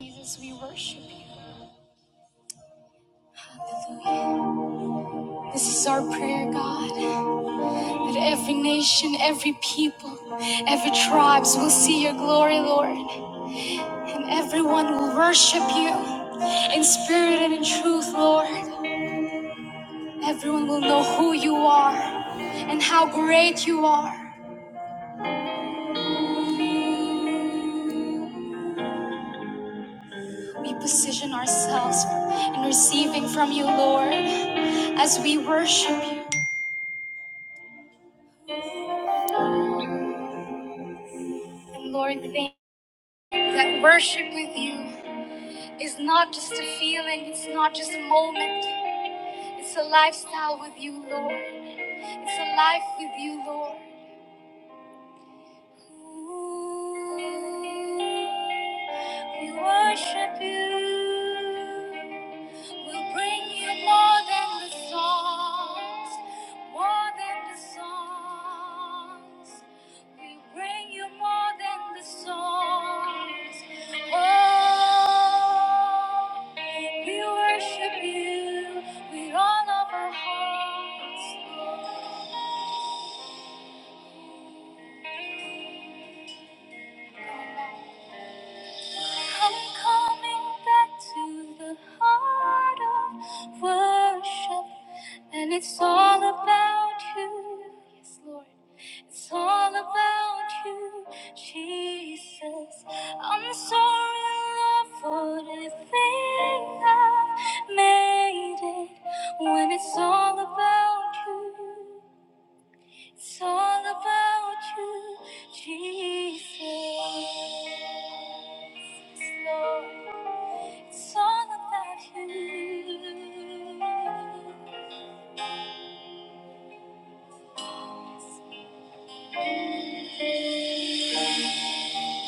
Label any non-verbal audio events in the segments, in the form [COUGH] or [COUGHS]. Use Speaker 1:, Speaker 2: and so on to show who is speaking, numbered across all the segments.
Speaker 1: Jesus, we worship you. Hallelujah. This is our prayer, God, that every nation, every people, every tribes will see your glory, Lord, and everyone will worship you in spirit and in truth, Lord. Everyone will know who you are and how great you are. We position ourselves in receiving from you, Lord, as we worship you. And Lord, thank you that worship with you is not just a feeling, it's not just a moment. It's a lifestyle with you, Lord. It's a life with you, Lord. Ooh, we worship you. We'll bring you more than the songs, more than the songs. We bring you more than the songs. Oh, we worship you with all of our hearts. I'm coming back to the heart of worship, and it's all about you, yes, Lord. It's all about you, Jesus. I'm sorry, Lord, for the thing I've made it when it's all about you. It's all about you, Jesus. Lord, it's all about you.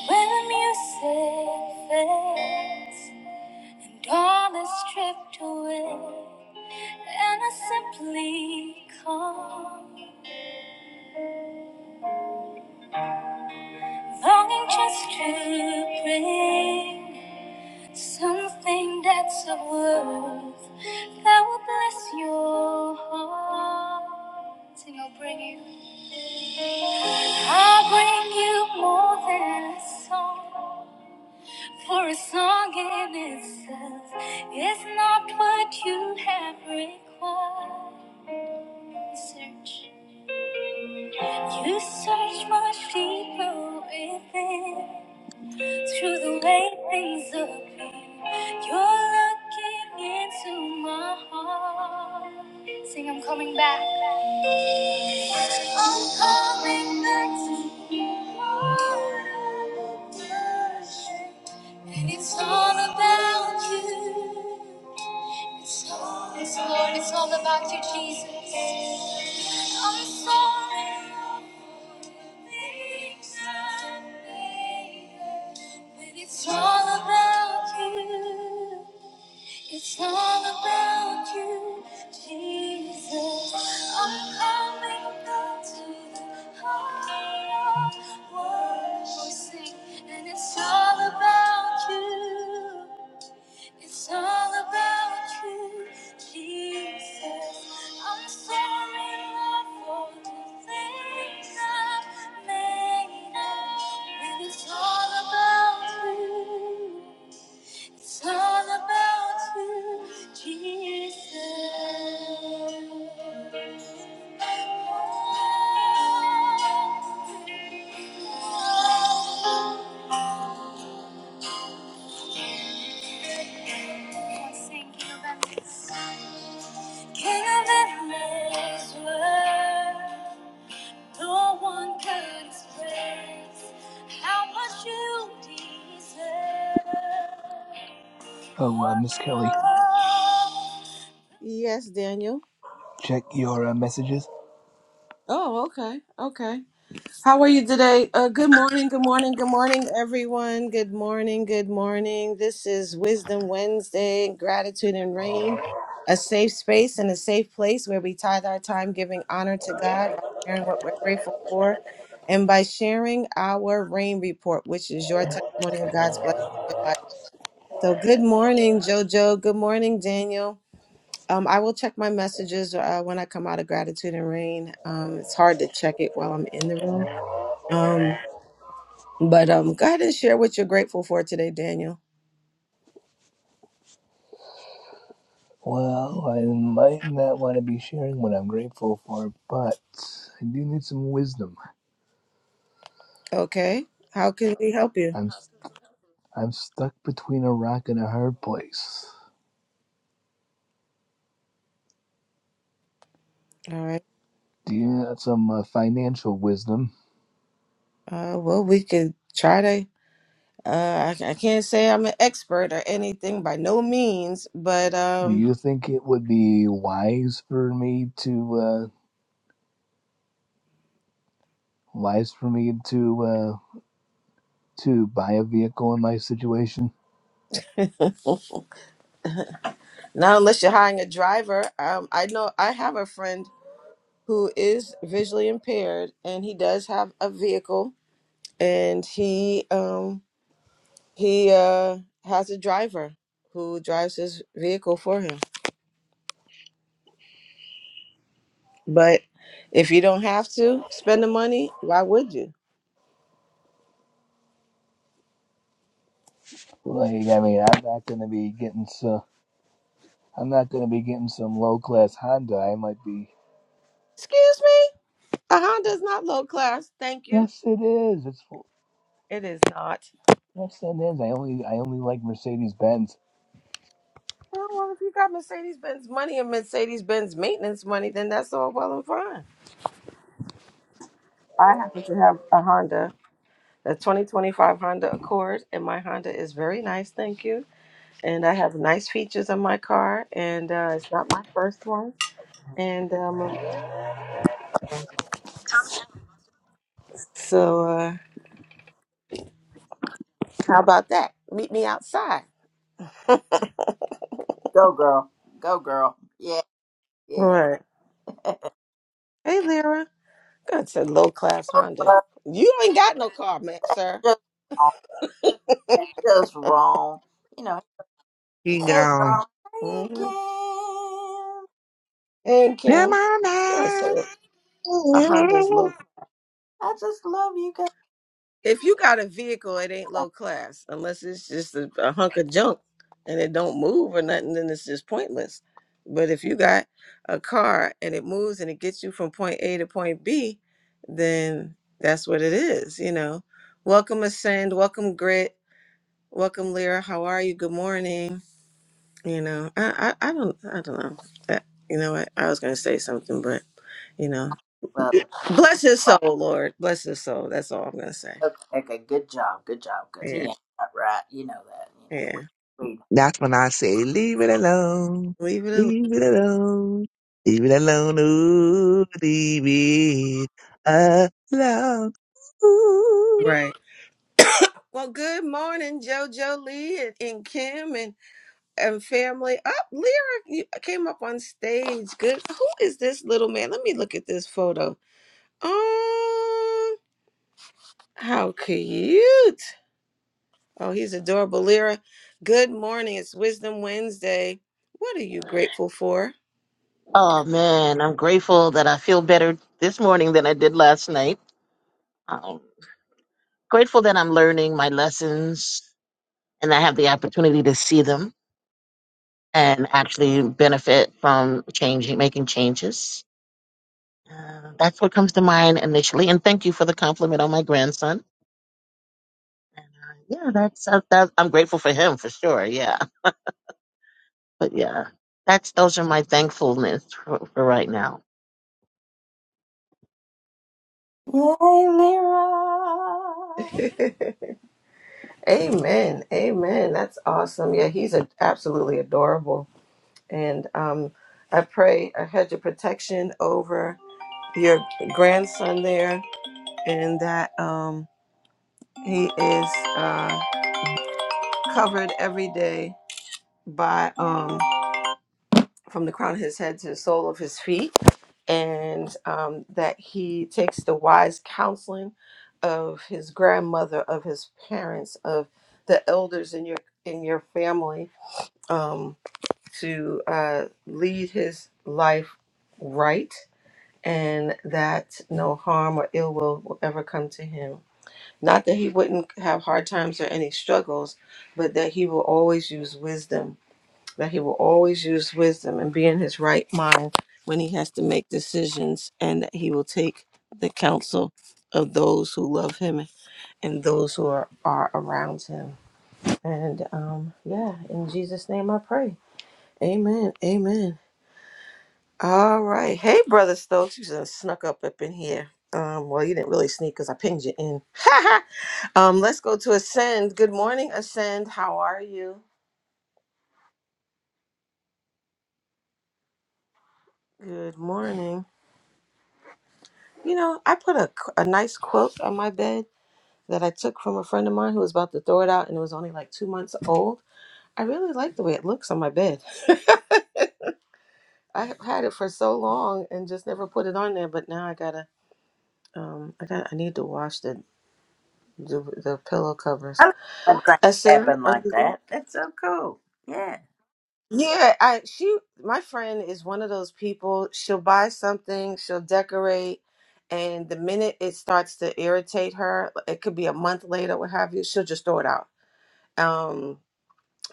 Speaker 1: When the music fades and all is stripped away, and I simply come, longing just to praise. Something that's of worth that will bless your heart. And I'll bring you, I'll bring you more than a song. For a song in itself is not what you have required. Search, you search much deeper within. through the way things appear. You're looking into my heart. Sing, I'm coming back. I'm coming back to you. Lord, i worship, and it's all about you. Yes, Lord, it's all about you, Jesus. I'm sorry for things I made, but it's all about you. It's all about you, Jesus. I'm coming back to the heart of worship, and it's all about you. It's all about you, Jesus. I'm sorry, Lord, for the things I've made up. And it's all about you. It's all about you, Jesus. Oh, oh, oh no
Speaker 2: Oh, uh, Miss Kelly,
Speaker 1: Yes, Daniel.
Speaker 2: check your uh, messages.
Speaker 1: Oh, okay, okay. How are you today? Uh, good morning, good morning, good morning, everyone. Good morning, good morning. This is Wisdom Wednesday, Gratitude and Rain, a safe space and a safe place where we tithe our time giving honor to God by sharing what we're grateful for and by sharing our rain report, which is your testimony of God's blessing in your life. So, good morning, JoJo. Good morning, Daniel. Um, I will check my messages uh, when I come out of Gratitude and Rain. Um, it's hard to check it while I'm in the room. Um, but um, go ahead and share what you're grateful for today, Daniel.
Speaker 2: Well, I might not want to be sharing what I'm grateful for, but I do need some wisdom.
Speaker 1: Okay. How can we help you?
Speaker 2: I'm I'm stuck between a rock and a hard place.
Speaker 1: All right.
Speaker 2: Do you have some uh, financial wisdom?
Speaker 1: Uh, well, we could try to. Uh, I, I can't say I'm an expert or anything by no means, but
Speaker 2: Do
Speaker 1: um,
Speaker 2: you think it would be wise for me to uh, wise for me to uh, to buy a vehicle in my situation?
Speaker 1: [LAUGHS] not unless you're hiring a driver. Um, I know I have a friend who is visually impaired, and he does have a vehicle, and he um he uh has a driver who drives his vehicle for him. But if you don't have to spend the money, why would you?
Speaker 2: Like, I mean, I'm not going to be getting so I'm not going to be getting some low class Honda. I might be
Speaker 1: Excuse me, a Honda is not low class. Thank you.
Speaker 2: Yes, it is. It's full.
Speaker 1: It is not.
Speaker 2: Yes, it is. I only I only like Mercedes Benz.
Speaker 1: Oh, well, if you got Mercedes Benz money and Mercedes Benz maintenance money, then that's all well and fine. I happen to have a Honda, a 2025 Honda Accord, and my Honda is very nice. Thank you. And I have nice features on my car, and uh, it's not my first one. And um, so, uh, how about that? Meet me outside. [LAUGHS]
Speaker 3: Go, girl. Go, girl. Yeah, yeah.
Speaker 1: Right. Hey, Lyra. God said low class Honda.
Speaker 3: But
Speaker 1: You ain't got no car, man, sir.
Speaker 3: just wrong. It's just wrong. You know,
Speaker 4: He
Speaker 3: hey,
Speaker 4: gone,
Speaker 3: girl. Hey, Kim.
Speaker 1: hmm And
Speaker 4: come
Speaker 1: Kim.
Speaker 4: on
Speaker 1: God
Speaker 4: now.
Speaker 1: said a Honda is low.
Speaker 3: I just love you guys.
Speaker 1: If you got a vehicle, it ain't low class unless it's just a, a hunk of junk and it don't move or nothing. Then it's just pointless. But if you got a car and it moves and it gets you from point A to point B, then that's what it is. You know. Welcome Ascend. Welcome Grit. Welcome Lyra. How are you? Good morning. You know, I, I, I don't, I don't know. I, you know what? I was going to say something, but you know,
Speaker 3: Well,
Speaker 1: [LAUGHS] bless his
Speaker 3: right.
Speaker 1: soul, Lord, bless his soul. That's all I'm going to say.
Speaker 3: okay, okay, good job. Good job. Because
Speaker 1: Yeah,
Speaker 3: he ain't not right. You know that. You know, we,
Speaker 1: yeah.
Speaker 3: we
Speaker 4: That's when I say, leave it alone.
Speaker 1: Leave it alone.
Speaker 4: Leave it alone. Leave it alone. Ooh, leave it alone. Ooh.
Speaker 1: Right. Well, good morning, JoJo Lee and, and Kim and and family. Up, oh, Lyric you came up on stage. Good. Who is this little man? Let me look at this photo. Oh, how cute! Oh, he's adorable. Lyra, good morning. It's Wisdom Wednesday. What are you grateful for?
Speaker 5: Oh man, I'm grateful that I feel better this morning than I did last night. I'm grateful that I'm learning my lessons and I have the opportunity to see them and actually benefit from changing, making changes. Uh, that's what comes to mind initially. And thank you for the compliment on my grandson. And, uh, yeah, that's uh, that. I'm grateful for him for sure. Yeah, but yeah, that's those are my thankfulness for, for right now.
Speaker 3: Yay, Lyra.
Speaker 1: [LAUGHS] Amen. Amen. That's awesome. Yeah, he's a, absolutely adorable. And um, I pray a hedge of protection over your grandson there and that um, he is uh, covered every day by um, from the crown of his head to the sole of his feet. and um, that he takes the wise counseling of his grandmother, of his parents, of the elders in your in your family um, to uh, lead his life right, and that no harm or ill will will ever come to him. Not that he wouldn't have hard times or any struggles, but that he will always use wisdom that he will always use wisdom and be in his right mind when he has to make decisions, and that he will take the counsel of those who love him and those who are, are around him. And um, yeah, in Jesus' name I pray. Amen. Amen. All right. Hey, Brother Stokes, you just snuck up up in here. Um, well, you didn't really sneak because I pinged you in. [LAUGHS] um, let's go to Ascend. Good morning, Ascend. How are you? Good morning. You know, I put a, a nice quilt on my bed that I took from a friend of mine who was about to throw it out and it was only like two months old. I really like the way it looks on my bed. [LAUGHS] I had it for so long and just never put it on there, but now I gotta, um, I got, to I need to wash the the, the pillow covers.
Speaker 3: I love when things
Speaker 1: Ascend,
Speaker 3: happen
Speaker 1: are
Speaker 3: like
Speaker 1: you there?
Speaker 3: that. That's so cool. Yeah.
Speaker 1: Yeah, I she my friend is one of those people. She'll buy something, she'll decorate, and the minute it starts to irritate her, it could be a month later, what have you, she'll just throw it out Um,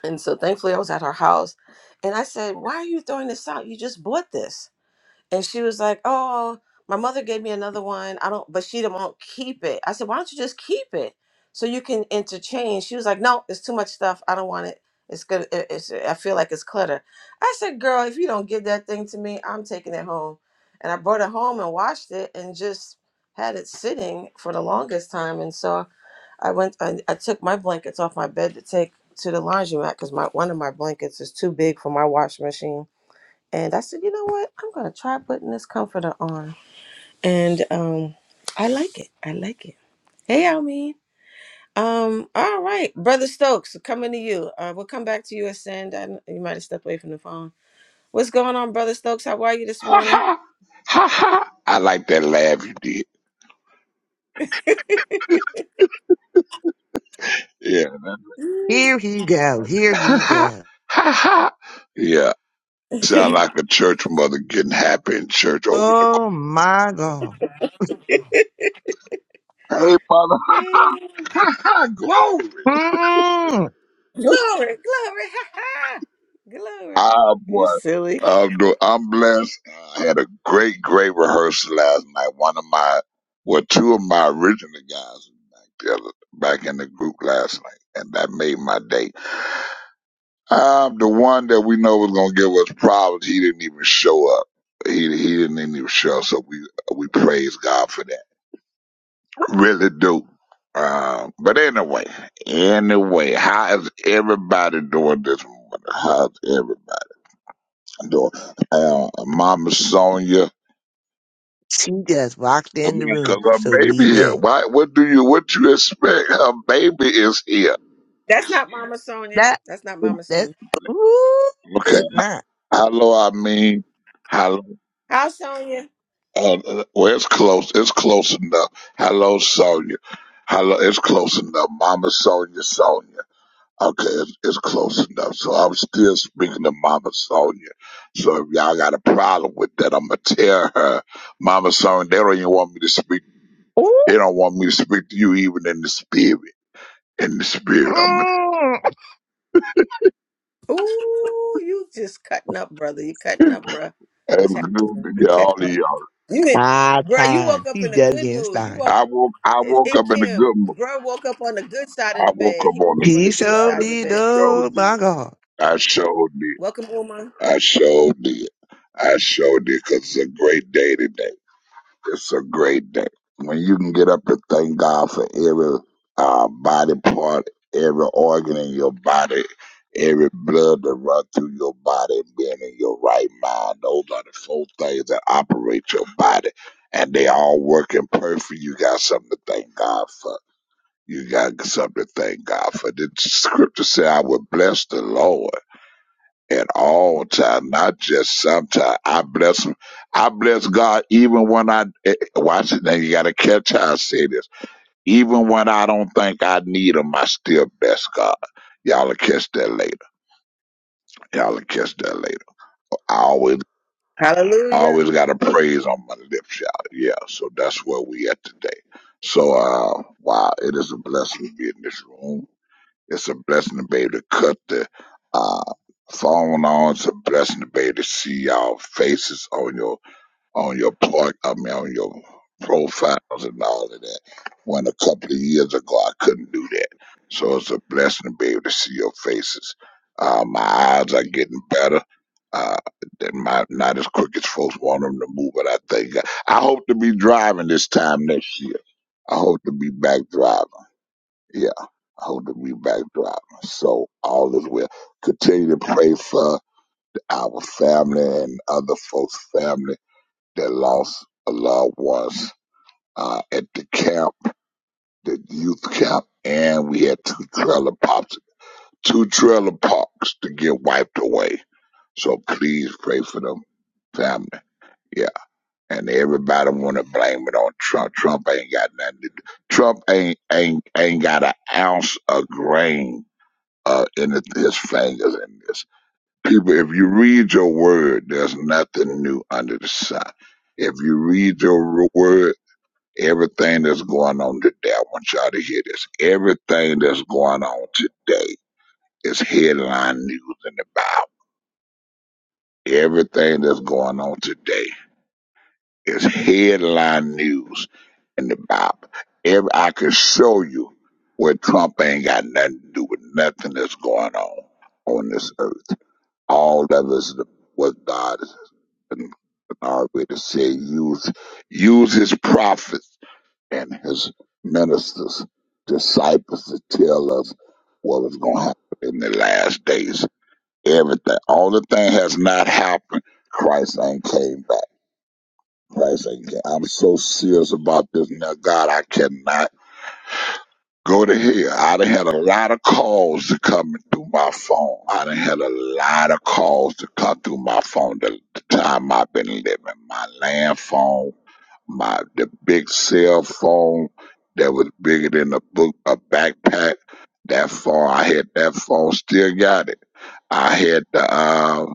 Speaker 1: and so thankfully I was at her house and I said, Why are you throwing this out? You just bought this. And she was like, Oh, my mother gave me another one. I don't but she don't won't keep it. I said, Why don't you just keep it? So you can interchange. She was like, No, it's too much stuff. I don't want it. It's good. it- It's, I feel like it's clutter. I said, Girl, if you don't give that thing to me, I'm taking it home. And I brought it home and washed it and just had it sitting for the longest time. And so I went. I, I took my blankets off my bed to take to the laundromat because my one of my blankets is too big for my wash machine. And I said, you know what? I'm gonna try putting this comforter on, and um, I like it. I like it. Hey, Almeen. Um, all right, brother Stokes, coming to you. Uh, we'll come back to you, Ascend. I, kn- you might have stepped away from the phone. What's going on, brother Stokes? How are you this
Speaker 6: Ha
Speaker 1: morning?
Speaker 6: ha! Ha ha! I like that laugh you did. Yeah.
Speaker 1: [LAUGHS] glory,
Speaker 4: Here he go. Here
Speaker 6: Ha
Speaker 4: he
Speaker 6: ha!
Speaker 4: go.
Speaker 6: Ha ha! Yeah. Sound like a church mother getting happy in church over in the
Speaker 4: Oh
Speaker 6: corner.
Speaker 4: my God.
Speaker 6: Hey, mother. [LAUGHS] Ha ha! Glory.
Speaker 4: Mm-mm.
Speaker 1: glory, [LAUGHS] glory. glory.
Speaker 6: Ah,
Speaker 1: You
Speaker 6: boy.
Speaker 1: silly.
Speaker 6: I'm, do- I'm blessed. I had a great, great rehearsal last night. One of my, well, two of my original guys was back, the other, back in the group last night, and that made my day. Um, the one that we know was gonna give us problems, he didn't even show up. He he didn't even show up, so we we praise God for that. Really do. Um, but anyway, anyway, how is everybody doing this morning? How's everybody doing? Uh, Mama Sonia,
Speaker 4: She just walked in the
Speaker 6: because
Speaker 4: room.
Speaker 6: her
Speaker 4: So
Speaker 6: baby here.
Speaker 4: behave.
Speaker 6: Why? What do you? What you expect? Her baby is here.
Speaker 1: That's not Mama Sonia.
Speaker 4: That,
Speaker 1: That's not Mama
Speaker 4: that,
Speaker 1: Sonia.
Speaker 4: ooh,
Speaker 6: Okay.
Speaker 4: it's not.
Speaker 6: Hello, I mean.
Speaker 1: How Sonia?
Speaker 6: Uh, well, it's close. It's close enough. Hello, Sonia. Hello, it's close enough. Mama Sonia, Sonia. Okay, it's, it's close enough. So I'm still speaking to Mama Sonia. So if y'all got a problem with that, I'm gonna tell her, Mama Sonia, they don't even want me to speak. They
Speaker 4: Ooh.
Speaker 6: don't want me to speak to you even in the spirit. In the spirit, I'm gonna.
Speaker 1: Ooh, you just cutting up, brother. You cutting up, bruh.
Speaker 6: It's
Speaker 1: What's
Speaker 6: good
Speaker 1: happening?
Speaker 6: to
Speaker 1: You
Speaker 6: get all
Speaker 1: cutting up.
Speaker 6: of y'all.
Speaker 1: You did,
Speaker 4: Five
Speaker 1: bruh. You woke
Speaker 4: times.
Speaker 1: up
Speaker 4: he
Speaker 1: in a
Speaker 4: just
Speaker 1: good
Speaker 4: getting
Speaker 1: mood. You
Speaker 4: started.
Speaker 1: woke
Speaker 6: I woke. I
Speaker 1: eh,
Speaker 6: woke up
Speaker 1: in
Speaker 6: in a
Speaker 1: Kim.
Speaker 6: good mood.
Speaker 1: Bruh woke up on the good side of
Speaker 6: I
Speaker 1: the
Speaker 6: woke
Speaker 1: bed.
Speaker 6: up
Speaker 1: He
Speaker 6: on
Speaker 1: woke
Speaker 6: a
Speaker 1: up on
Speaker 4: He
Speaker 1: the
Speaker 6: good
Speaker 1: good
Speaker 4: sure
Speaker 1: side
Speaker 6: side.
Speaker 1: of the
Speaker 4: did.
Speaker 6: I
Speaker 1: bed. this
Speaker 6: sure
Speaker 1: morning.
Speaker 4: Oh my
Speaker 6: did.
Speaker 4: God.
Speaker 6: I sure did.
Speaker 1: Welcome, Uma.
Speaker 6: I sure did. I sure did because it's a great day today. It's a great day. When you can get up and thank God for every uh, body part, every organ in your body, every blood that run through your body and being in your right mind, those are the four things that operate your body. And they all working perfect. You got something to thank God for. You got something to thank God for. The scripture said, I will bless the Lord at all time, not just sometime. I bless him. I bless God even when I eh, eh, watch it. Now you got to catch how I say this. Even when I don't think I need him, I still bless God. Y'all will catch that later. Y'all will catch that later. I always,
Speaker 1: Hallelujah.
Speaker 6: always got a praise on my lips, y'all. Yeah, so that's where we at today. So, uh, wow, it is a blessing to be in this room. It's a blessing to be able to cut the uh, phone on. It's a blessing to be able to see y'all faces on your on your plug. I mean, on your profiles and all of that. When a couple of years ago, I couldn't do that. So it's a blessing to be able to see your faces. Uh, my eyes are getting better. Uh, they're not, not as quick as folks want them to move, but I think I hope to be driving this time next year. I hope to be back driving. Yeah, holding me back drop. So all is well. Continue to pray for our family and other folks' family that lost a loved ones uh, at the camp, the youth camp, and we had two trailer pops, two trailer parks to get wiped away. So please pray for them family. Yeah, and everybody want to blame it on Trump. Trump ain't got nothing. To do. Trump ain't ain't ain't got an ounce of grain uh, in it, there's fangers in this. People, if you read your word, there's nothing new under the sun. If you read your r- word, everything that's going on today, I want y'all to hear this. Everything that's going on today is headline news in the Bible. Everything that's going on today is headline news in the Bible. Every, I can show you where Trump ain't got nothing to do with nothing that's going on on this earth all that is what God is in our way to say use use his prophets and his ministers, disciples to tell us what is gonna happen in the last days. Everything all the thing has not happened. Christ ain't came back. Christ ain't came. I'm so serious about this now. God, I cannot Go to hell. I done had a lot of calls to come through my phone. I done had a lot of calls to come through my phone the, the time I've been living. My land phone, my the big cell phone that was bigger than a book a backpack. That phone I had that phone, still got it. I had the uh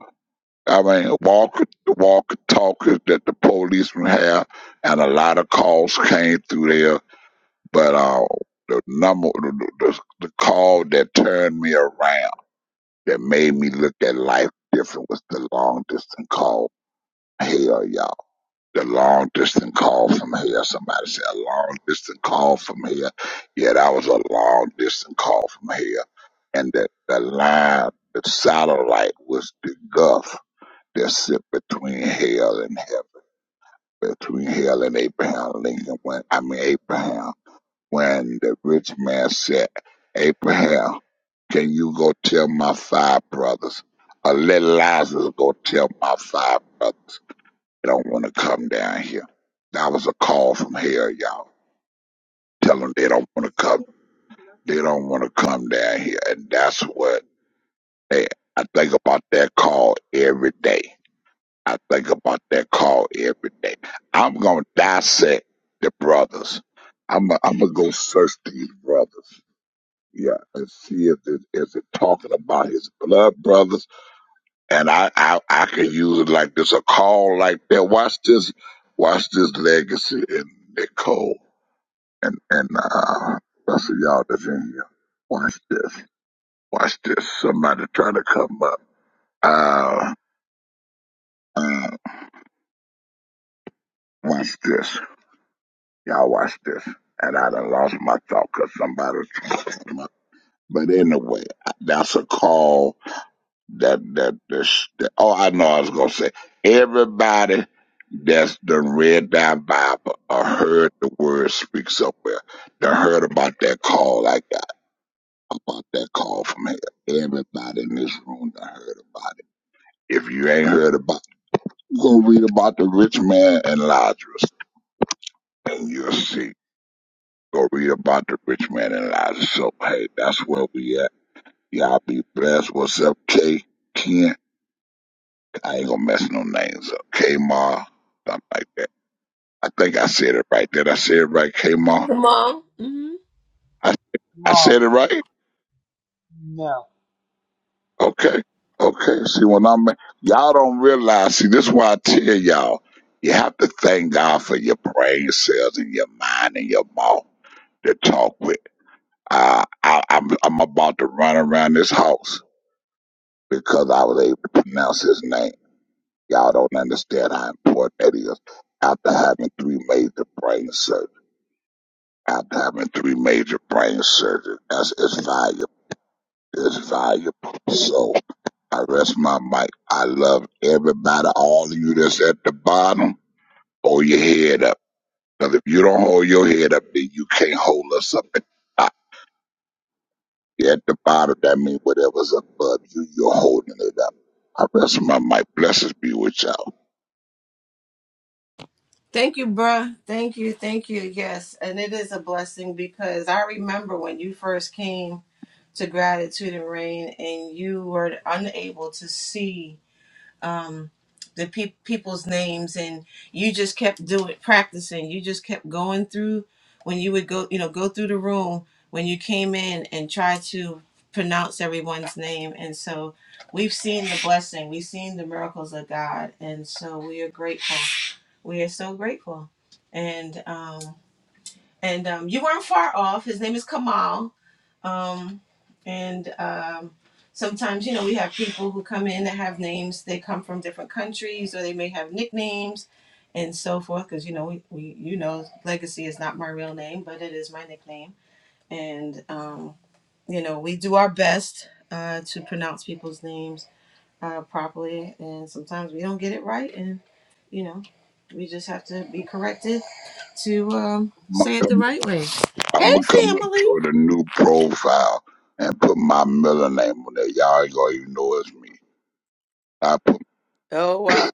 Speaker 6: I mean walker the walker talkers that the policemen have and a lot of calls came through there but uh, the number, the, the, the call that turned me around, that made me look at life different, was the long distance call. Hell, y'all, the long distance call from here. Somebody said a long distance call from here. Yeah, that was a long distance call from here, and the the line, the satellite was the gulf that sit between hell and heaven, between hell and Abraham Lincoln. When I mean Abraham. When the rich man said, Abraham, can you go tell my five brothers? Or let Lazarus go tell my five brothers. They don't want to come down here. That was a call from hell, y'all. Tell them they don't want to come. They don't want to come down here. And that's what they, I think about that call every day. I think about that call every day. I'm going to dissect the brothers. I'm going I'm to go search these brothers. Yeah, and see if it is it talking about his blood brothers, and I I I can use it like this a call like that. Watch this, watch this legacy in Nicole and and uh, that's for y'all that's in here. Watch this, watch this. Somebody trying to come up. Uh, uh, watch this, y'all. Watch this, and I done lost my thought 'cause somebody. [LAUGHS] But anyway, that's a call that that that's, that oh I know I was gonna say everybody that's done read that Bible or heard the word speak somewhere, done heard about that call I got, about that call from hell. Everybody in this room done heard about it. If you ain't heard about it, go read about the rich man and Lazarus and you'll see. Go read about the rich man and Lazarus. So hey, that's where we at. Y'all be blessed. What's up, K? Ken? I ain't gonna mess no names up. K Ma, something like that. I think I said it right. Did I say it right, K Ma?
Speaker 1: Come on. hmm
Speaker 6: I I
Speaker 7: No,
Speaker 6: said it right?
Speaker 7: no.
Speaker 6: Okay. Okay. See when I'm y'all don't realize, see this is why I tell y'all, you have to thank God for your brain cells and your mind and your mouth to talk with. Uh, I I'm I'm about to run around this house because I was able to pronounce his name. Y'all don't understand how important that is after having three major brain surgeries. after having three major brain surgeries. That's it's valuable. It's valuable. So I rest my mic. I love everybody, all of you that's at the bottom. Hold your head up. Cause if you don't hold your head up, then you can't hold us up at the top. You're at the bottom, that means whatever's above you, you're holding it up. I rest my mic. Blessings be with y'all.
Speaker 1: Thank you, bruh. Thank you. Thank you. Yes. And it is a blessing because I remember when you first came. to gratitude and rain and you were unable to see um, the pe- people's names and you just kept doing practicing you just kept going through when you would go you know go through the room when you came in and try to pronounce everyone's name and so we've seen the blessing we've seen the miracles of god and so we are grateful we are so grateful and um, and um, you weren't far off. His name is Kamal, um, and um, sometimes you know we have people who come in that have names. They come from different countries, or they may have nicknames, and so forth. Because you know we, we you know Legacy is not my real name, but it is my nickname, and um, you know we do our best uh, to pronounce people's names uh, properly, and sometimes we don't get it right, and you know, we just have to be corrected to um,
Speaker 6: I'm gonna
Speaker 1: say it the
Speaker 6: come up,
Speaker 1: right way. Hey,
Speaker 6: I'm gonna come up
Speaker 1: family.
Speaker 6: here with a new profile and put my middle name on there. Y'all ain't gonna even know it's me. I put
Speaker 1: Oh wow!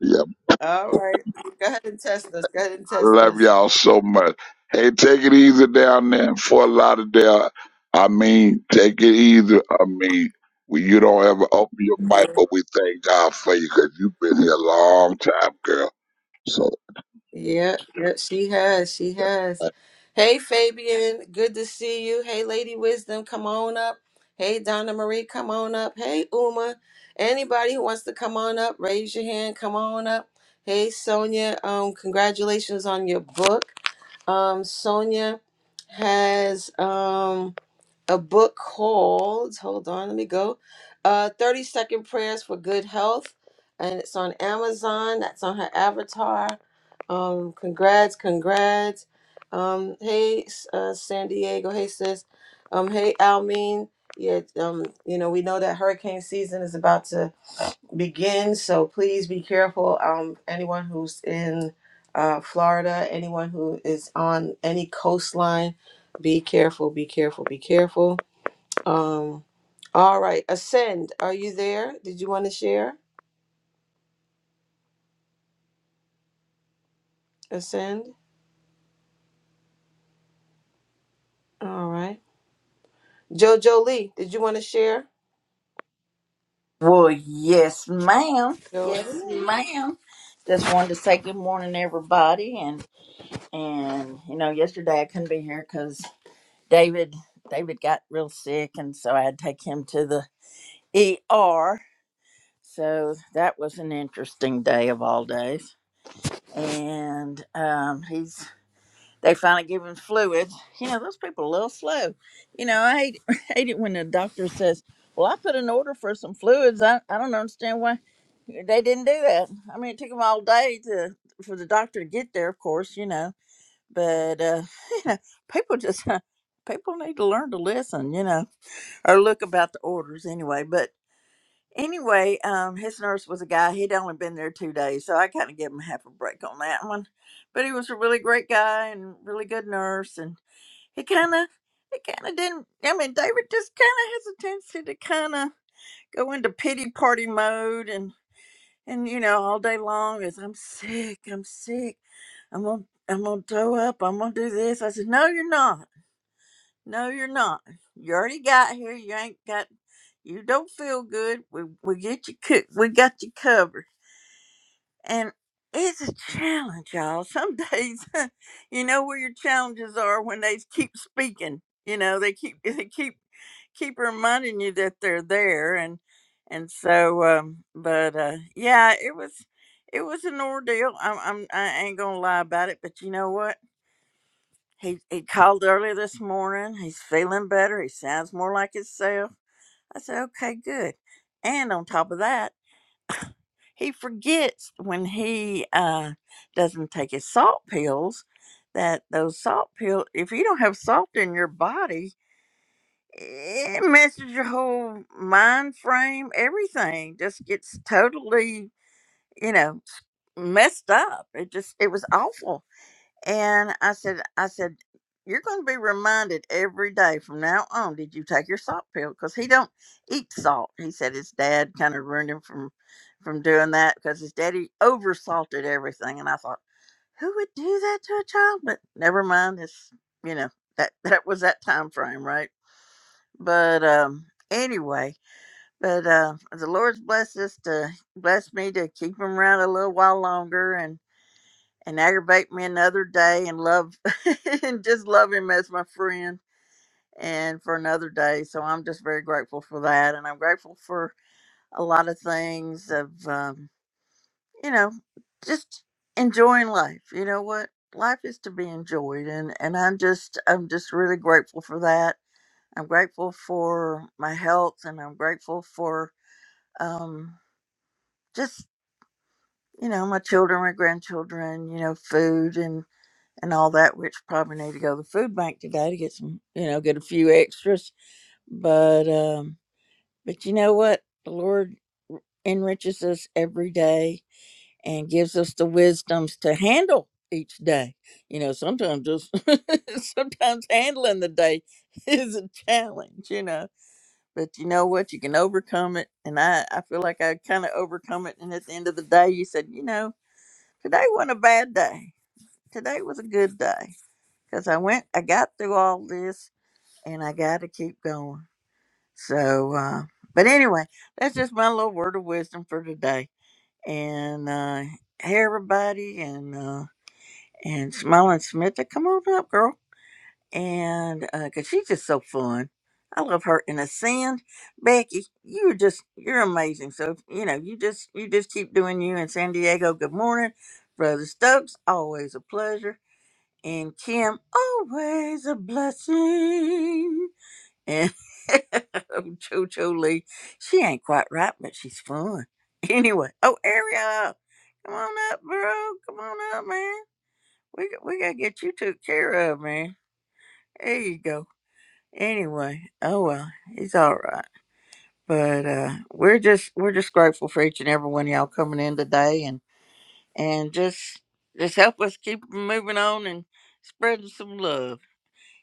Speaker 6: yeah,
Speaker 1: All
Speaker 6: I
Speaker 1: right, go ahead and test us. Go ahead and test
Speaker 6: love
Speaker 1: us.
Speaker 6: y'all so much. Hey, take it easy down there in Fort Lauderdale. I mean, take it easy. I mean, we, you don't ever open your mic, but we thank God for you because you've been here a long time, girl. So,
Speaker 1: Yeah, yeah, she has. She has.
Speaker 6: uh,
Speaker 1: Hey, Fabian, good to see you. Hey, Lady Wisdom, come on up. Hey, Donna Marie, come on up. Hey, Uma. Anybody who wants to come on up, raise your hand. Come on up. Hey, Sonia. Um, congratulations on your book. Um, Sonia has um a book called hold on let me go uh 30 second prayers for good health and it's on amazon that's on her avatar um congrats congrats um hey uh, san diego hey sis um hey almin yeah um you know we know that hurricane season is about to begin so please be careful um anyone who's in uh florida anyone who is on any coastline be careful be careful be careful um, all right, Ascend, are you there? Did you want to share? Ascend. All right. Jojo Lee, did you want to share?
Speaker 3: Well, yes, ma'am.
Speaker 1: Go ahead.
Speaker 3: Yes, ma'am. Just wanted to say good morning, everybody. And and you know, yesterday I couldn't be here because David David got real sick, and so I had to take him to the ER. So that was an interesting day of all days. And um, he's they finally give him fluids. You know, those people are a little slow. You know, I hate, [LAUGHS] hate it when the doctor says, Well, I put an order for some fluids. I, I don't understand why they didn't do that. I mean, it took them all day to for the doctor to get there, of course, you know. But, uh, [LAUGHS] you know, people just, [LAUGHS] people need to learn to listen, you know, or look about the orders anyway. Anyway, um, his nurse was a guy. He'd only been there two days, so I kind of gave him half a break on that one. But he was a really great guy and really good nurse, and he kind of, he kind of didn't. I mean, David just kind of has a tendency to kind of go into pity party mode, and and you know, all day long is I'm sick, I'm sick, I'm gonna, I'm gonna throw up, I'm gonna do this. I said, no, you're not. No, you're not. You already got here. You ain't got. You don't feel good. We we get you cook. We got you covered. And it's a challenge, y'all. Some days, [LAUGHS] you know where your challenges are when they keep speaking. You know they keep [LAUGHS] they keep keep reminding you that they're there. And and so, um, but uh, yeah, it was it was an ordeal. I'm, I'm I ain't gonna lie about it. But you know what? He he called early this morning. He's feeling better. He sounds more like himself. I said, okay, good. And on top of that, he forgets when he uh, doesn't take his salt pills that those salt pills, if you don't have salt in your body, it messes your whole mind frame. Everything just gets totally, you know, messed up. It just, it was awful And I said, I said, you're going to be reminded every day from now on. Did you take your salt pill? Because he don't eat salt. He said his dad kind of ruined him from from doing that because his daddy oversalted everything. And I thought, who would do that to a child? But never mind. It's you know that [LAUGHS] that was that time frame, right? But um, anyway, but uh, the Lord's blessed us to bless me to keep him around a little while longer, and and aggravate me another day and love [LAUGHS] and just love him as my friend and for another day. So I'm just very grateful for that. And I'm grateful for a lot of things of, um, you know, just enjoying life. You know what? Life is to be enjoyed. And, and I'm just, I'm just really grateful for that. I'm grateful for my health and I'm grateful for, um, just, you know, my children, my grandchildren, you know, food and. and all that, which probably need to go to the food bank today to get some, you know, get a few extras. But um, but you know what? The Lord enriches us every day and gives us the wisdoms to handle each day. You know, sometimes just [LAUGHS] sometimes handling the day [LAUGHS] is a challenge, you know. But you know what? You can overcome it. And I, I feel like I kind of overcome it. And at the end of the day, you said, you know, today wasn't a bad day. Today was a good day because I went, I got through all this, and I got to keep going. So, uh, but anyway, that's just my little word of wisdom for today. And uh, hey, everybody, and uh, and Smiling Smita, come on up, girl, and uh, cause she's just so fun. I love her. And Ascend, Becky, you're just you're amazing. So you know, you just you just keep doing you. in San Diego, good morning, brother Stokes. Always a pleasure and Kim always a blessing. And [LAUGHS] Jojo Lee, she ain't quite right, but she's fun. [LAUGHS] Anyway, oh Ariel, come on up, bro. Come on up, man. We we gotta get you took care of, man. There you go. Anyway, oh well, he's all right. But uh, we're just we're just grateful for each and every one of y'all coming in today, and and just just help us keep moving on and spreading some love.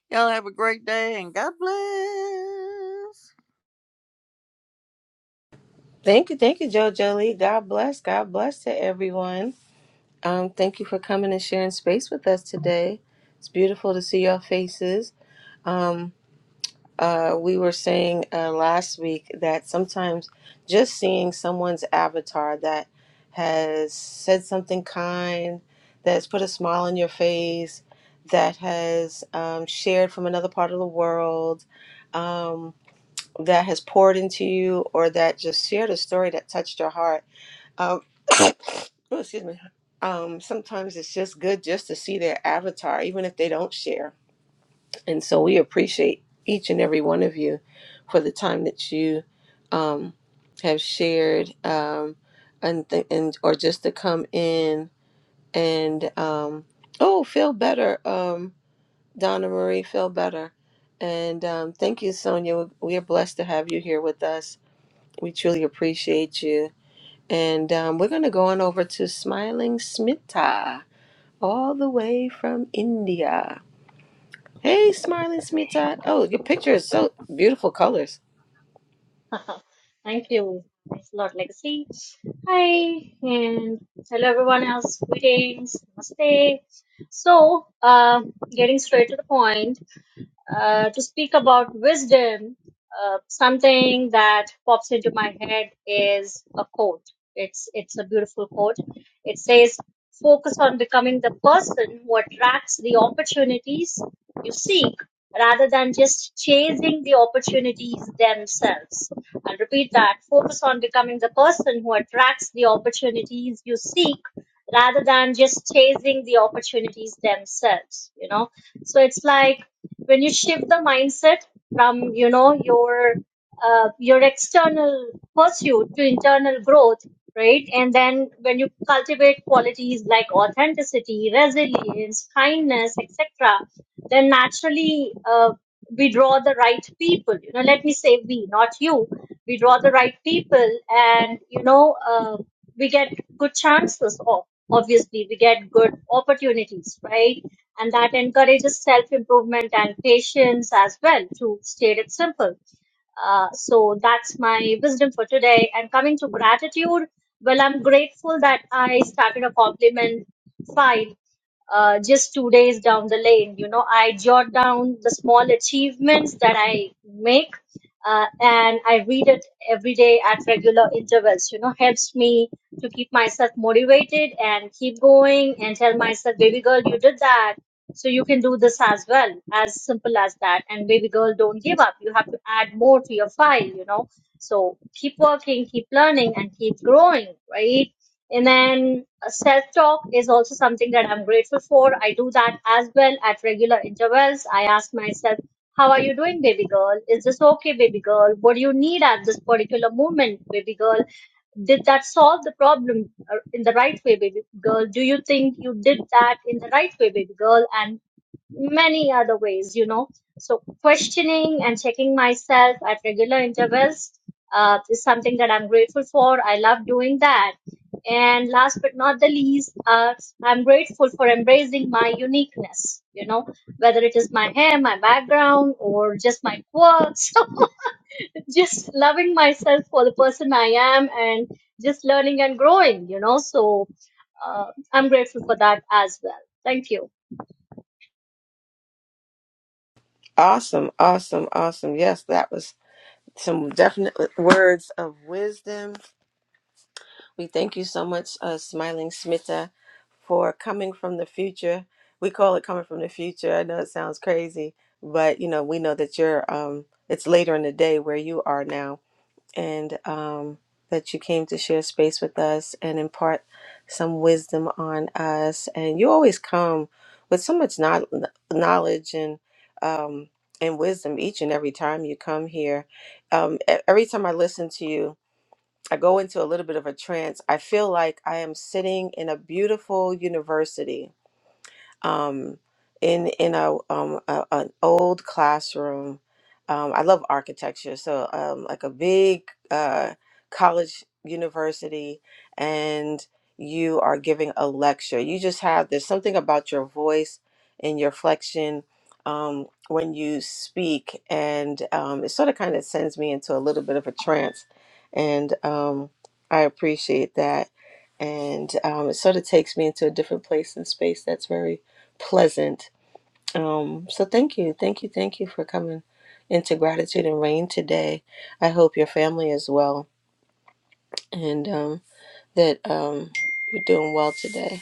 Speaker 3: Y'all have a great day and God bless.
Speaker 1: Thank you, thank you, JoJo Lee. God bless, God bless to everyone. Um, thank you for coming and sharing space with us today. It's beautiful to see your faces. Um. uh, we were saying uh, last week that sometimes just seeing someone's avatar that has said something kind, that has put a smile on your face, that has um, shared from another part of the world, um, that has poured into you, or that just shared a story that touched your heart. Um, [COUGHS] oh, excuse me. Um, sometimes it's just good just to see their avatar, even if they don't share and so we appreciate each and every one of you for the time that you um, have shared um, and, th- and or just to come in and um, oh feel better um, Donna Marie feel better and um, thank you Sonia we are blessed to have you here with us we truly appreciate you and um, we're going to go on over to Smiling Smita all the way from India Hey, smiling Smita. Oh, your picture is so beautiful colors.
Speaker 8: [LAUGHS] Thank you. Thanks a lot, Legacy. Hi, and hello everyone else. Greetings. Namaste. So, uh, getting straight to the point uh, to speak about wisdom, uh, something that pops into my head is a quote. It's it's a beautiful quote. It says, "Focus on becoming the person who attracts the opportunities you seek." Rather than just chasing the opportunities themselves. I'll repeat that. Focus on becoming the person who attracts the opportunities you seek rather than just chasing the opportunities themselves. You know, so it's like when you shift the mindset from you know your uh, your external pursuit to internal growth right and then when you cultivate qualities like authenticity resilience kindness etc then naturally uh, we draw the right people you know let me say we not you we draw the right people and you know uh, we get good chances of obviously we get good opportunities right and that encourages self improvement and patience as well to state it simple. Uh, so that's my wisdom for today. And coming to gratitude, well, I'm grateful that I started a compliment file uh, just two days down the lane. You know, I jot down the small achievements that I make, uh, and I read it every day at regular intervals. You know, helps me to keep myself motivated and keep going and tell myself, baby girl, you did that. So you can do this as well, as simple as that. And baby girl, don't give up. You have to add more to your file, you know. So keep working, keep learning, and keep growing, right? And then Self talk is also something that I'm grateful for. I do that as well at regular intervals. I ask myself, How are you doing, baby girl? Is this okay, baby girl? What do you need at this particular moment, baby girl? Did that solve the problem uh, in the right way, baby girl? Do you think you did that in the right way, baby girl? And many other ways, you know. So questioning and checking myself at regular intervals uh, is something that I'm grateful for. I love doing that. And last but not the least, uh, I'm grateful for embracing my uniqueness, you know, whether it is my hair, my background, or just my quirks. [LAUGHS] just loving myself for the person I am and just learning and growing, you know. So uh, I'm grateful for that as well. Thank you.
Speaker 1: Awesome, awesome, awesome. Yes, that was some definite words of wisdom. We thank you so much, uh, smiling Smita, for coming from the future. We call it coming from the future. I know it sounds crazy, but you know we know that you're. Um, it's later in the day where you are now and um, that you came to share space with us and impart some wisdom on us. And you always come with so much kno- knowledge and um, and wisdom each and every time you come here. Um, e- every time I listen to you, I go into a little bit of a trance. I feel like I am sitting in a beautiful university um, in in a, um, a an old classroom. Um, I love architecture, so um, like a big uh, college university, and you are giving a lecture. You just have there's something about your voice and your flexion um, when you speak, and um, it sort of kind of sends me into a little bit of a trance, and um, I appreciate that. And um, it sort of takes me into a different place and space that's very pleasant. Um, so thank you, thank you, thank you for coming into gratitude and rain today. I hope your family is well and um, that um, you're doing well today.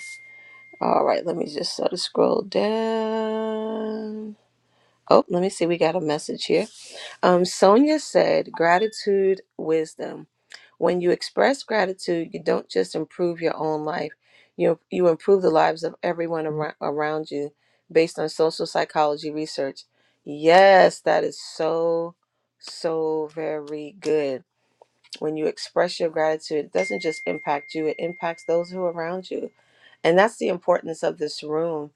Speaker 1: All right, let me just sort of scroll down. Oh, let me see. We got a message here. Um, Sonia said, gratitude, wisdom. When you express gratitude, you don't just improve your own life, you, you improve the lives of everyone ar- around you based on social psychology research. Yes, that is so, so very good. When you express your gratitude, it doesn't just impact you, it impacts those who are around you and that's the importance of this room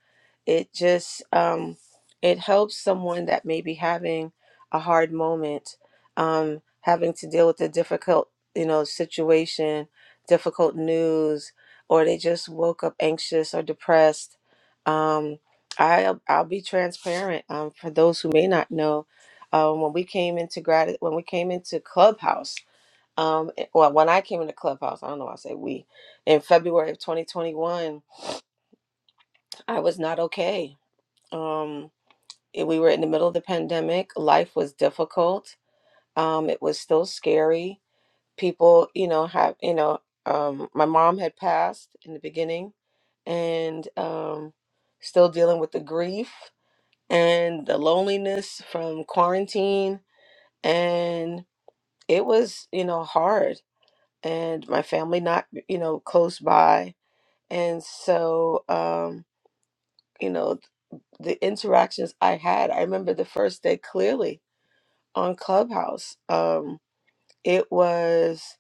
Speaker 1: it just um, it helps someone that may be having a hard moment um, having to deal with a difficult you know situation difficult news or they just woke up anxious or depressed um, I, i'll be transparent um, for those who may not know um, when we came into grad when we came into clubhouse um, eh, well when i came into clubhouse i don't know why i say we in february of 2021 I was not okay. Um, it- we were in the middle of the pandemic. Life was difficult. Um, it was still scary. People, you know, have, you know, um, my mom had passed in the beginning and um, still dealing with the grief and the loneliness from quarantine. And it was, you know, hard. And my family not, you know, close by. And so, um, you know, the interactions I had. I remember the first day clearly on Clubhouse. Um, it was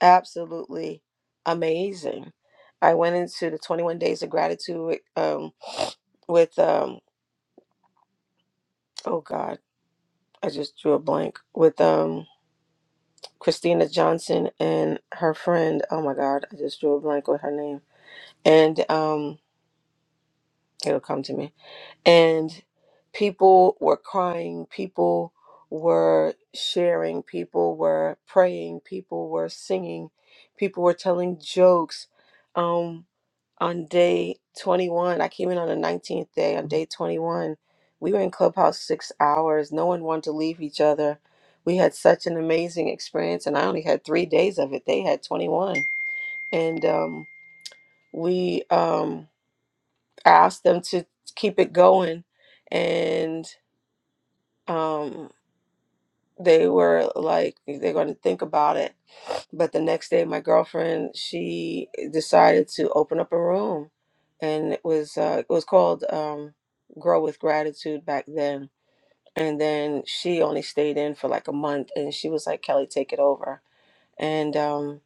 Speaker 1: absolutely amazing. I went into the 21 days of gratitude um, with, um, oh God, I just drew a blank with um, Christina Johnson and her friend. Oh my God, I just drew a blank with her name. And um, it'll come to me and people were crying, people were sharing, people were praying, people were singing, people were telling jokes. Um, on day 21, I came in on the 19th day. On day 21, we were in Clubhouse six hours. No one wanted to leave each other. We had such an amazing experience, and I only had three days of it. They had 21. And um, we um, asked them to keep it going. And um they were like they're going to think about it but the next day my girlfriend she decided to open up a room and it was uh it was called um grow with gratitude back then and then she only stayed in for like a month and she was like kelly take it over and um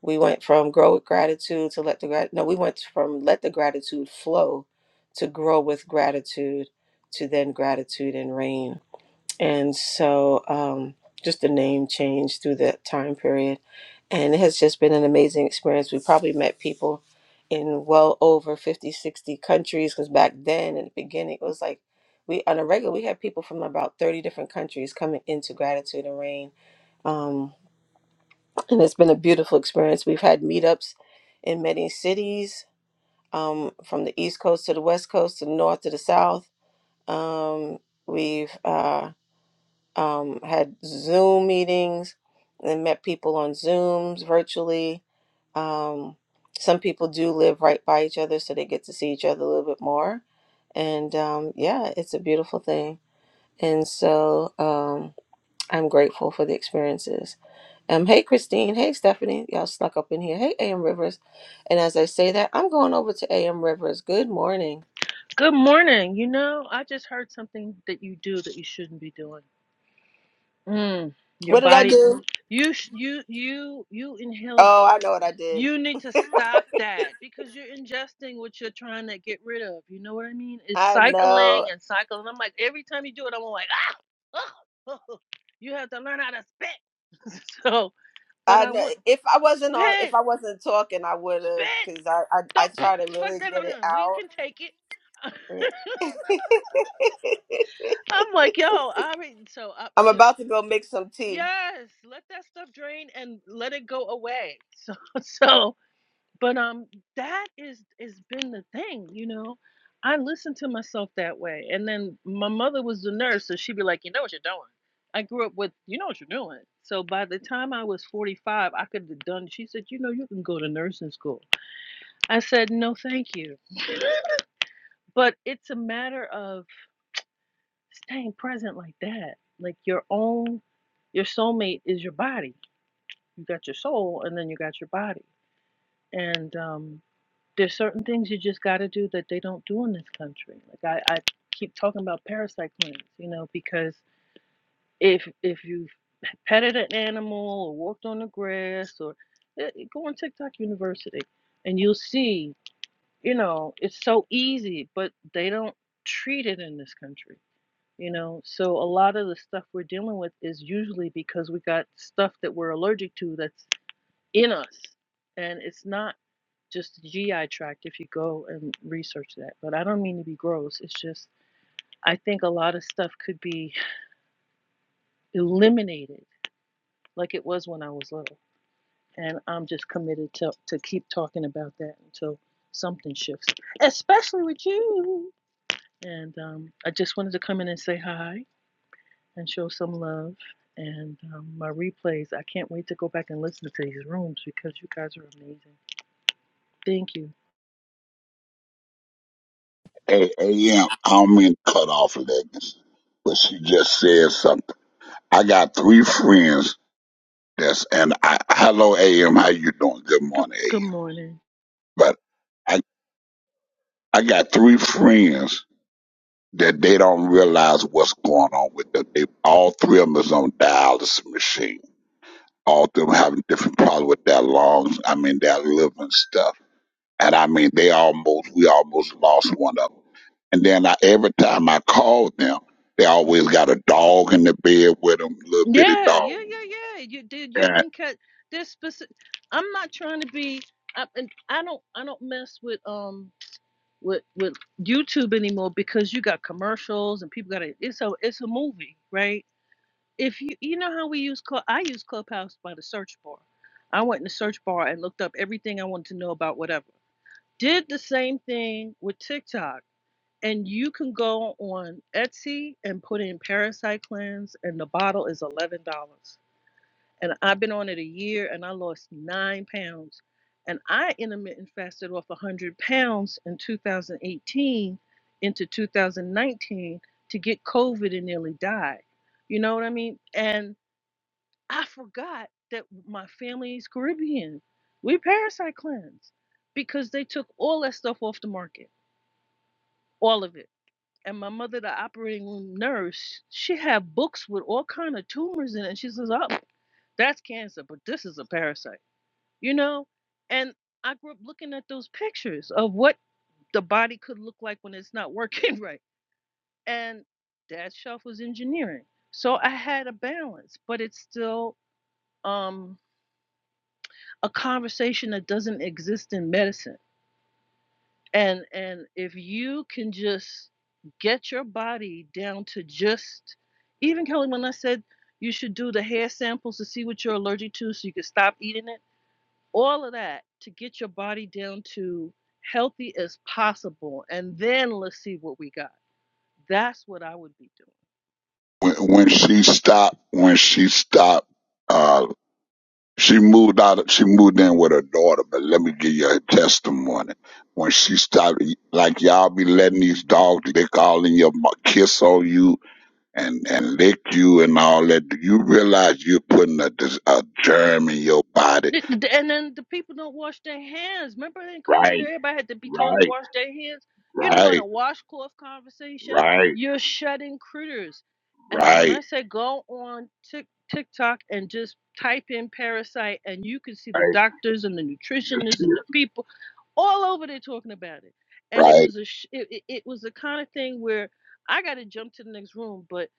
Speaker 1: we went from grow with gratitude to let the grat no we went from let the gratitude flow to grow with gratitude to then gratitude and rain and so um, just the name changed through that time period and it has just been an amazing experience we probably met people in well over 50, 60 countries because back then in the beginning it was like we on a regular we had people from about 30 different countries coming into gratitude and rain um, and it's been a beautiful experience we've had meetups in many cities um, from the east coast to the west coast to the north to the south um, we've uh, um, had Zoom meetings and met people on Zooms virtually. Um, some people do live right by each other, so they get to see each other a little bit more. And um, yeah, it's a beautiful thing. And so um, I'm grateful for the experiences. Um, hey, Christine. Hey, Stephanie. Y'all snuck up in here. Hey, AM Rivers. And as I say that, I'm going over to AM Rivers. Good morning.
Speaker 9: Good morning. You know, I just heard something that you do that you shouldn't be doing. Mm, your
Speaker 1: What did I
Speaker 9: body,
Speaker 1: do?
Speaker 9: you sh- you you you inhaled.
Speaker 1: Oh, I know what I did.
Speaker 9: You need to stop that because you're ingesting what you're trying to get rid of. You know what I mean? It's
Speaker 1: I
Speaker 9: cycling
Speaker 1: know.
Speaker 9: and cycling. I'm like every time you do it, I'm like ah, oh, [LAUGHS] you have to learn how to spit. [LAUGHS] so, but
Speaker 1: I
Speaker 9: I
Speaker 1: know
Speaker 9: want
Speaker 1: if I wasn't on, if
Speaker 9: spit,
Speaker 1: I wasn't talking, I would have
Speaker 9: spit.
Speaker 1: because I, I I
Speaker 9: Don't
Speaker 1: try to
Speaker 9: fuck
Speaker 1: really
Speaker 9: that.
Speaker 1: get it
Speaker 9: We
Speaker 1: out.
Speaker 9: can take it. [LAUGHS]
Speaker 1: Yeah.
Speaker 9: I'm like, yo,
Speaker 1: [LAUGHS]
Speaker 9: I mean, so I, [LAUGHS]
Speaker 1: I'm about to go make some tea.
Speaker 9: Yes, let that stuff drain and let it go away. So [LAUGHS] so but um that is is been the thing, you know. I listen to myself that way. And then my mother was the nurse, so she'd be like, "You know what you're doing." I grew up with, "You know what you're doing." So by the time I was 45, I could have done. She said, "You know, you can go to nursing school." I said, "No, thank you." But it's a matter of staying present like that. Like your own your soulmate is your body you got your soul and then you got your body and um, there's certain things you just got to do that they don't do in this country like I, I keep talking about parasite cleanse you know because if if you petted an animal or walked on the grass or eh, eh, go on tiktok university and you'll see you know it's so easy but they don't treat it in this country you know so a lot of the stuff we're dealing with is usually because we got stuff that we're allergic to that's in us. And it's not just the GI tract if you go and research that. But I don't mean to be gross. It's just, I think a lot of stuff could be eliminated like it was when I was little. And I'm just committed to, to keep talking about that until something shifts, especially with you. And um, I just wanted to come in and say hi and show some love. And um, my replays, I can't wait to go back and listen to these rooms because you guys are amazing. Thank you.
Speaker 6: hey, A- AM, I don't mean to cut off leggings, but she just said something. I got three friends that's, and I, hello, AM, how you doing? Good
Speaker 9: Good,
Speaker 6: morning,
Speaker 9: good
Speaker 6: AM.
Speaker 9: morning.
Speaker 6: But I, I got three friends that they don't realize what's going on with them. They, all three of them is on dialysis machine. All of them having different problems with their lungs. I mean, their liver and stuff. And I mean, they almost, we almost lost one of them. And then I, every time I called them, they always got a dog in the bed with them, little bitty
Speaker 9: Yeah, yeah,
Speaker 6: dog.
Speaker 9: yeah, yeah. You did. You
Speaker 6: And
Speaker 9: can cut this specific. I'm not trying to be. I, and I don't. I don't mess with um with with YouTube anymore because you got commercials and people got to It's a it's a movie, right? If you you know how we use club, I use Clubhouse by the search bar. I went in the search bar and looked up everything I wanted to know about whatever. Did the same thing with TikTok. And you can go on Etsy and put in Parasite Cleanse, and the bottle is eleven dollars and I've been on it a year and I lost nine pounds. And I intermittent fasted off 100 pounds in 2018 into 2019 to get COVID and nearly die. You know what I mean? And I forgot that my family's Caribbean. We parasite cleanse because they took all that stuff off the market, all of it. And my mother, the operating room nurse, she had books with all kind of tumors in it. And she says, oh, that's cancer, but this is a parasite you know and i grew up looking at those pictures of what the body could look like when it's not working [LAUGHS] right and dad's shelf was engineering so i had a balance but it's still um a conversation that doesn't exist in medicine and and if you can just get your body down to just even kelly when i said you should do the hair samples to see what you're allergic to so you can stop eating it all of that to get your body down to healthy as possible and then let's see what we got that's what i would be doing
Speaker 6: when, when she stopped, when she stopped, uh, She moved out. She moved in with her daughter, but let me give you her testimony. When she started, like y'all be letting these dogs lick all in your mu- kiss on you and and lick you and all that. Do you realize you're putting a, dis- a germ in your body?
Speaker 9: Th- th- And then the people don't wash their hands. Remember in COVID,
Speaker 6: Right,
Speaker 9: everybody had to be told to
Speaker 6: right,
Speaker 9: wash their hands. You know, in
Speaker 6: right,
Speaker 9: a washcloth conversation,
Speaker 6: right,
Speaker 9: you're shutting critters. And then when I
Speaker 6: right,
Speaker 9: say go on Tik TikTok and just type in parasite, and you can see the
Speaker 6: right.
Speaker 9: doctors and the
Speaker 6: You
Speaker 9: nutritionists
Speaker 6: see
Speaker 9: and the
Speaker 6: it?
Speaker 9: people all over there talking about it. And it
Speaker 6: Right,
Speaker 9: was a sh- it, it, it was the kind of thing where I got to jump to the next room, but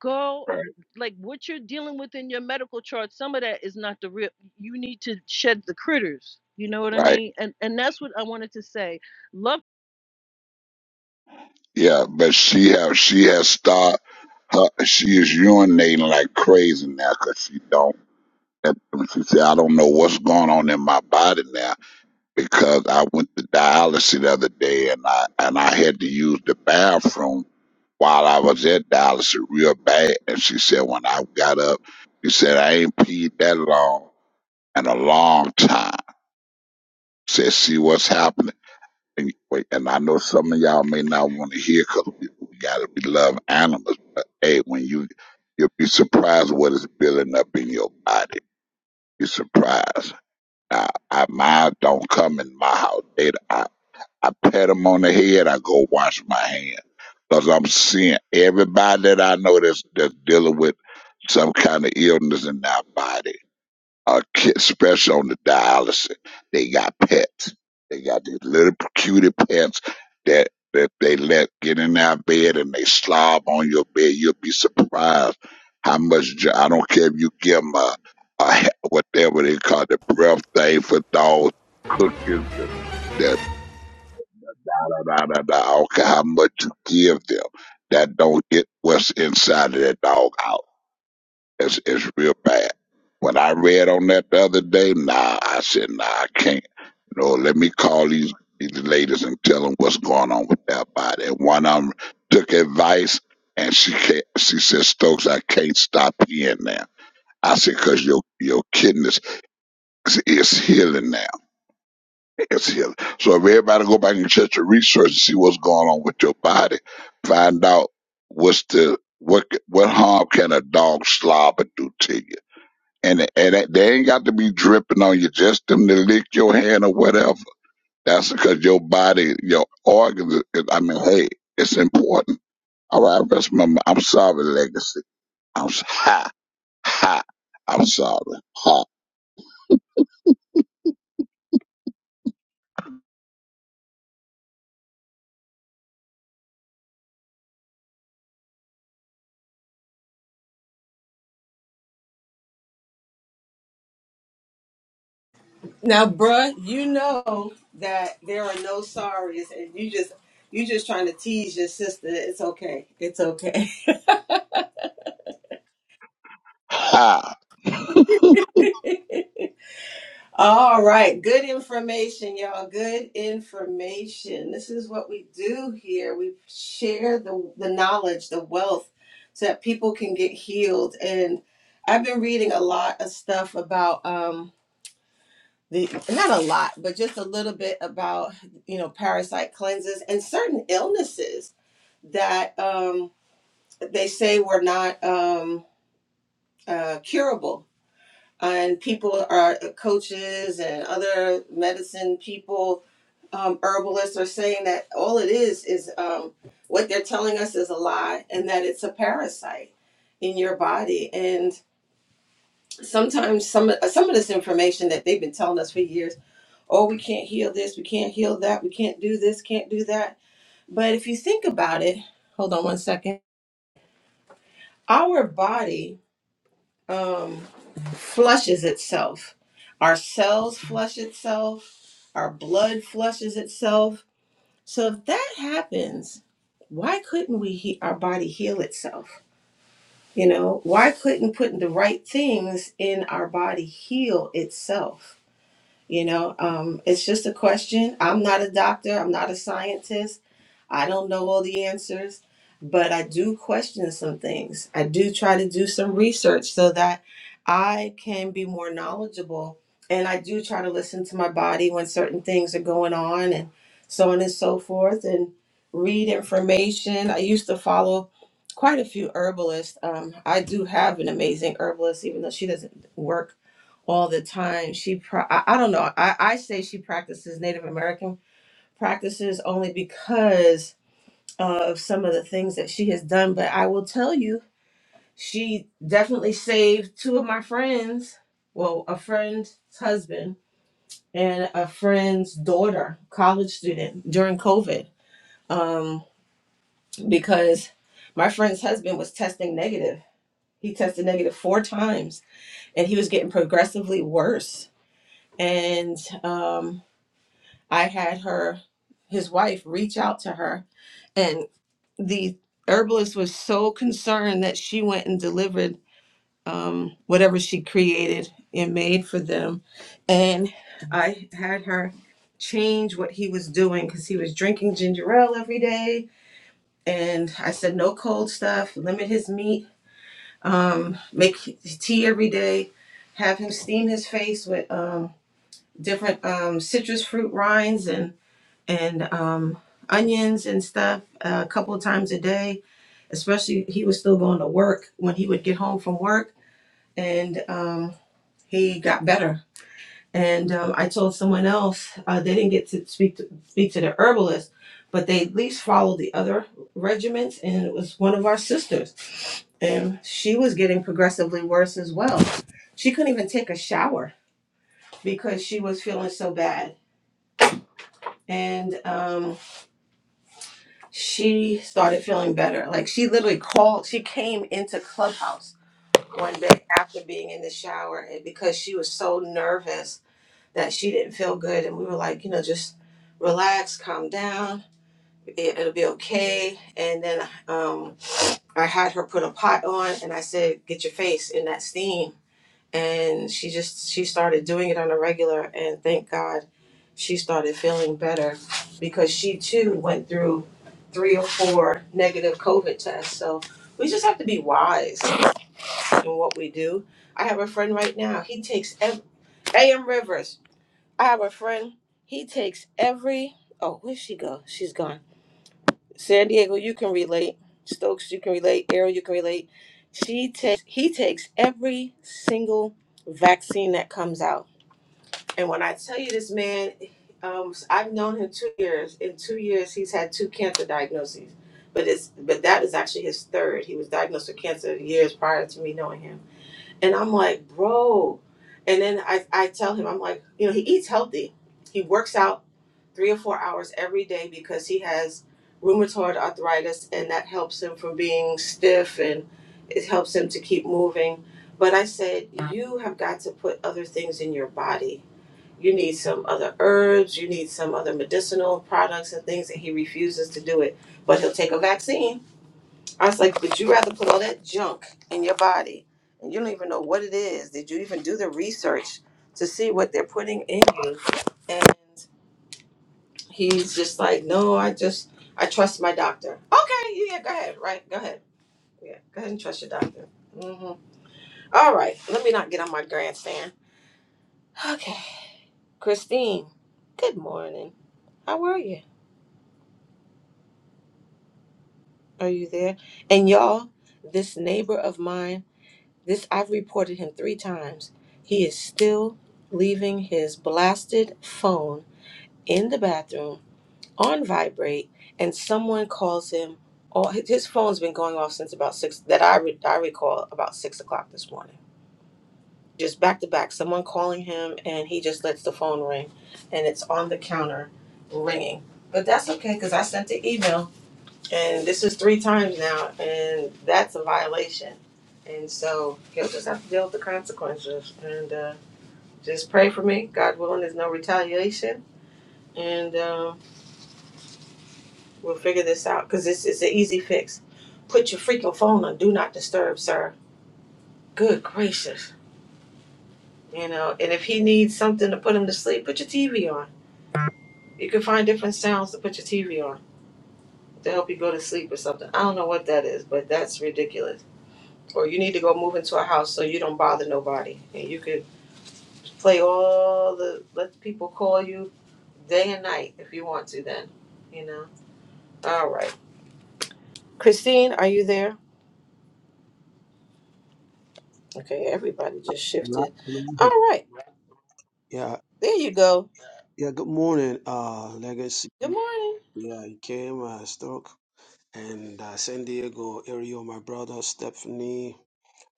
Speaker 9: go
Speaker 6: right,
Speaker 9: like what you're dealing with in your medical chart some of that is not the real you need to shed the critters you know what i
Speaker 6: right.
Speaker 9: mean and and that's what i wanted to say Love.
Speaker 6: Yeah, but she have she has started. her. She is urinating like crazy now because she don't. that and she said, I don't know what's going on in my body now because I went to dialysis the other day and I and I had to use the bathroom while I was at dialysis real bad. And she said when I got up, she said I ain't peed that long in a long time. Said, see what's happening. And, wait, and I know some of y'all may not want to hear because we, we gotta be love animals, but hey, when you you'll be surprised what is building up in your body. Be surprised. I, I mine don't come in my house. They, I, I pat them on the head. I go wash my hands because I'm seeing everybody that I know that's that's dealing with some kind of illness in their body uh, ki- especially on the dialysis. They got pets. They got these little cutie pets that that they let get in their bed and they slob on your bed. You'll be surprised how much. jo- I don't care if you give them a, a he- whatever they call the breath thing for dogs, cookies, the, the da da da da da. I don't care how much you give them. That don't get what's inside of that dog out. It's it's real bad. When I read on that the other day, nah, I said, nah, I can't. No, let me call these these ladies and tell them what's going on with their body. And one of them took advice, and she can't, she said, Stokes, I can't stop peeing now. I said, cause your your kidneys is is healing now. It's healing. So if everybody go back and check your research and see what's going on with your body, find out what's the what what harm can a dog slobber do to you and and it, they ain't got to be dripping on you, just them to lick your hand or whatever. That's because your body, your organs, is- I mean, hey, it's important. All right, rest my, mi- I'm sorry, legacy. I'm, s- ha, ha, I'm sorry. Ha,
Speaker 1: Now, bruh, you know that there are no sorries, and you just you just trying to tease your sister. It's okay. It's okay.
Speaker 6: ha. [LAUGHS]
Speaker 1: [LAUGHS] All right. Good information, y'all. Good information. This is what we do here. We share the the knowledge, the wealth, so that people can get healed. And I've been reading a lot of stuff about. um the not a lot, but just a little bit about you know parasite cleanses and certain illnesses that um, they say were not um, uh, curable. And people are uh, coaches and other medicine people, um, herbalists are saying that all it is is um, what they're telling us is a lie, and that it's a parasite in your body. And sometimes some some of this information that they've been telling us for years oh, we can't heal this, we can't heal that, we can't do this, can't do that. But if you think about it, hold on one second. Our body um, flushes itself. Our cells flush itself. Our blood flushes itself. So if that happens, why couldn't we he- our body heal itself? You know, why couldn't putting the right things in our body heal itself? You know, um, it's just a question. I'm not a doctor, I'm not a scientist. I don't know all the answers, but I do question some things. I do try to do some research so that I can be more knowledgeable. And I do try to listen to my body when certain things are going on and so on and so forth and read information. I used to follow quite a few herbalists. Um, I do have an amazing herbalist, even though she doesn't work all the time. She, pra- I, I don't know. I, I say she practices Native American practices only because of some of the things that she has done. But I will tell you, she definitely saved two of my friends. Well, a friend's husband and a friend's daughter, college student, during COVID, um, because my friend's husband was testing negative. He tested negative four times, and he was getting progressively worse. And um, I had her, his wife, reach out to her, and the herbalist was so concerned that she went and delivered um, whatever she created and made for them. And I had her change what he was doing because he was drinking ginger ale every day. And I said, no cold stuff, limit his meat, um, make tea every day, have him steam his face with um, different um, citrus fruit rinds. and and um, onions and stuff uh, a couple of times a day. Especially, he was still going to work when he would get home from work, and um, he got better. And um, I told someone else uh, they didn't get to speak to, speak to the herbalist, but they at least followed the other regimens. and it was one of our sisters, and she was getting progressively worse as well. She couldn't even take a shower because she was feeling so bad, and um, she started feeling better. Like she literally called, she came into Clubhouse one day after being in the shower and because she was so nervous that she didn't feel good. And we were like, you know, just relax, calm down, it, it'll be okay. And then um, I had her put a pot on and I said, get your face in that steam and she just she started doing it on a regular and thank god she started feeling better because she too went through three or four negative covid tests so we just have to be wise in what we do i have a friend right now he takes ev- am rivers i have a friend he takes every oh where'd she go she's gone san diego you can relate stokes you can relate ariel you can relate she takes he takes every single vaccine that comes out and when I tell you this man, um, I've known him two years. In two years, he's had two cancer diagnoses, but it's but that is actually his third. He was diagnosed with cancer years prior to me knowing him. And I'm like, bro. And then I I tell him, I'm like, you know, he eats healthy. He works out three or four hours every day because he has rheumatoid arthritis, and that helps him from being stiff and it helps him to keep moving. But I said, you have got to put other things in your body you need some other herbs, you need some other medicinal products and things, and he refuses to do it. But he'll take a vaccine. I was like, would you rather put all that junk in your body and you don't even know what it is? Did you even do the research to see what they're putting in you? And he's just like, no, I just, I trust my doctor. Okay, yeah, yeah, go ahead, right? Go ahead. Yeah, go ahead and trust your doctor. hmm All right, let me not get on my grandstand. Okay, Christine, good morning. How are you? Are you there? And y'all, this neighbor of mine, this I've reported him three times. He is still leaving his blasted phone in the bathroom on vibrate, and someone calls him. All his phone's been going off since about six that I re, I recall about six o'clock this morning. Just back to back, someone calling him, and he just lets the phone ring, and it's on the counter, ringing. But that's okay, cause I sent the email. And this is three times now, and that's a violation. And so you'll just have to deal with the consequences. And uh, just pray for me. God willing, there's no retaliation. And um, we'll figure this out because this is an easy fix. Put your freaking phone on Do Not Disturb, sir. Good gracious. You know, and if he needs something to put him to sleep, put your TV on. You can find different sounds to put your TV on to help you go to sleep or something. I don't know what that is, but that's ridiculous or you need to go move into a house so you don't bother nobody. And you could play all the let people call you day and night if you want to then, you know. All right. Christine, are you there? Okay, everybody just
Speaker 10: Right,
Speaker 1: shifted. All
Speaker 10: right.
Speaker 1: right.
Speaker 10: Yeah,
Speaker 1: There you go.
Speaker 10: yeah. Good morning, uh, Legacy.
Speaker 1: Good morning.
Speaker 10: Yeah, I came, uh, Stoke, and uh, San Diego, Ariel, my brother, Stephanie,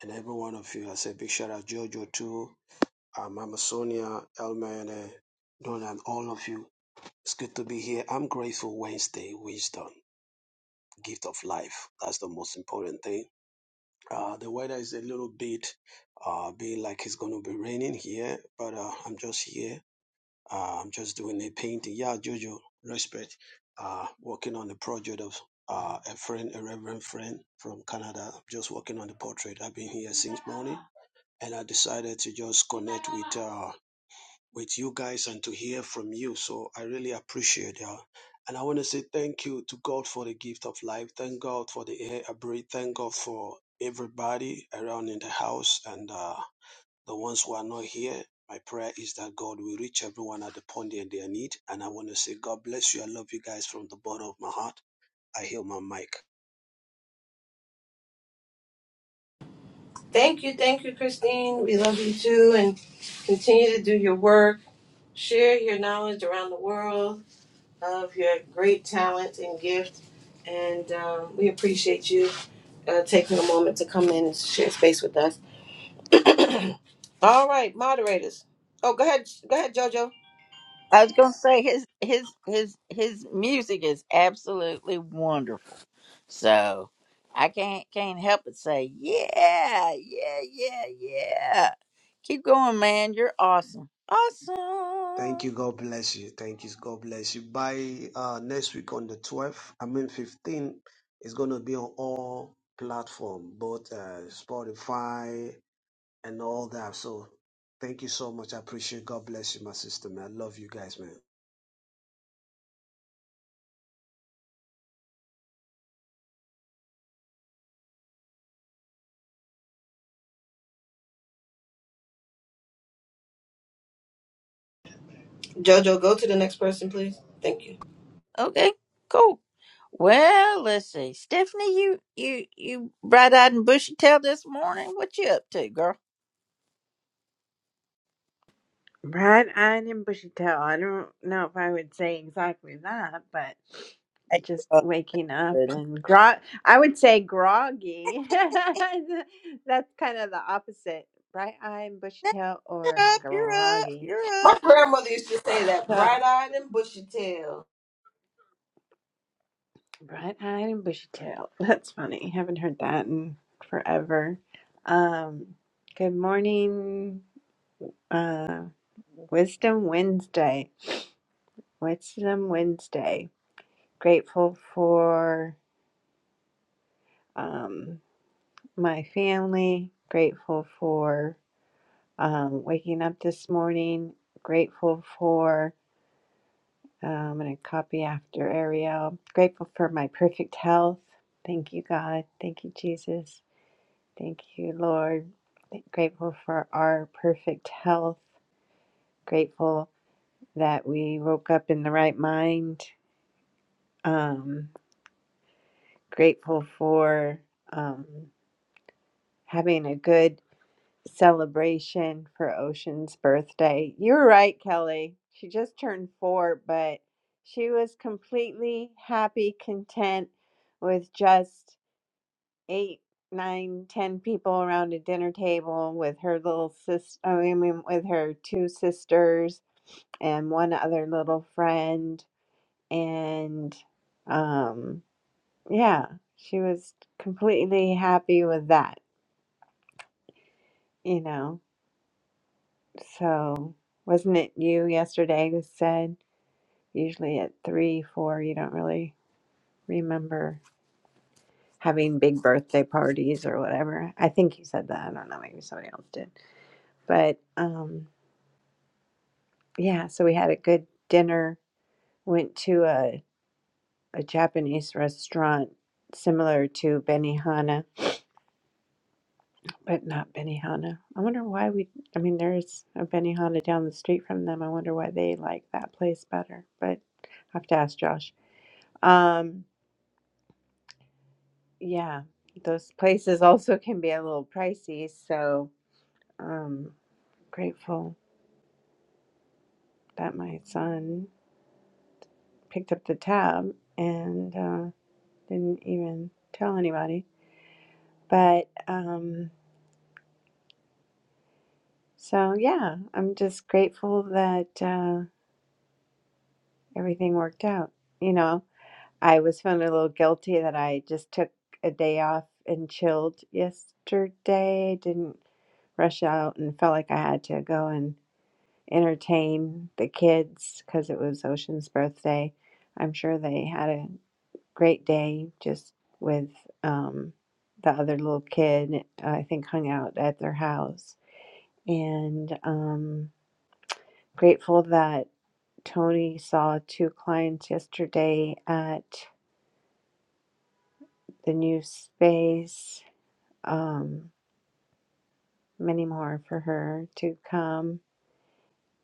Speaker 10: and every one of you. I say big shout out, Jojo, too, uh, Mama Sonia, Elman, Don, and all of you. It's good to be here. I'm grateful. Wednesday, wisdom, gift of life. That's the most important thing. Uh, the weather is a little bit, uh, being like it's going to be raining here, but uh, I'm just here Uh, I'm just doing a painting. Yeah, Jojo, respect. Uh, working on the project of uh, a friend, a reverend friend from Canada. Just working on the portrait. I've been here since morning, and I decided to just connect with uh, with you guys and to hear from you. So I really appreciate that. And I want to say thank you to God for the gift of life. Thank God for the air I breathe. Thank God for everybody around in the house and. Uh, the ones who are not here, my prayer is that God will reach everyone at the point in their need. And I want to say, God bless you. I love you guys from the bottom of my heart. I heal my mic.
Speaker 1: Thank you, thank you, Christine. We love you too and continue to do your work. Share your knowledge around the world of your great talent and gift. And um, we appreciate you uh, taking a moment to come in and share space with us. All right, moderators. Oh, go ahead. Go ahead, JoJo.
Speaker 3: I was gonna say his his his his music is absolutely wonderful. So I can't can't help but say, yeah, yeah, yeah, yeah. Keep going, man. You're awesome.
Speaker 10: Thank you.
Speaker 3: Awesome.
Speaker 10: God bless you. Thank you. God bless you. By uh, next week on the 12th, I mean fifteenth, it's going to be on all platform, both uh, Spotify and all that. So thank you so much. I appreciate it. God bless you, my sister, man. I love you guys, man.
Speaker 1: JoJo, go to the next person, please. Thank you.
Speaker 3: Okay, cool. Well, let's see. Stephanie, you you you bright eyed and bushy tailed this morning. What you up to, girl?
Speaker 11: Bright eyed and bushy tail. I don't know if I would say exactly that, but
Speaker 3: Hey,
Speaker 11: just
Speaker 3: uh,
Speaker 11: waking up
Speaker 3: good.
Speaker 11: and grog. I would say groggy. [LAUGHS] That's kind of the opposite. Bright eyed and bushy tail or
Speaker 3: You're up, you're up,
Speaker 11: groggy.
Speaker 3: you're up.
Speaker 1: My grandmother used to say that
Speaker 11: So,
Speaker 1: bright eyed and bushy tail.
Speaker 11: bright eyed and bushy tail. [LAUGHS] That's funny. Haven't heard that in forever. Um, good morning. Uh, Wisdom Wednesday. Wisdom Wednesday. Grateful for. um, my family, grateful for um, waking up this morning, grateful for, uh, I'm going to copy after Ariel, grateful for my perfect health. Thank you, God. Thank you, Jesus. Thank you, Lord. Grateful for our perfect health. Grateful that we woke up in the right mind. Um, grateful for um, having a good celebration for Ocean's birthday. You're right, Kelly. She just turned four, but she was completely happy, content with just eight, nine, ten people around a dinner table with her little sister, I mean, with her two sisters and one other little friend. And um, yeah, she was completely happy with that, you know. So, wasn't it you yesterday who said usually at three, four, you don't really remember having big birthday parties or whatever? I think you said that. I don't know. Maybe somebody else did. But um, yeah, so we had a good dinner, went to a, a Japanese restaurant similar to Benihana, but not Benihana. I wonder why we, I mean, there's a Benihana down the street from them. I wonder why they like that place better. But I have to ask Josh. Um, Yeah, those places also can be a little pricey, so um grateful that my son picked up the tab and uh, didn't even tell anybody. But um so yeah, I'm just grateful that uh everything worked out. You know, I was feeling a little guilty that I just took a day off and chilled yesterday, didn't rush out and felt like I had to go and entertain the kids because it was Ocean's birthday. I'm sure they had a great day just with um, the other little kid. I think hung out at their house and um, grateful that Tony saw two clients yesterday at the new space. Um, many more for her to come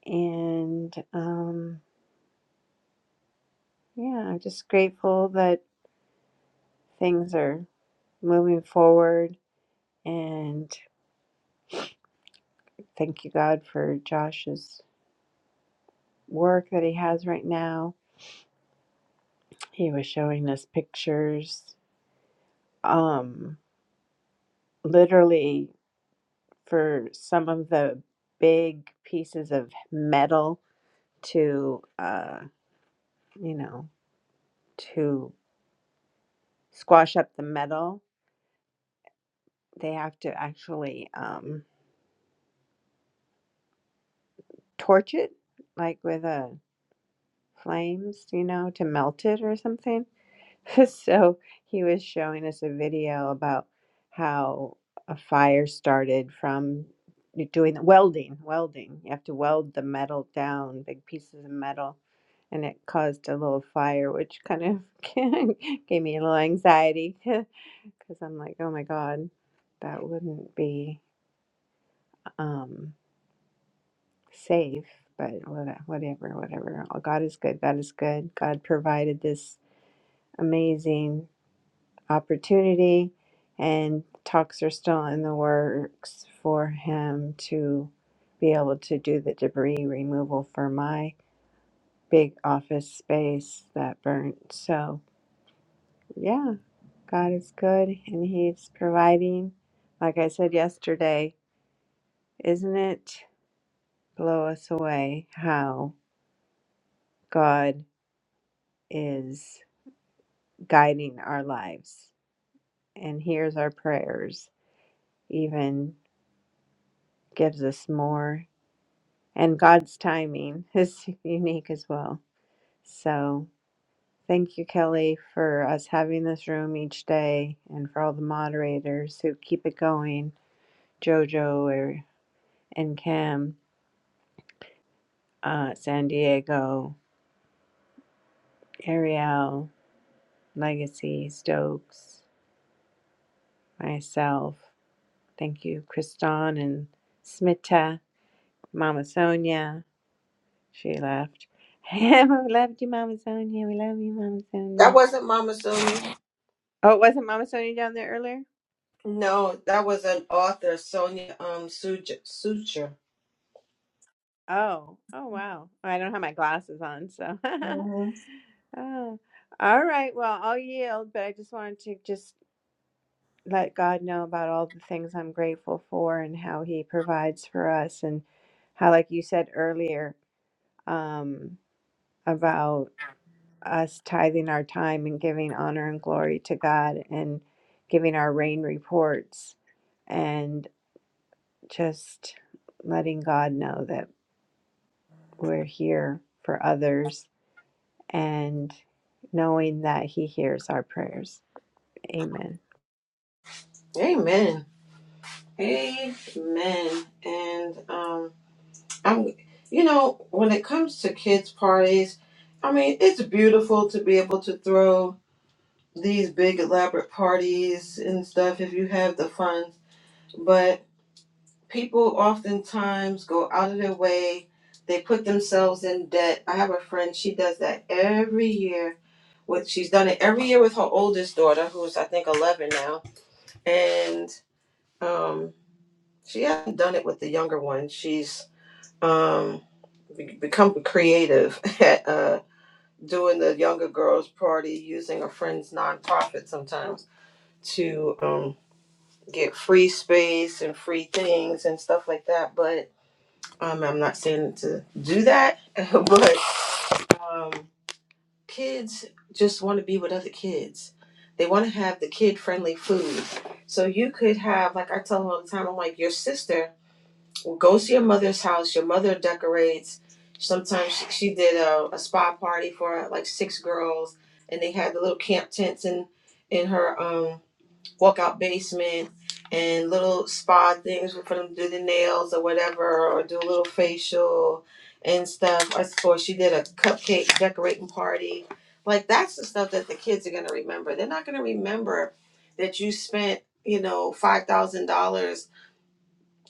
Speaker 11: and um, yeah, I'm just grateful that things are moving forward. And thank you, God, for Josh's work that he has right now. He was showing us pictures. Um, literally, for some of the big pieces of metal to, uh, you know, to squash up the metal, they have to actually um, torch it, like with a flames, you know, to melt it or something [LAUGHS] So he was showing us a video about how a fire started from you doing welding, welding. You have to weld the metal down, big pieces of metal, and it caused a little fire, which kind of [LAUGHS] gave me a little anxiety [LAUGHS] because I'm like, oh my God, that wouldn't be um, safe. But whata- whatever, whatever. Oh, God is good. God is good. God provided this amazing. opportunity, and talks are still in the works for him to be able to do the debris removal for my big office space that burnt. So, yeah, God is good and He's providing. Like I said yesterday, isn't it blow us away how God is guiding our lives and hears our prayers, even gives us more and God's timing is [LAUGHS] unique as well. So thank you, Kelly, for us having this room each day and for all the moderators who keep it going. Jojo or, and Cam, uh, San Diego, Ariel, Legacy, Stokes, myself. Thank you, Kriston and Smita, Mama Sonia. She left. [LAUGHS] we loved you, Mama Sonia. We love you, Mama
Speaker 1: That
Speaker 11: Sonia.
Speaker 1: wasn't Mama Sonia.
Speaker 11: Oh, it wasn't Mama Sonia down there earlier?
Speaker 1: No, that was an author, Sonia um, Suture. Suture.
Speaker 11: Oh, oh wow. I don't have my glasses on, so. [LAUGHS] Oh, all right. Well, I'll yield, but I just wanted to just let God know about all the things I'm grateful for and how he provides for us and how like you said earlier, um about us tithing our time and giving honor and glory to God and giving our rain reports and just letting God know that we're here for others and knowing that He hears our prayers. Amen.
Speaker 1: Amen. Amen. And um, I'm, you know, when it comes to kids' parties, I mean, it's beautiful to be able to throw these big elaborate parties and stuff if you have the funds. But people oftentimes go out of their way, they put themselves in debt. I have a friend, she does that every year. With, she's done it every year with her oldest daughter, who's I think 11 now. And um, she hasn't done it with the younger one. She's. Um, be- become creative [LAUGHS] at uh, doing the younger girls party using a friend's nonprofit sometimes to um, get free space and free things and stuff like that but um, i'm not saying to do that [LAUGHS] but um, kids just want to be with other kids they want to have the kid friendly food so you could have like i tell them all the time i'm like your sister Go to your mother's house. Your mother decorates. Sometimes she, she did a, a spa party for like six girls, and they had the little camp tents in in her um walkout basement and little spa things for them to do the nails or whatever, or do a little facial and stuff. Or, or she did a cupcake decorating party. Like that's the stuff that the kids are gonna remember. They're not gonna remember that you spent you know $5000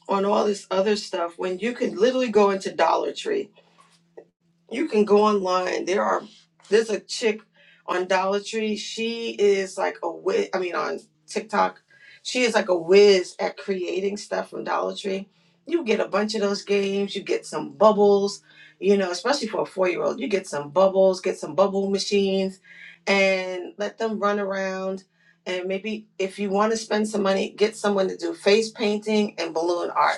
Speaker 1: on all this other stuff when you can literally go into Dollar Tree. You can go online. There are there's a chick on Dollar Tree. She is like a whiz. I mean, on TikTok, she is like a whiz at creating stuff from Dollar Tree. You get a bunch of those games. You get some bubbles. You know, especially for a four year old, you get some bubbles. Get some bubble machines, and let them run around. And maybe if you want to spend some money, get someone to do face painting and balloon art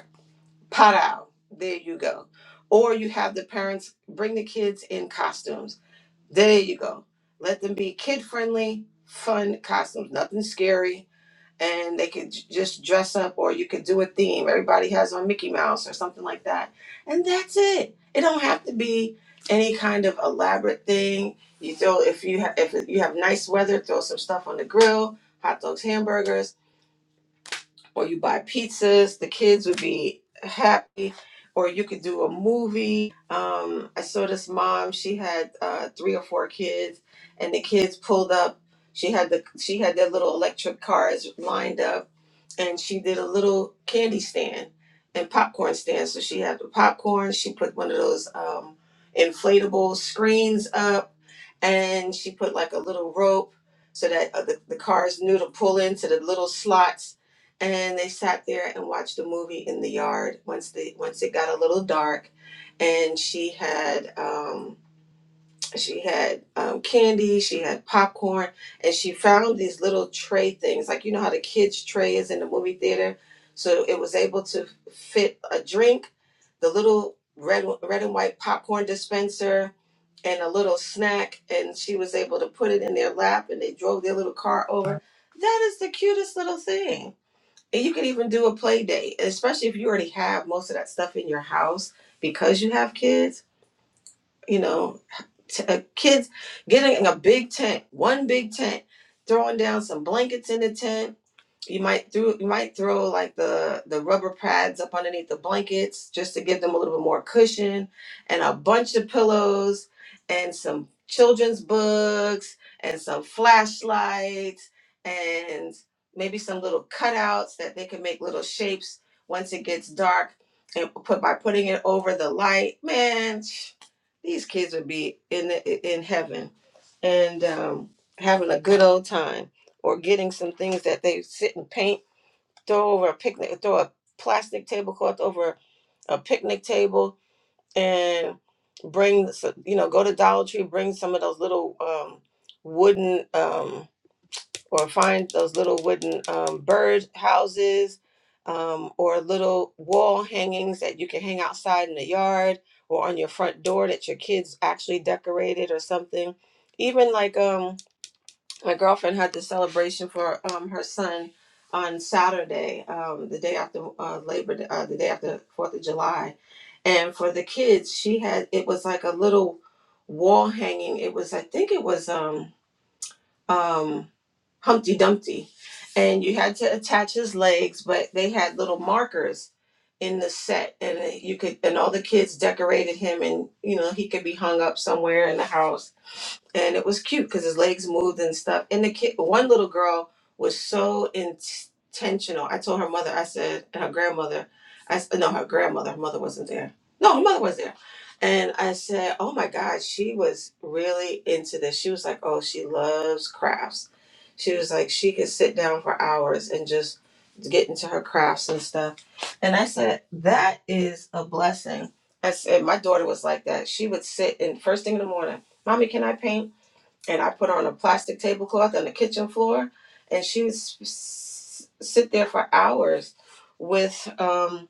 Speaker 1: Pow! There you go. Or you have the parents bring the kids in costumes. There you go. Let them be kid friendly, fun costumes, nothing scary. And they could j- just dress up, or you could do a theme. Everybody has on Mickey Mouse or something like that. And that's it. It don't have to be any kind of elaborate thing. You throw if you have if you have nice weather, throw some stuff on the grill, hot dogs, hamburgers or you buy pizzas. The kids would be happy, or you could do a movie. Um, I saw this mom; she had uh, three or four kids, and the kids pulled up. She had the she had their little electric cars lined up, and she did a little candy stand and popcorn stand. So she had the popcorn. She put one of those um, inflatable screens up, and she put like a little rope so that uh, the, the cars knew to pull into the little slots and they sat there and watched a movie in the yard once they once it got a little dark and she had um she had um, candy she had popcorn and she found these little tray things like you know how the kids tray is in the movie theater so it was able to fit a drink the little red red and white popcorn dispenser and a little snack and she was able to put it in their lap and they drove their little car over that is the cutest little thing and you could even do a play day, especially if you already have most of that stuff in your house because you have kids. You know, t- uh, kids getting a big tent, one big tent, throwing down some blankets in the tent, you might throw you might throw like the the rubber pads up underneath the blankets just to give them a little bit more cushion and a bunch of pillows and some children's books and some flashlights and maybe some little cutouts that they can make little shapes once it gets dark and put by putting it over the light. Man, [SNIFFS] these kids would be in the, in heaven and um, having a good old time or getting some things that they sit and paint, throw over a picnic, throw a plastic tablecloth over a picnic table, and bring s- you know go to Dollar Tree, bring some of those little um, wooden um, or find those little wooden um, bird houses um, or little wall hangings that you can hang outside in the yard or on your front door that your kids actually decorated or something. Even like um my girlfriend had the celebration for um, her son on Saturday, um, the day after uh, Labor, Day- uh, the day after Fourth of July, and for the kids, she had it was like a little wall hanging. It was, I think, it was. Um, um, Humpty Dumpty, and you had to attach his legs, but they had little markers in the set, and you could, and all the kids decorated him, and you know he could be hung up somewhere in the house, and it was cute because his legs moved and stuff. And the kid, one little girl was so intentional. I told her mother, I said, and her grandmother, I s- no, her grandmother, her mother wasn't there. No, her mother was there and I said, Oh my God, she was really into this. She was like, Oh, she loves crafts. She was like, She could sit down for hours and just get into her crafts and stuff. And I said, That is a blessing. I said, My daughter was like that. She would sit and first thing in the morning, Mommy, can I paint? and I put her on a plastic tablecloth on the kitchen floor, and she would s- s- sit there for hours with um,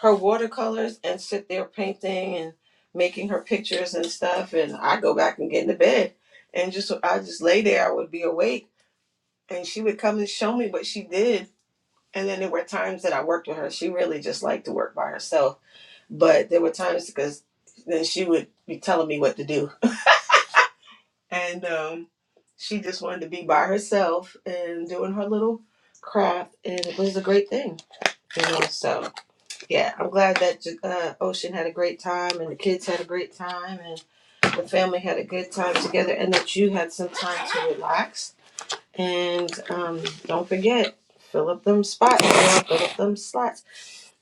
Speaker 1: her watercolors and sit there painting and making her pictures and stuff. And I go back and get into bed, and just I just lay there. I would be awake, and she would come and show me what she did. And then there were times that I worked with her. She really just liked to work by herself, but there were times because then she would be telling me what to do and um, she just wanted to be by herself and doing her little craft, and it was a great thing, you know. So yeah, I'm glad that uh, Ocean had a great time, and the kids had a great time, and the family had a good time together, and that you had some time to relax. And um, don't forget, fill up them spots, girl, fill up them slots.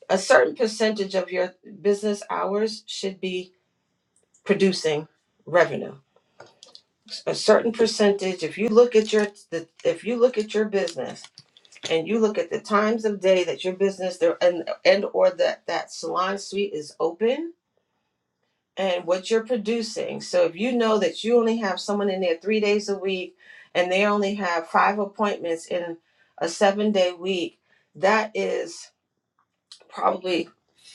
Speaker 1: A certain percentage of your business hours should be producing revenue a certain percentage if you look at your the, if you look at your business and you look at the times of day that your business there and and or that that salon suite is open and what you're producing so if you know that you only have someone in there three days a week and they only have five appointments in a seven day week that is probably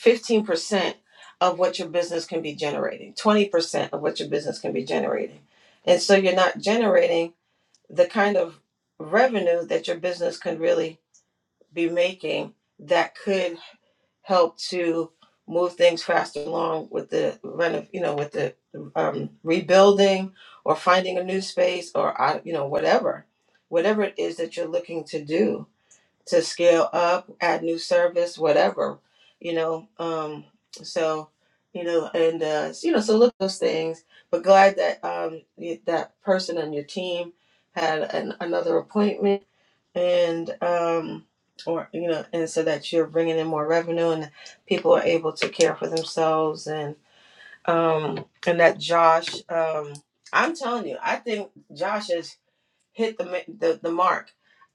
Speaker 1: 15% of what your business can be generating 20% of what your business can be generating and so you're not generating the kind of revenue that your business could really be making that could help to move things faster along with the renov, you know, with the um, rebuilding or finding a new space or uh, you know whatever, whatever it is that you're looking to do to scale up, add new service, whatever, you know. Um, so, you know, and uh, you know, so look at those things. But glad that um, you- that person on your team had an, another appointment, and um, or you know, and so that you're bringing in more revenue, and people are able to care for themselves, and um, and that Josh, um, I'm telling you, I think Josh is hit the, the the mark.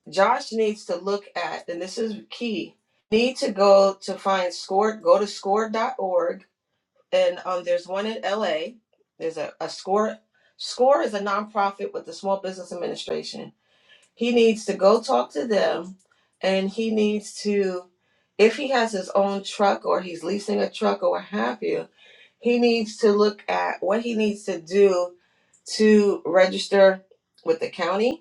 Speaker 1: Josh needs to look at, and this is key. Need to go to find score. Go to score dot org, and um, there's one in LA. There's a, a score. Score is a nonprofit with the Small Business Administration. He needs to go talk to them, and he needs to, if he has his own truck or he's leasing a truck or what have you, he needs to look at what he needs to do to register with the county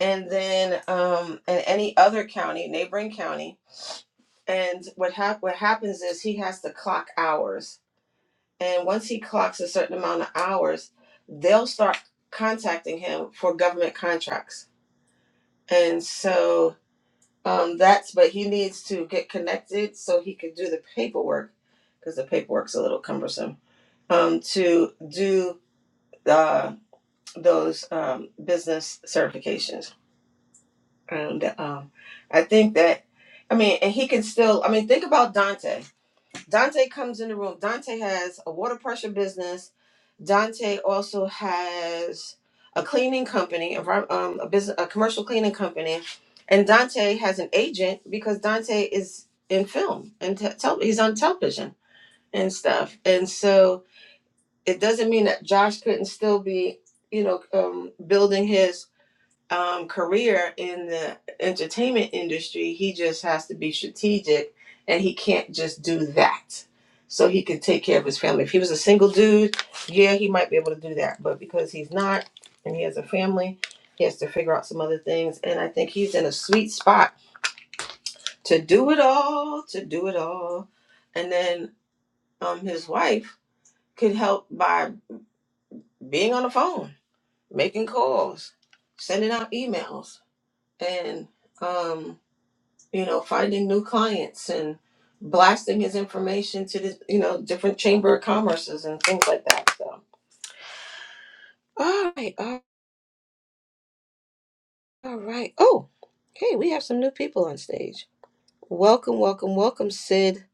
Speaker 1: and then um, and any other county, neighboring county. And what hap- what happens is he has to clock hours, and once he clocks a certain amount of hours, they'll start contacting him for government contracts. And so um, that's but he needs to get connected so he can do the paperwork because the paperwork's a little cumbersome um, to do uh, those um, business certifications. And um, I think that, I mean, and he can still, I mean, think about Dante. Dante comes in the room. Dante has a water pressure business. Dante also has a cleaning company, a, vi- um, a business, a commercial cleaning company. And Dante has an agent because Dante is in film and te- tel- he's on television and stuff. And so it doesn't mean that Josh couldn't still be, you know, um, building his um, career in the entertainment industry, he just has to be strategic and he can't just do that. So he can take care of his family. If he was a single dude, yeah, he might be able to do that. But because he's not and he has a family, he has to figure out some other things. And I think he's in a sweet spot to do it all, to do it all. And then um, his wife could help by being on the phone, making calls, sending out emails, and um, you know, finding new clients and blasting his information to the, you know, different chamber of commerces and things like that. So, all right, all all right. Oh, hey, we have some new people on stage. Welcome, welcome, welcome, Sid.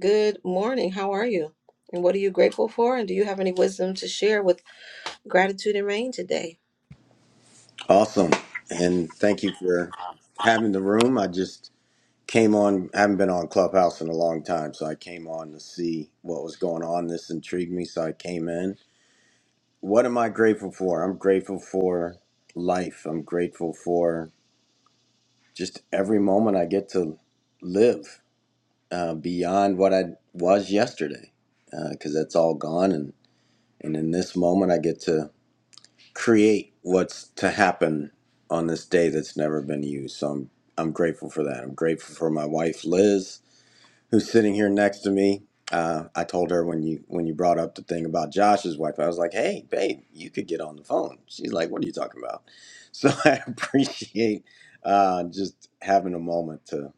Speaker 1: Good morning. How are you? And what are you grateful for? And do you have any wisdom to share with gratitude and rain today?
Speaker 12: Awesome. And thank you for having the room. I just came on, haven't been on Clubhouse in a long time. So I came on to see what was going on. This intrigued me. So I came in. What am I grateful for? I'm grateful for life. I'm grateful for just every moment I get to live uh, beyond what I was yesterday because that's all gone. And, and in this moment, I get to create what's to happen on this day that's never been used. So I'm I'm grateful for that. I'm grateful for my wife Liz, who's sitting here next to me. Uh, I told her when you when you brought up the thing about Josh's wife, I was like, "Hey, babe, you could get on the phone." She's like, "What are you talking about?" So [LAUGHS] I appreciate uh, just having a moment to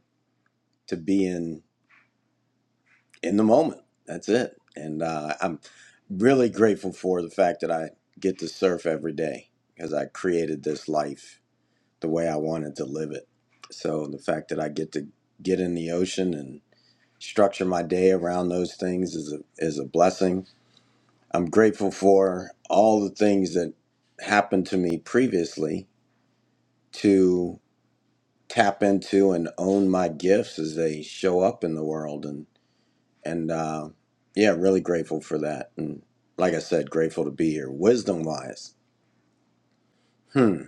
Speaker 12: to be in in the moment. That's it, and uh, I'm really grateful for the fact that I get to surf every day because I created this life the way I wanted to live it. So the fact that I get to get in the ocean and structure my day around those things is a is a blessing. I'm grateful for all the things that happened to me previously to tap into and own my gifts as they show up in the world and and uh, yeah, really grateful for that. And like I said, grateful to be here. Wisdom wise, hmm,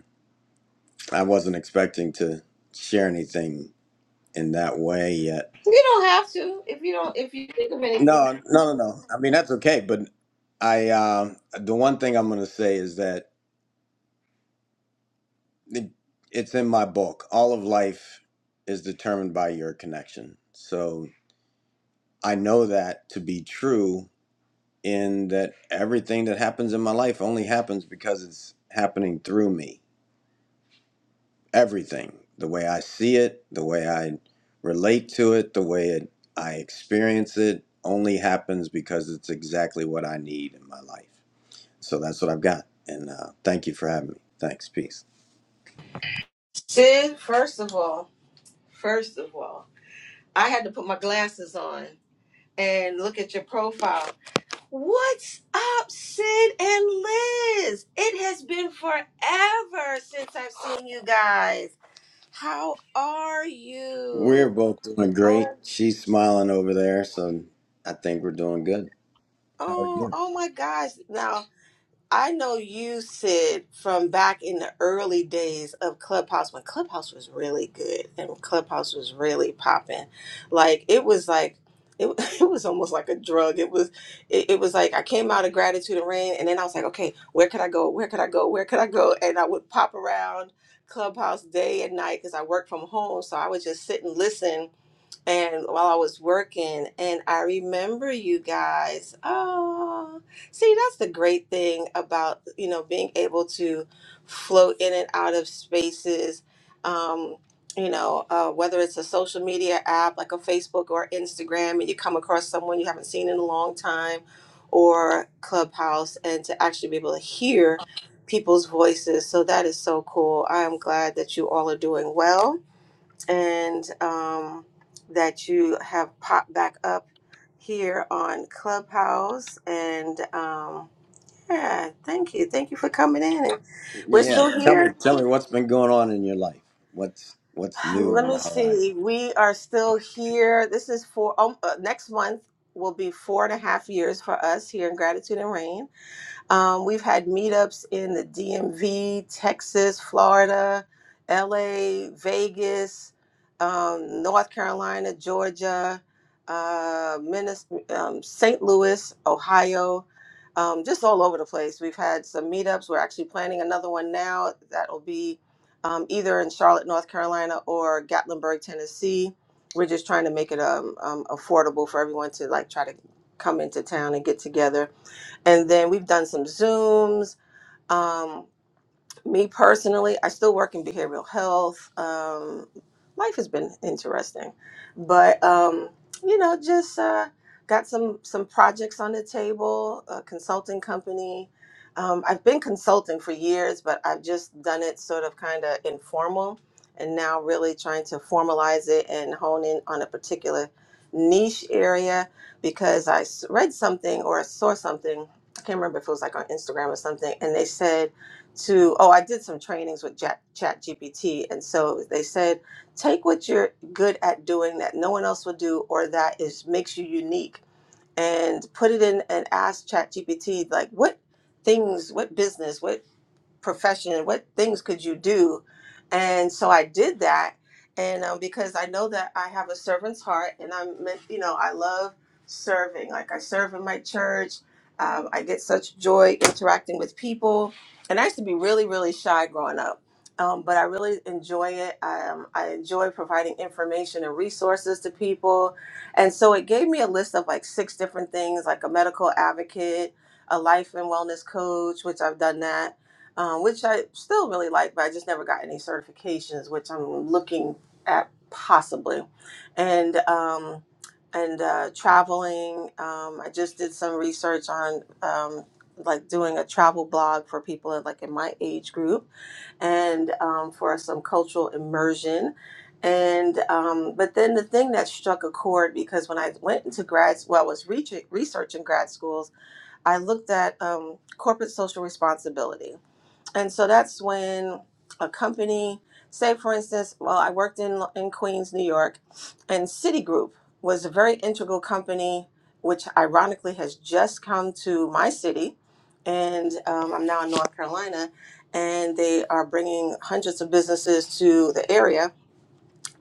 Speaker 12: I wasn't expecting to share anything in that way yet
Speaker 1: You don't have to if you don't if you think of anything.
Speaker 12: No, no, no, no. I mean, that's okay. But I, um the one thing I'm going to say is that it, it's in my book. All of life is determined by your connection. So I know that to be true in that everything that happens in my life only happens because it's happening through me. Everything, the way I see it, the way I relate to it, the way it, I experience it, only happens because it's exactly what I need in my life. So that's what I've got. And uh, thank you for having me. Thanks. Peace.
Speaker 1: Sid, first of all, first of all, I had to put my glasses on and look at your profile What's up, Sid and Liz? It has been forever since I've seen you guys. How are
Speaker 12: We're
Speaker 1: you?
Speaker 12: both doing
Speaker 1: Oh,
Speaker 12: great. She's smiling over there, so I think we're doing good. How are
Speaker 1: oh,
Speaker 12: you?
Speaker 1: oh my gosh. Now. I know you said from back in the early days of Clubhouse when Clubhouse was really good and when Clubhouse was really popping. Like it was like it, [LAUGHS] it was almost like a drug. It was it, it was like I came out of gratitude and rain and then I was like, okay, where could I go? Where could I go? Where could I go? And I would pop around Clubhouse day and night because I worked from home. So I would just sit and listen and while I was working, and I remember you guys. Oh, see, that's the great thing about you know being able to float in and out of spaces. Um, you know, uh, whether it's a social media app like a Facebook or Instagram, and you come across someone you haven't seen in a long time, or Clubhouse, and to actually be able to hear people's voices. So that is so cool. I am glad that you all are doing well and um, that you have popped back up here on Clubhouse. And um, yeah, thank you. Thank you for coming in. And we're
Speaker 12: Yeah.
Speaker 1: still
Speaker 12: Tell me,
Speaker 1: here.
Speaker 12: tell me what's been going on in your life. What's what's new
Speaker 1: Let
Speaker 12: on the
Speaker 1: me
Speaker 12: horizon?
Speaker 1: see. We are still here. This is for um, uh, next month will be four and a half years for us here in Gratitude and Rain Um, we've had meetups in the DMV, Texas, Florida, LA, Vegas, um, North Carolina, Georgia, uh, Minnes- um, St. Louis, Ohio, um, just all over the place. We've had some meetups. We're actually planning another one now that'll be um, either in Charlotte, North Carolina, or Gatlinburg, Tennessee. We're just trying to make it um, um, affordable for everyone to like try to come into town and get together and then we've done some zooms um, me personally, I still work in behavioral health. Um, life has been interesting, but um, you know, just uh, got some some projects on the table. A consulting company. Um, I've been consulting for years, but I've just done it sort of kind of informal, and now really trying to formalize it and hone in on a particular niche area because I s- read something or I saw something. I can't remember if it was like on Instagram or something, and they said to oh i did some trainings with chat, gpt and so they said take what you're good at doing that no one else will do or that is makes you unique and put it in and ask chat gpt like what things what business what profession and what things could you do and so i did that and um, because i know that i have a servant's heart and i'm meant you know i love serving like i serve in my church um, i get such joy interacting with people and i used to be really really shy growing up um, but i really enjoy it I, um, I enjoy providing information and resources to people and so it gave me a list of like six different things like a medical advocate a life and wellness coach which i've done that um, which I still really like, but I just never got any certifications, which I'm looking at possibly, and um, and uh, traveling. Um, I just did some research on um, like doing a travel blog for people in, like in my age group, and um, for some cultural immersion. And um, but then the thing that struck a chord because when I went into grad, well, I was reaching, researching grad schools, I looked at um, corporate social responsibility and so that's when a company say for instance well i worked in in queens new york and citigroup was a very integral company which ironically has just come to my city and um, i'm now in north carolina and they are bringing hundreds of businesses to the area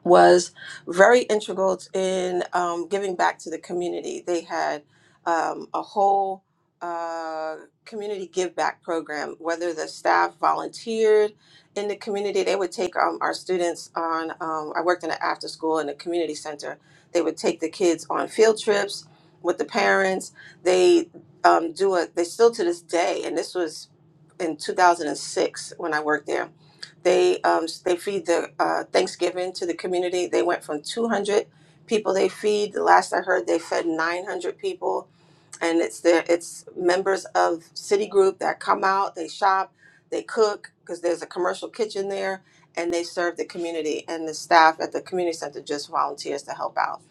Speaker 1: was very integral in um, giving back to the community. They had um, a whole uh, community give back program, whether the staff volunteered in the community, they would take um, our students on. Um, I worked in an after school in a community center. They would take the kids on field trips with the parents. They um, do a, they still to this day, and this was in 2006 when I worked there. They um, they feed the uh, Thanksgiving to the community. They went from 200 people they feed. The last I heard, they fed 900 people and it's their it's members of Citigroup that come out, they shop, they cook because there's a commercial kitchen there, and they serve the community. And the staff at the community center just volunteers to help out.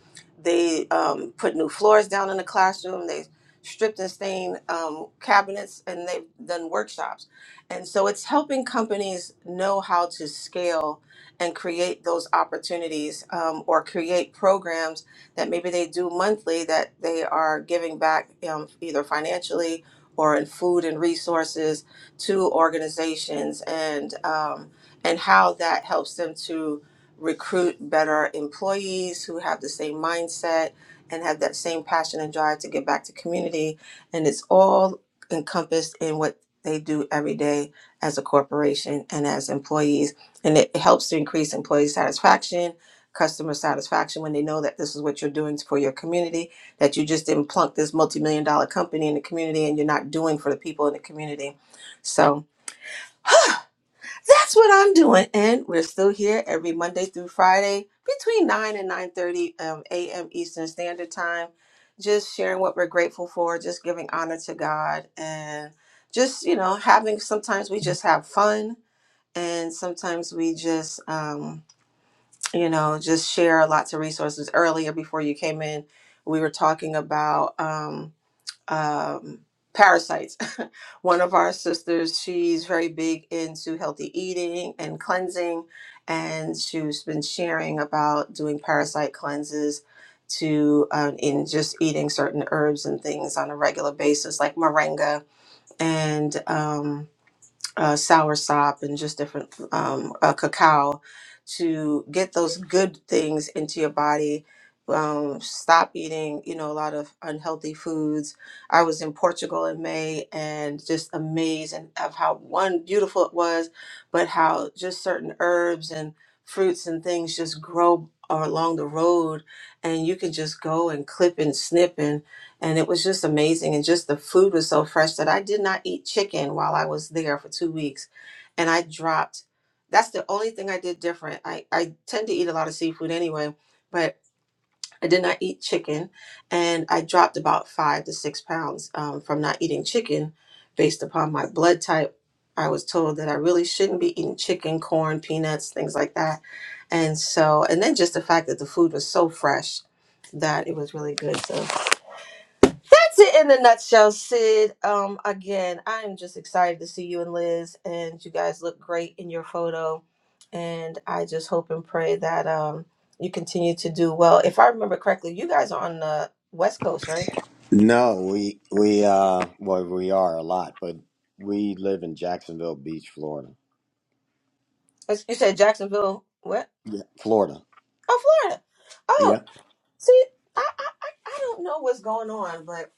Speaker 1: They um, put new floors down in the classroom. They stripped and stained um, cabinets, and they've done workshops. And so it's helping companies know how to scale and create those opportunities um, or create programs that maybe they do monthly that they are giving back um, either financially or in food and resources to organizations and um, and how that helps them to recruit better employees who have the same mindset and have that same passion and drive to give back to community and it's all encompassed in what they do every day as a corporation and as employees and it helps to increase employee satisfaction customer satisfaction when they know that this is what you're doing for your community, that you just didn't plunk this multi-million dollar company in the community and you're not doing for the people in the community. So [GASPS] [SIGHS] that's what I'm doing. And we're still here every Monday through Friday between 9 and 9.30 um, a.m. Eastern Standard Time, just sharing what we're grateful for, just giving honor to God and just, you know, having, sometimes we just have fun and sometimes we just, um, you know, just share lots of resources. Earlier, before you came in, we were talking about um, um, parasites. [LAUGHS] One of our sisters, she's very big into healthy eating and cleansing, and she's been sharing about doing parasite cleanses to um, in just eating certain herbs and things on a regular basis, like moringa and. Um, uh, soursop and just different um, uh, cacao to get those good things into your body. Um, stop eating, you know, a lot of unhealthy foods. I was in Portugal in May and just amazed and of how one beautiful it was, but how just certain herbs and fruits and things just grow along the road, and you can just go and clip and snip and it was just amazing and just the food was so fresh that i did not eat chicken while i was there for two weeks and i dropped that's the only thing i did different i, I tend to eat a lot of seafood anyway but i did not eat chicken and i dropped about five to six pounds um, from not eating chicken based upon my blood type i was told that i really shouldn't be eating chicken corn peanuts things like that and so and then just the fact that the food was so fresh that it was really good so that's it in a nutshell, Sid. Um, again, I am just excited to see you and Liz, and you guys look great in your photo. And I just hope and pray that um you continue to do well. If I remember correctly, you guys are on the West Coast, right?
Speaker 12: No, we we uh well we are a lot, but we live in Jacksonville Beach, Florida.
Speaker 1: As- You said Jacksonville, what?
Speaker 12: Yeah, Florida.
Speaker 1: Oh, Florida.
Speaker 12: Yeah.
Speaker 1: Oh, see, I I I I don't know what's going on, but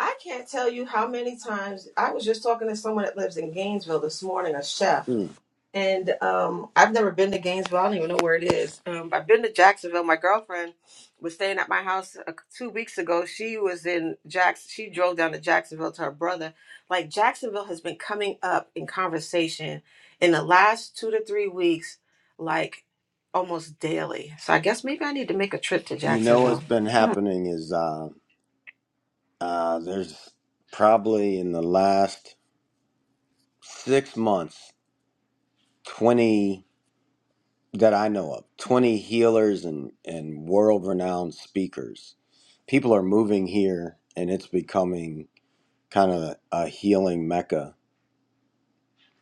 Speaker 1: I can't tell you how many times I was just talking to someone that lives in Gainesville this morning, a chef
Speaker 12: Mm.
Speaker 1: And um, I've never been to Gainesville. I don't even know where it is. Um, I've been to Jacksonville. My girlfriend was staying at my house uh, two weeks ago. She was in Jacks. She drove down to Jacksonville to her brother. Like Jacksonville has been coming up in conversation in the last two to three weeks, like almost daily. So I guess maybe I need to make a trip to
Speaker 12: You know
Speaker 1: Jacksonville.
Speaker 12: what's been happening is uh uh there's probably in the last six months 20 that I know of, 20 healers and, and world renowned speakers. People are moving here and it's becoming kind of a healing mecca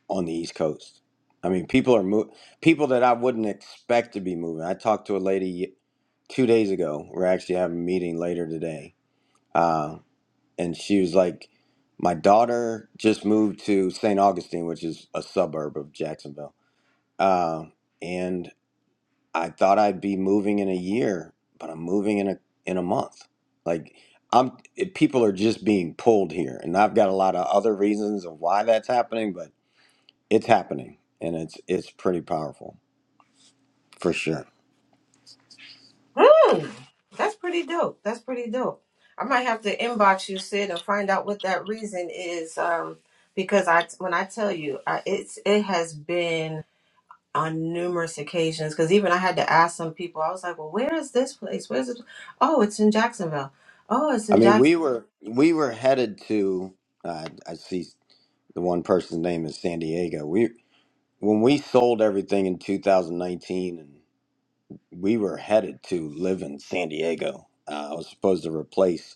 Speaker 12: on the East Coast. I mean, people are mo- people that I wouldn't expect to be moving. I talked to a lady two days ago. We're actually having a meeting later today. Uh, and she was like, My daughter just moved to St. Augustine, which is a suburb of Jacksonville. Uh, and I thought I'd be moving in a year, but I'm moving in a in a month. Like I'm it, people are just being pulled here, and I've got a lot of other reasons of why that's happening, but it's happening, and it's it's pretty powerful for sure.
Speaker 1: Hmm. That's pretty dope. That's pretty dope. I might have to inbox you, Sid, and find out what that reason is. Um, because I, when I tell you, I, it's it has been on numerous occasions. Because even I had to ask some people. I was like, "Well, where is this place? Where's it? Oh, it's in Jacksonville. Oh, it's in
Speaker 12: I
Speaker 1: Jacksonville."
Speaker 12: mean, we were we were headed to uh, I see the one person's name is San Diego. We when we sold everything in 2019, and we were headed to live in San Diego. Uh, I was supposed to replace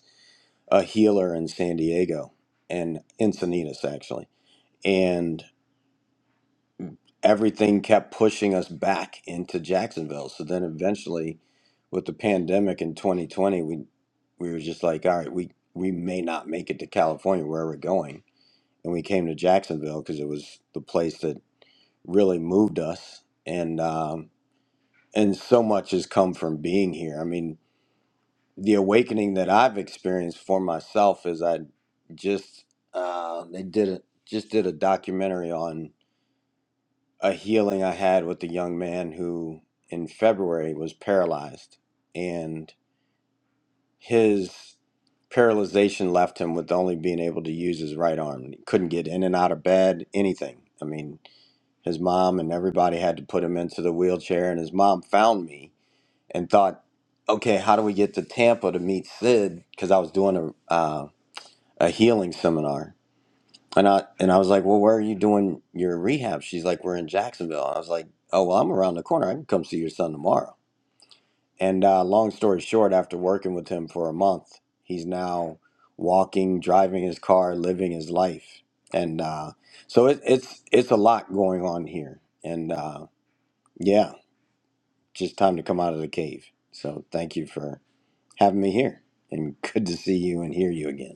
Speaker 12: a healer in San Diego and Encinitas actually. And everything kept pushing us back into Jacksonville. So then eventually with the pandemic in 2020, we we were just like, all right, we we may not make it to California where we're going. And we came to Jacksonville because it was the place that really moved us. And um, and so much has come from being here. I mean, the awakening that I've experienced for myself is I just uh, they did a, just did a documentary on a healing I had with a young man who in February was paralyzed and his paralyzation left him with only being able to use his right arm. He couldn't get in and out of bed, anything. I mean, his mom and everybody had to put him into the wheelchair and his mom found me and thought, okay, how do we get to Tampa to meet Sid? Because I was doing a uh, a healing seminar, and I and I was like, well, where are you doing your rehab? She's like, we're in Jacksonville. I was like, oh well, I'm around the corner. I can come see your son tomorrow. And uh, long story short, after working with him for a month, he's now walking, driving his car, living his life, and uh, so it, it's it's a lot going on here. And uh, yeah, just time to come out of the cave. So thank you for having me here and good to see you and hear you again.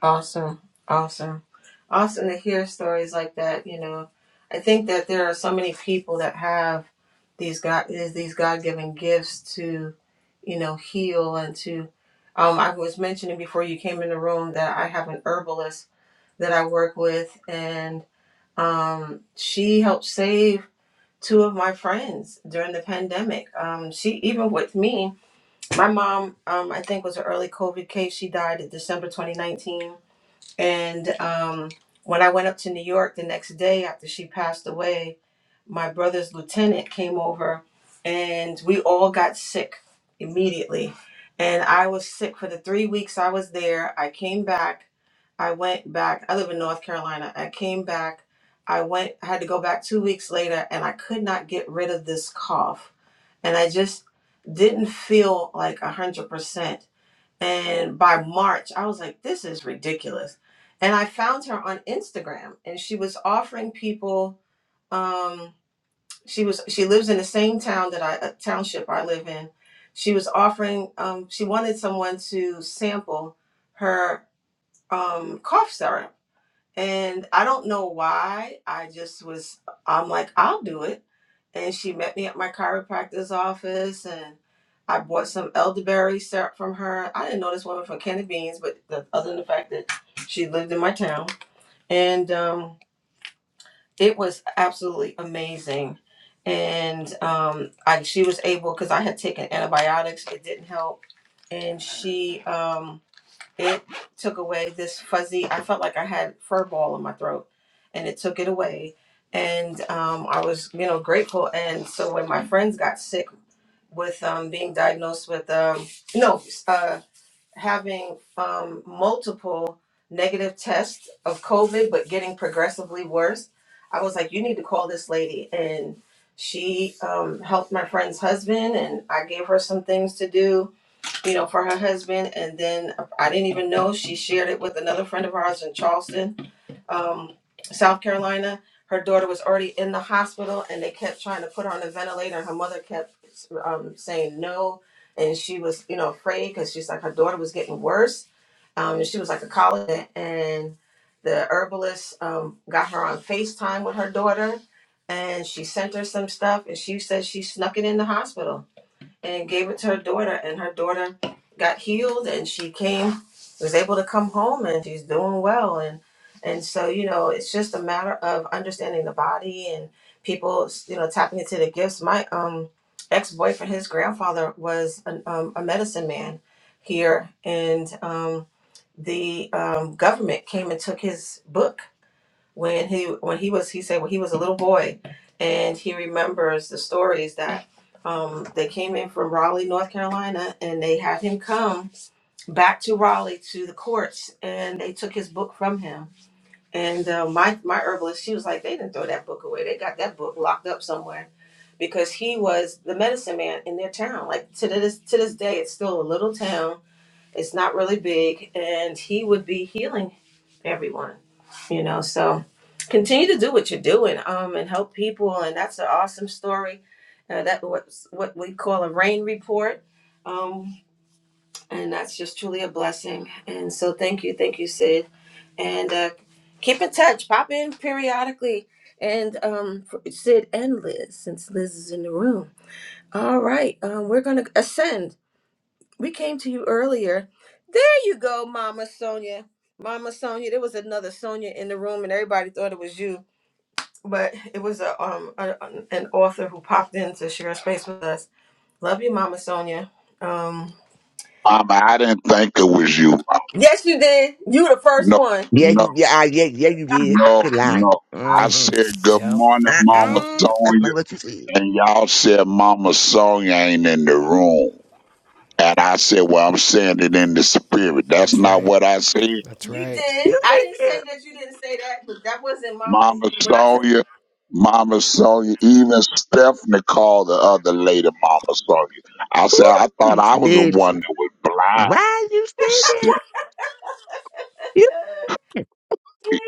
Speaker 1: Awesome. Awesome. Awesome to hear stories like that, you know. I think that there are so many people that have these God these God given gifts to, you know, heal and to um I was mentioning before you came in the room that I have an herbalist that I work with and um she helped save two of my friends during the pandemic. Um she even with me, my mom um I think was an early COVID case. She died in December 2019 and um, when I went up to New York the next day after she passed away, my brother's lieutenant came over and we all got sick immediately. And I was sick for the three weeks I was there. I came back. I went back. I live in North Carolina. I came back. I went, I had to go back two weeks later and I could not get rid of this cough. And I just didn't feel like 100%. And by March, I was like, this is ridiculous. And I found her on Instagram and she was offering people um she was she lives in the same town that I uh, township I live in. She was offering um she wanted someone to sample her um cough syrup and I don't know why. I just was, I'm like, I'll do it. And she met me at my chiropractor's office and I bought some elderberry syrup from her. I didn't know this woman from Canada Beans, but the, other than the fact that she lived in my town. And um, it was absolutely amazing. And um, I, she was able, because I had taken antibiotics, it didn't help. And she, um, it took away this fuzzy. I felt like I had fur ball in my throat, and it took it away. And um, I was, you know, grateful. And so when my friends got sick with um, being diagnosed with um, no uh, having um, multiple negative tests of COVID, but getting progressively worse, I was like, you need to call this lady. And she um, helped my friend's husband, and I gave her some things to do you know, for her husband. And then I didn't even know she shared it with another friend of ours in Charleston, um, South Carolina. Her daughter was already in the hospital and they kept trying to put her on a ventilator. And her mother kept um, saying no. And she was, you know, afraid because she's like, her daughter was getting worse. Um, and she was like a college. And the herbalist um, got her on FaceTime with her daughter and she sent her some stuff and she said she snuck it in the hospital and gave it to her daughter and her daughter got healed and she came was able to come home and she's doing well and and so you know it's just a matter of understanding the body and people you know tapping into the gifts my um ex-boyfriend his grandfather was an, um, a medicine man here and um the um, government came and took his book when he when he was he said when he was a little boy and he remembers the stories that um, they came in from Raleigh, North Carolina, and they had him come back to Raleigh to the courts, and they took his book from him. And uh, my my herbalist, she was like, they didn't throw that book away; they got that book locked up somewhere, because he was the medicine man in their town. Like to this to this day, it's still a little town it's not really big, and he would be healing everyone, you know. So continue to do what you're doing, um, and help people, and that's an awesome story. Uh, that what's what we call a rain report, um, and that's just truly a blessing. And so thank you, thank you, Sid, and uh, keep in touch. Pop in periodically, and um, for Sid and Liz, since Liz is in the room. All right, um, we're gonna ascend we came to you earlier. There you go, Mama Sonia. Mama Sonia, there was another Sonia in the room, and everybody thought it was you, but it was a um a, an author who popped in to share space with us. Love you, Mama Sonia. Um,
Speaker 6: Mama, I didn't think it was you.
Speaker 1: yes, you did. You were the first
Speaker 6: No,
Speaker 1: one.
Speaker 4: Yeah,
Speaker 6: no,
Speaker 4: you, yeah, ah, yeah, yeah, you did.
Speaker 6: no,
Speaker 4: Quit
Speaker 6: no.
Speaker 4: lying.
Speaker 6: I
Speaker 4: Mm-hmm.
Speaker 6: said good
Speaker 13: Yep.
Speaker 6: morning, Mama
Speaker 13: Yep.
Speaker 4: Uh-uh. That's not
Speaker 6: Sonia,
Speaker 4: what you said.
Speaker 6: and y'all said Mama Sonia ain't in the room. And I said, Well, I'm saying it in the spirit. That's
Speaker 13: That's
Speaker 6: not
Speaker 13: right.
Speaker 6: what I said.
Speaker 13: That's
Speaker 1: You
Speaker 13: right.
Speaker 1: did.
Speaker 4: You
Speaker 1: I
Speaker 4: did
Speaker 1: didn't say
Speaker 4: it.
Speaker 1: that you didn't say that, but that wasn't Mama.
Speaker 6: Mama
Speaker 1: When I said
Speaker 6: Sonya, Mama Sonya, even Stephanie called the other lady Mama Sonya. I said,
Speaker 4: Ooh,
Speaker 6: I thought
Speaker 4: you
Speaker 6: I was the
Speaker 4: did
Speaker 6: one
Speaker 4: shit.
Speaker 6: that was blind.
Speaker 4: Why you did that?
Speaker 6: Ste-
Speaker 4: You,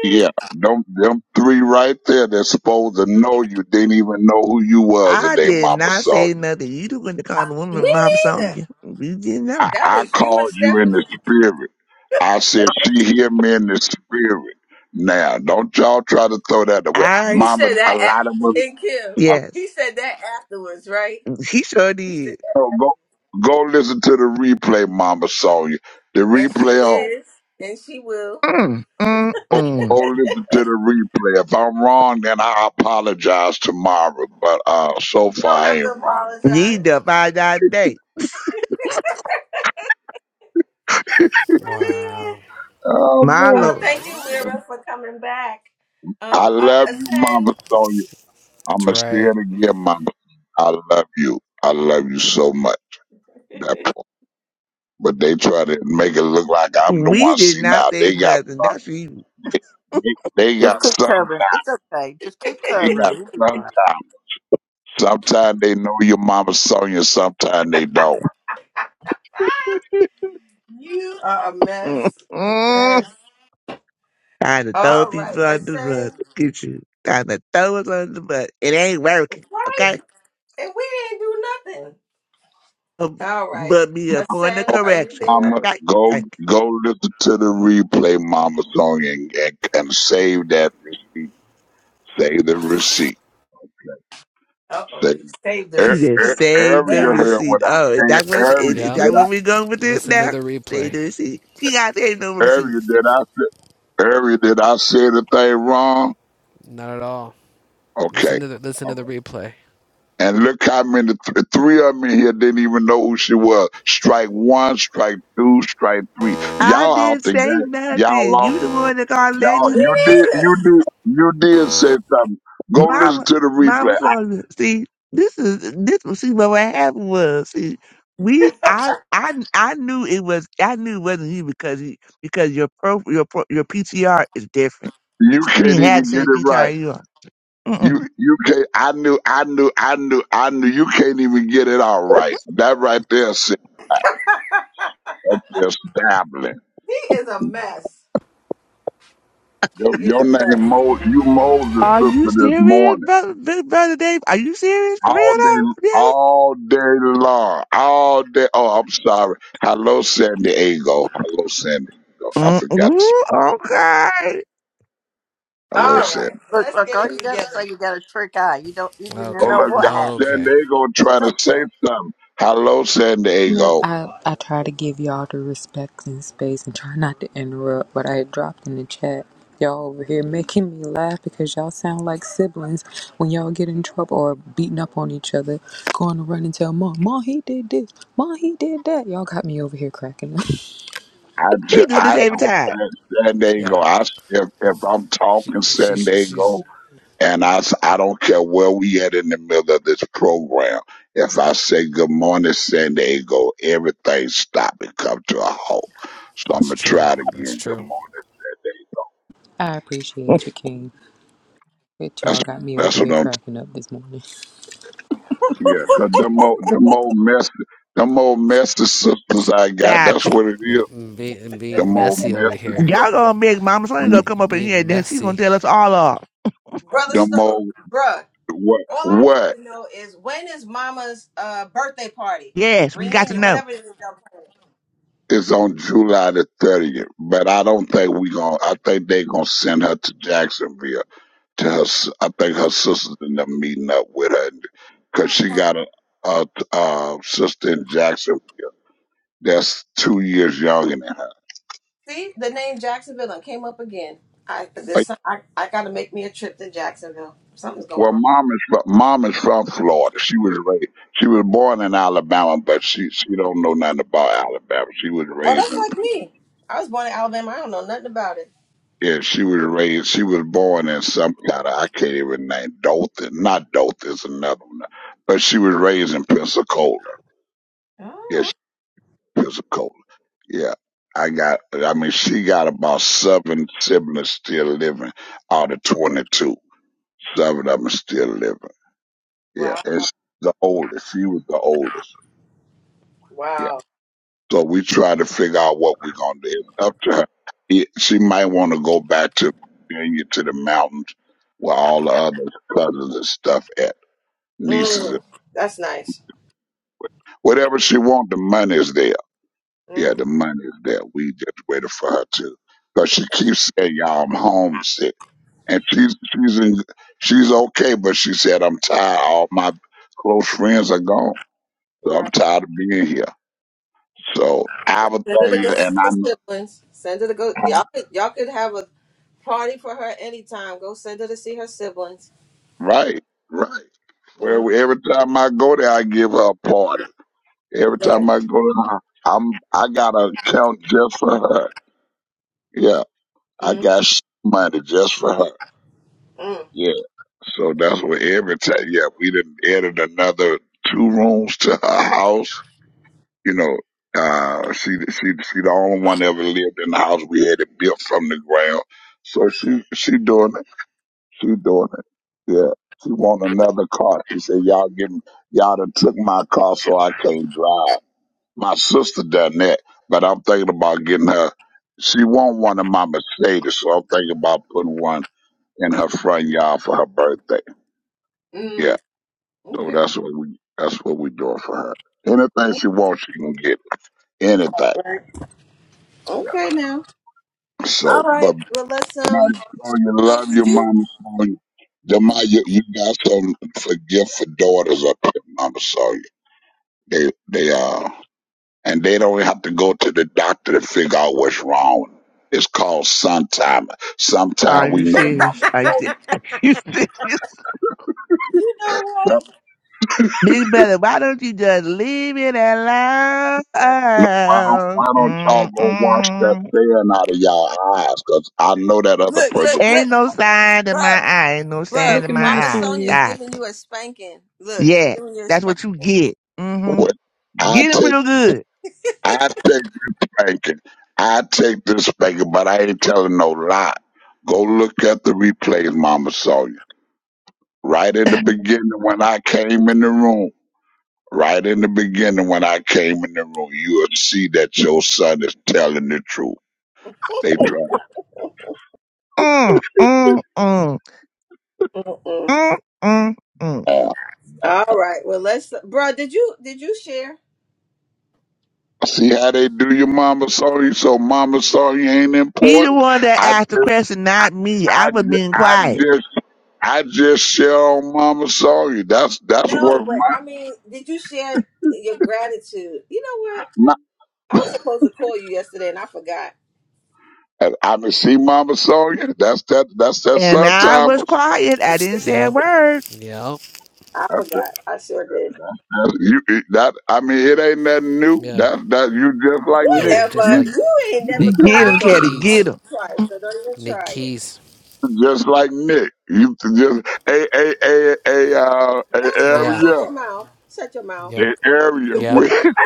Speaker 6: Yeah, them, them three right there that's supposed to know you didn't even know who you was the
Speaker 4: I
Speaker 6: day
Speaker 4: did
Speaker 6: Mama
Speaker 4: not
Speaker 6: saw
Speaker 4: say
Speaker 6: you.
Speaker 4: nothing. You the one to call the woman
Speaker 1: me
Speaker 4: mom song.
Speaker 1: neither,
Speaker 4: You didn't
Speaker 6: I,
Speaker 4: know.
Speaker 1: that
Speaker 6: I
Speaker 1: was you and
Speaker 6: called you in
Speaker 1: Stephanie.
Speaker 6: the spirit. I said, she hear me in the spirit. Now, don't y'all try to throw that away.
Speaker 4: I,
Speaker 1: You
Speaker 6: Mama,
Speaker 1: said
Speaker 6: a
Speaker 1: that,
Speaker 6: lot of
Speaker 1: a-
Speaker 6: us
Speaker 1: and Kim.
Speaker 6: I-
Speaker 4: yes.
Speaker 1: He said that afterwards, right?
Speaker 4: He sure
Speaker 1: He said.
Speaker 4: did.
Speaker 6: oh, go go listen to the replay, Mama Sonya. The
Speaker 1: And she
Speaker 6: replay on.
Speaker 1: is, and she will.
Speaker 4: Mm, mm,
Speaker 6: Go, go
Speaker 4: mm.
Speaker 6: listen to the replay. If I'm wrong, then I apologize tomorrow. But uh, so
Speaker 1: You
Speaker 6: far
Speaker 1: don't
Speaker 6: I
Speaker 1: have
Speaker 6: ain't
Speaker 1: to
Speaker 6: wrong.
Speaker 4: Need
Speaker 1: apologize. [LAUGHS]
Speaker 4: to find out date.
Speaker 1: Yeah.
Speaker 13: Wow.
Speaker 6: Oh
Speaker 4: My
Speaker 1: oh,
Speaker 6: boy,
Speaker 4: Lord.
Speaker 1: thank you, Lyra, for coming back.
Speaker 6: I
Speaker 1: Um, uh,
Speaker 6: love you,
Speaker 1: Ascend,
Speaker 6: Mama Sonya. I'm
Speaker 13: That's
Speaker 6: gonna say
Speaker 13: right.
Speaker 6: it again, Mama. I love you. I love you so much. That part. But they try to make it look like I'm the
Speaker 4: We
Speaker 6: one.
Speaker 4: did
Speaker 6: See
Speaker 4: not
Speaker 6: now,
Speaker 4: say
Speaker 6: they got
Speaker 4: nothing. That's you.
Speaker 6: they, they
Speaker 3: Just
Speaker 6: got
Speaker 3: keep
Speaker 6: sun.
Speaker 3: covering. It's okay. Just keep
Speaker 6: They got
Speaker 3: covering. You'll be all
Speaker 6: sun.
Speaker 3: right.
Speaker 6: Sometimes they know your mama song, and sometimes they don't.
Speaker 1: you are a mess. A
Speaker 4: Mm-mm.
Speaker 1: mess.
Speaker 4: Trying to throw
Speaker 1: All right,
Speaker 4: people under the bus.
Speaker 1: Ascend.
Speaker 4: Look at you. Trying to throw us under the bus. It ain't working.
Speaker 1: Right?
Speaker 4: Okay?
Speaker 1: And we didn't do nothing.
Speaker 4: Um,
Speaker 1: All right.
Speaker 4: But be a point of
Speaker 1: Ascend,
Speaker 6: Go,
Speaker 1: are you
Speaker 4: correction.
Speaker 6: Mama,
Speaker 1: there?
Speaker 4: Okay?
Speaker 6: go,
Speaker 4: Thank you.
Speaker 6: go listen to the replay, Mama song, and, and, and save that receipt. Save the receipt.
Speaker 1: Uh oh,
Speaker 6: Save.
Speaker 1: he saved the
Speaker 6: Er,
Speaker 4: You
Speaker 6: er,
Speaker 4: just
Speaker 1: receipt.
Speaker 4: save the
Speaker 6: area
Speaker 1: Yeah.
Speaker 6: heard
Speaker 4: receipt.
Speaker 6: what I
Speaker 4: Oh, is
Speaker 6: eh,
Speaker 4: that what is, is
Speaker 13: Yep.
Speaker 4: that
Speaker 6: did
Speaker 4: where we going with this
Speaker 13: Listen to
Speaker 4: now?
Speaker 13: the
Speaker 4: Save
Speaker 13: replay.
Speaker 4: the receipt. She got to save no
Speaker 6: I area
Speaker 4: receipts.
Speaker 6: did I say area did I say the thing wrong?
Speaker 13: Not at all.
Speaker 6: Okay,
Speaker 13: Listen to the listen to the replay.
Speaker 6: And look how many, th- three of me here didn't even know who she was. Strike one, strike two, strike three.
Speaker 4: I
Speaker 6: Y'all out
Speaker 4: didn't
Speaker 6: the game.
Speaker 4: say
Speaker 6: Y'all
Speaker 4: nothing.
Speaker 6: lost.
Speaker 4: You the one that called
Speaker 6: Y'all,
Speaker 1: Me
Speaker 4: lady.
Speaker 6: you did,
Speaker 1: neither.
Speaker 6: you did, you did say something. Go listen
Speaker 4: Mama,
Speaker 6: to the replay.
Speaker 4: mama
Speaker 6: I-
Speaker 4: told me, see, this is this was see what happened was. See, we I I I knew it was I knew it wasn't you because you because your pro your pro, your PTR is different.
Speaker 6: You
Speaker 4: She
Speaker 6: can't
Speaker 4: didn't have
Speaker 6: even
Speaker 4: the
Speaker 6: get
Speaker 4: same
Speaker 6: it right.
Speaker 4: PTR you are. Mm-mm.
Speaker 6: You, you can't, I knew, I knew, I knew, I knew you can't even get it all right. That right there said, up there stabbling.
Speaker 1: He is a mess. He
Speaker 6: Your,
Speaker 1: is
Speaker 6: your
Speaker 1: a
Speaker 6: name,
Speaker 1: mess.
Speaker 6: Mo, you Moses
Speaker 4: Are you
Speaker 6: sister this
Speaker 4: serious,
Speaker 6: morning.
Speaker 4: brother, big brother Dave? Are you serious for
Speaker 6: all
Speaker 4: real
Speaker 6: day,
Speaker 4: though, really?
Speaker 6: all day long, all day. Oh, I'm sorry. Hello, San Diego. Hello, San Diego. I forgot. To,
Speaker 4: Mm-mm. Okay,
Speaker 6: hello,
Speaker 1: All
Speaker 3: Look,
Speaker 6: San.
Speaker 1: right,
Speaker 3: look.
Speaker 1: let's
Speaker 3: look,
Speaker 1: get
Speaker 3: All
Speaker 1: it
Speaker 3: you gotta
Speaker 1: together.
Speaker 3: say, you got a trick eye. You don't. You didn't
Speaker 13: Okay.
Speaker 6: All
Speaker 3: know
Speaker 6: of
Speaker 3: what
Speaker 6: y'all,
Speaker 3: happened.
Speaker 6: San
Speaker 13: Okay.
Speaker 6: Diego, are
Speaker 3: It's
Speaker 6: trying to say
Speaker 3: okay.
Speaker 6: something. Hello, San
Speaker 14: No,
Speaker 6: Diego.
Speaker 14: I, I try to give y'all the respect and space and try not to interrupt, but I had dropped in the chat. Y'all over here making me laugh because y'all sound like siblings when y'all get in trouble or beating up on each other, going to run and tell mom, Mom, he did this, Mom, he did that. Y'all got me over here cracking up.
Speaker 6: I
Speaker 4: he
Speaker 6: just,
Speaker 4: do this
Speaker 6: I,
Speaker 4: every time.
Speaker 6: San Diego.
Speaker 13: Yeah.
Speaker 6: I, if, if I'm
Speaker 13: She,
Speaker 6: talking
Speaker 13: she
Speaker 6: San Diego,
Speaker 13: she's
Speaker 6: And I, s- I don't care where we at in the middle of this program. If I say good morning, San Diego, everything stop and come to a halt. So I'm
Speaker 13: that's
Speaker 6: gonna
Speaker 13: true.
Speaker 6: try it
Speaker 13: That's
Speaker 6: again. Good
Speaker 13: true.
Speaker 6: morning, San Diego.
Speaker 14: [LAUGHS] I appreciate you, King. But
Speaker 6: That's
Speaker 14: y'all got me over
Speaker 6: that's what
Speaker 14: here
Speaker 6: I'm.
Speaker 14: cracking up this morning.
Speaker 6: Yeah, 'cause them old them old mess them old messy sisters I got.
Speaker 4: Stop
Speaker 6: That's
Speaker 4: it.
Speaker 6: what it is.
Speaker 13: Yep. And be and being
Speaker 6: Them old
Speaker 13: messy over
Speaker 6: messy
Speaker 13: here.
Speaker 4: Y'all
Speaker 6: sisters.
Speaker 4: gonna make Mama Sonya
Speaker 13: Yeah,
Speaker 6: Them,
Speaker 4: gonna come up in here
Speaker 13: being
Speaker 4: and then she gonna
Speaker 13: messy.
Speaker 4: tell us all off.
Speaker 1: Brother
Speaker 6: them
Speaker 1: Stokes,
Speaker 6: old
Speaker 1: bruh.
Speaker 6: what
Speaker 1: All I need
Speaker 6: what
Speaker 1: to know is when is Mama's uh birthday party
Speaker 4: Yes, we got to
Speaker 1: reunion,
Speaker 4: know.
Speaker 1: whatever it is. y'all planning.
Speaker 6: is on July the 30th. But I don't think we gonna. I think they gonna send her to Jacksonville to her. s- I think her sisters in them meeting up with her because she got a, a, a sister in Jacksonville that's two years younger than her.
Speaker 1: See, the name Jacksonville and came up again. I
Speaker 6: Like,
Speaker 1: this I, I gotta make me a trip to Jacksonville. Something's
Speaker 6: Well,
Speaker 1: going on.
Speaker 6: mom is fro- mom is from Florida. She was raised. She was born in Alabama, but she she don't know nothing about Alabama. She was
Speaker 1: Oh,
Speaker 6: raised
Speaker 1: that's
Speaker 6: in
Speaker 1: like me. I was born in Alabama. I don't know nothing about it.
Speaker 6: yeah. She was raised. She was born in some kind of I can't even name Dothan. Not Dothan is another one, but she was raised in Pensacola.
Speaker 1: Oh,
Speaker 6: Yeah, Pensacola. Yeah. I got, I mean, she got about seven siblings still living out of 22. Seven of them still living. Yeah.
Speaker 1: wow,
Speaker 6: And she's the oldest. She was the oldest. Yeah.
Speaker 1: wow.
Speaker 6: So we try to figure out what we're going to do. It's up to her. It, she might want to go back to Virginia to the mountains where all the other cousins and stuff at, nieces and
Speaker 1: Mm, that's nice.
Speaker 6: whatever she want, the money is there.
Speaker 1: hmm
Speaker 6: Yeah, the money is there. We just waiting for her to. Cause she keeps saying, "Y'all, I'm homesick," and she's she's in, she's okay, but she said, "I'm tired. All my close friends are gone, so I'm
Speaker 1: Right.
Speaker 6: tired of being here." So I was
Speaker 1: Send her to go
Speaker 6: there,
Speaker 1: see
Speaker 6: and I
Speaker 1: her
Speaker 6: know,
Speaker 1: siblings. Send her to go. Y'all could, y'all could have a party for her anytime. Go send her to see her siblings.
Speaker 6: right, right.
Speaker 1: Mm,
Speaker 6: Well, every time I go there, I give her a party. Every time
Speaker 1: right.
Speaker 6: I go there, I'm I got an account just for her. Yeah, I
Speaker 1: Mm-hmm.
Speaker 6: got s- money just for her.
Speaker 1: Mm.
Speaker 6: Yeah. So that's what every time, yeah, we didn't added another two rooms to her house. You know, uh, she, she, she the only one ever lived in the house. We had it built from the ground. So she, she doing it. She doing it. Yeah. She want another car. She said, y'all give me, y'all done took my car so I can't drive. My sister done that, but I'm thinking about getting her. She want one of my Mercedes, so I'm thinking about putting one in her front yard for her birthday. Yeah.
Speaker 1: Mm.
Speaker 6: So
Speaker 1: Okay.
Speaker 6: that's what we that's what we doing for her. Anything she wants, she can get. Anything.
Speaker 1: Right.
Speaker 6: Yeah.
Speaker 1: Okay now. All
Speaker 6: So,
Speaker 1: right.
Speaker 6: but
Speaker 1: Well, let's um.
Speaker 6: mama, show you
Speaker 1: So
Speaker 6: love your
Speaker 1: did you?
Speaker 6: mama. Sonya. The my you, you got some for gift for daughters up there, mama. So they they uh and they don't have to go to the doctor to figure out what's wrong. It's called sometime.
Speaker 4: Are
Speaker 6: Sometime we
Speaker 4: you
Speaker 6: know mama.
Speaker 4: serious? Are you, se-
Speaker 6: Sonya.
Speaker 4: [LAUGHS] are you serious?
Speaker 1: You know
Speaker 6: So,
Speaker 1: what?
Speaker 4: Big brother, why don't you just leave it alone?
Speaker 6: no, Why don't why don't y'all go wash that
Speaker 4: Mm-mm.
Speaker 6: sand out of y'all eyes? Cause I know that other
Speaker 1: Look!
Speaker 6: person
Speaker 1: Look!
Speaker 4: Ain't
Speaker 1: Look!
Speaker 4: no sign in my
Speaker 1: Bruh,
Speaker 4: eye. Ain't no
Speaker 1: bruh,
Speaker 4: sign
Speaker 14: Look
Speaker 4: in
Speaker 14: at
Speaker 4: my
Speaker 14: Mama
Speaker 1: Mama
Speaker 4: eye.
Speaker 1: Sonia
Speaker 14: Sonia.
Speaker 1: is
Speaker 4: Stop
Speaker 1: giving
Speaker 4: it.
Speaker 1: you a spanking. Look, she's
Speaker 4: Yeah,
Speaker 1: giving you a
Speaker 4: that's what
Speaker 1: spanking.
Speaker 4: you get. hmm
Speaker 6: What I
Speaker 4: Get him
Speaker 6: take,
Speaker 4: real good.
Speaker 6: I take the spanking. I take the spanking, but I ain't telling no lie. Go look at the replays, Mama Sonya. Right in the beginning when I came in the room, right in the beginning when I came in the room, you'll see that your son is telling the truth. They try
Speaker 4: Mm, mm, mm,
Speaker 1: Mm-mm.
Speaker 4: mm, mm, mm.
Speaker 6: to uh,
Speaker 1: All right. Well, let's, bruh, Did you did you share?
Speaker 6: see how they do you, Mama Sonya. So Mama Sonya ain't
Speaker 4: He the
Speaker 6: important.
Speaker 4: one that
Speaker 6: I,
Speaker 4: asked the question, not me. I
Speaker 6: I,
Speaker 4: was
Speaker 6: ju-
Speaker 4: being
Speaker 6: I
Speaker 4: quiet.
Speaker 6: just, I just share on Mama Sonya. That's that's
Speaker 1: No,
Speaker 6: worth
Speaker 1: but
Speaker 6: my.
Speaker 1: I mean, did you share your gratitude? You know what? I was supposed to call you yesterday, and I forgot.
Speaker 6: And I can see Mama Sonia. That's that. That's that
Speaker 4: And
Speaker 6: son,
Speaker 4: I was
Speaker 6: Thomas.
Speaker 4: quiet. I didn't say a
Speaker 13: Yep.
Speaker 4: word.
Speaker 13: Yep.
Speaker 1: I
Speaker 6: That,
Speaker 1: forgot. I sure did.
Speaker 6: that, you, that I mean, it ain't nothing new.
Speaker 13: Yeah.
Speaker 6: That that you just like
Speaker 13: Yeah,
Speaker 6: Nick.
Speaker 13: and just
Speaker 1: Whatever.
Speaker 13: like
Speaker 6: You
Speaker 1: You ain't never
Speaker 13: Nick
Speaker 1: called
Speaker 4: Get
Speaker 1: me
Speaker 4: him,
Speaker 13: Nick
Speaker 1: but
Speaker 4: Kelly. Get
Speaker 13: Keys.
Speaker 1: once
Speaker 4: him.
Speaker 1: or twice, so don't even
Speaker 13: Nick
Speaker 1: try it.
Speaker 13: Keys.
Speaker 6: just like Nick. You just a a a a uh,
Speaker 1: Best
Speaker 6: a
Speaker 1: friend,
Speaker 13: Yeah.
Speaker 1: shut
Speaker 6: area.
Speaker 1: your mouth. Shut your mouth.
Speaker 13: Yep.
Speaker 6: A area,
Speaker 13: Yep.
Speaker 6: when- [LAUGHS]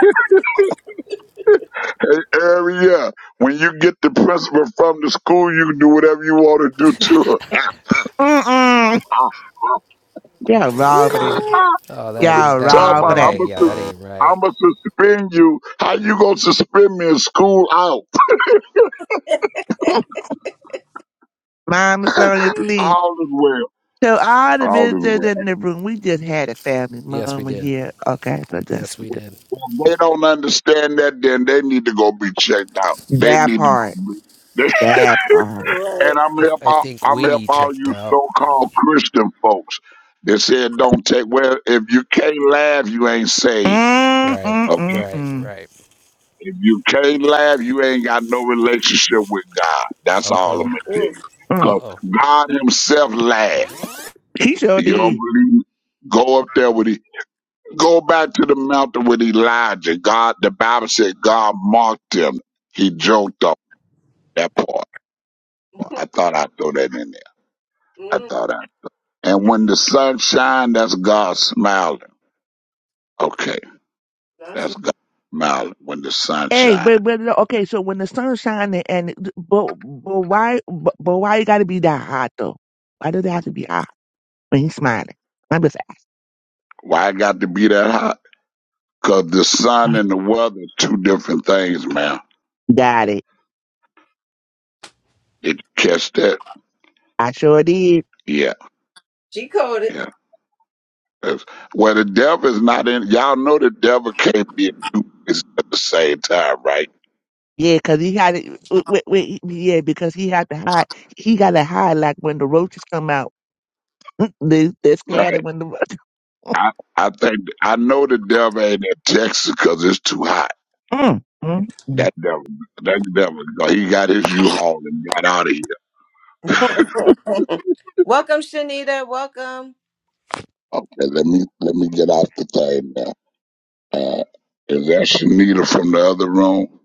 Speaker 6: a area. When you get the principal from the school, you can do whatever you want to do to
Speaker 4: Mm-mm.
Speaker 6: her. [LAUGHS]
Speaker 4: Y'all wrong
Speaker 1: You
Speaker 4: for that.
Speaker 1: know
Speaker 13: Oh, that
Speaker 4: Y'all
Speaker 13: ain't that
Speaker 6: Talk
Speaker 13: ain't
Speaker 4: wrong for
Speaker 6: about I'm
Speaker 4: that.
Speaker 13: right. Yeah,
Speaker 6: gonna,
Speaker 13: that ain't
Speaker 6: I'm
Speaker 13: right.
Speaker 6: gonna suspend you. How you gonna suspend me in school out?
Speaker 4: Mama, Sonya, please.
Speaker 6: All the way.
Speaker 4: So all the
Speaker 6: all of the
Speaker 4: visitors
Speaker 6: way.
Speaker 4: in the room, we just had a family
Speaker 13: Yes, we
Speaker 4: moment
Speaker 13: did.
Speaker 4: here. Okay, so that's
Speaker 13: Yes,
Speaker 4: we
Speaker 13: we
Speaker 4: do.
Speaker 13: did.
Speaker 6: If they don't understand that, then they need to go be checked out. They
Speaker 4: That
Speaker 6: need to
Speaker 4: part.
Speaker 6: go be. They,
Speaker 4: That
Speaker 1: what?
Speaker 4: part.
Speaker 13: Th-
Speaker 6: and
Speaker 1: Right.
Speaker 6: I'm help
Speaker 13: I I
Speaker 6: out.
Speaker 13: think
Speaker 6: I'm help
Speaker 13: Winnie
Speaker 6: all
Speaker 13: checked
Speaker 6: you
Speaker 13: out.
Speaker 6: so-called Christian folks that said don't take. Well, if you can't laugh, you ain't saved.
Speaker 4: Mm,
Speaker 13: Right,
Speaker 4: mm, mm,
Speaker 6: Okay.
Speaker 13: right,
Speaker 4: mm.
Speaker 13: right.
Speaker 6: If you can't laugh, you ain't got no relationship with God.
Speaker 13: Uh
Speaker 6: That's all I'm
Speaker 13: oh.
Speaker 6: gonna tell
Speaker 1: Mm.
Speaker 6: you.
Speaker 13: Uh
Speaker 4: Mm.
Speaker 6: Cause
Speaker 13: oh.
Speaker 6: God Himself laughed.
Speaker 4: He sure
Speaker 6: You don't
Speaker 4: did.
Speaker 6: believe? me? Go up there with it. Go back to the mountain with Elijah. God, the Bible said God mocked him. He joked off that part.
Speaker 1: [LAUGHS]
Speaker 6: I thought I'd throw that in there. I
Speaker 1: Mm,
Speaker 6: thought I. And when the sun shines, that's God smiling. Okay,
Speaker 1: that's
Speaker 6: that's
Speaker 1: what
Speaker 6: God smiling when the sun
Speaker 4: Hey,
Speaker 6: shines.
Speaker 4: but, but no, okay, so when the sun shining and it- but but why but, but why you gotta be that hot though? Why does it have to be hot when he's smiling? I'm just
Speaker 6: Why it got to be that hot? Cause the sun and the weather are two different things, man.
Speaker 4: got it.
Speaker 6: Did you catch that?
Speaker 4: I sure did.
Speaker 6: Yeah,
Speaker 1: she called it.
Speaker 6: yeah. That's- Well, the devil is not in. Y'all know the devil can't be in two places at the same time, right?
Speaker 4: Yeah, 'cause he had it. Wait, wait, yeah, because he had to hide. He got to hide like when the roaches come out. They they're
Speaker 6: Right.
Speaker 4: scared of when the roaches.
Speaker 6: I, I think I know the devil ain't in Texas 'cause it's too hot.
Speaker 4: Mm, mm, mm.
Speaker 6: That devil, that devil, he got his U-Haul and got out of here.
Speaker 1: Welcome, Shanita. Welcome.
Speaker 6: Okay, let me let me get off the thing now. Uh, is that Shanita from the other room?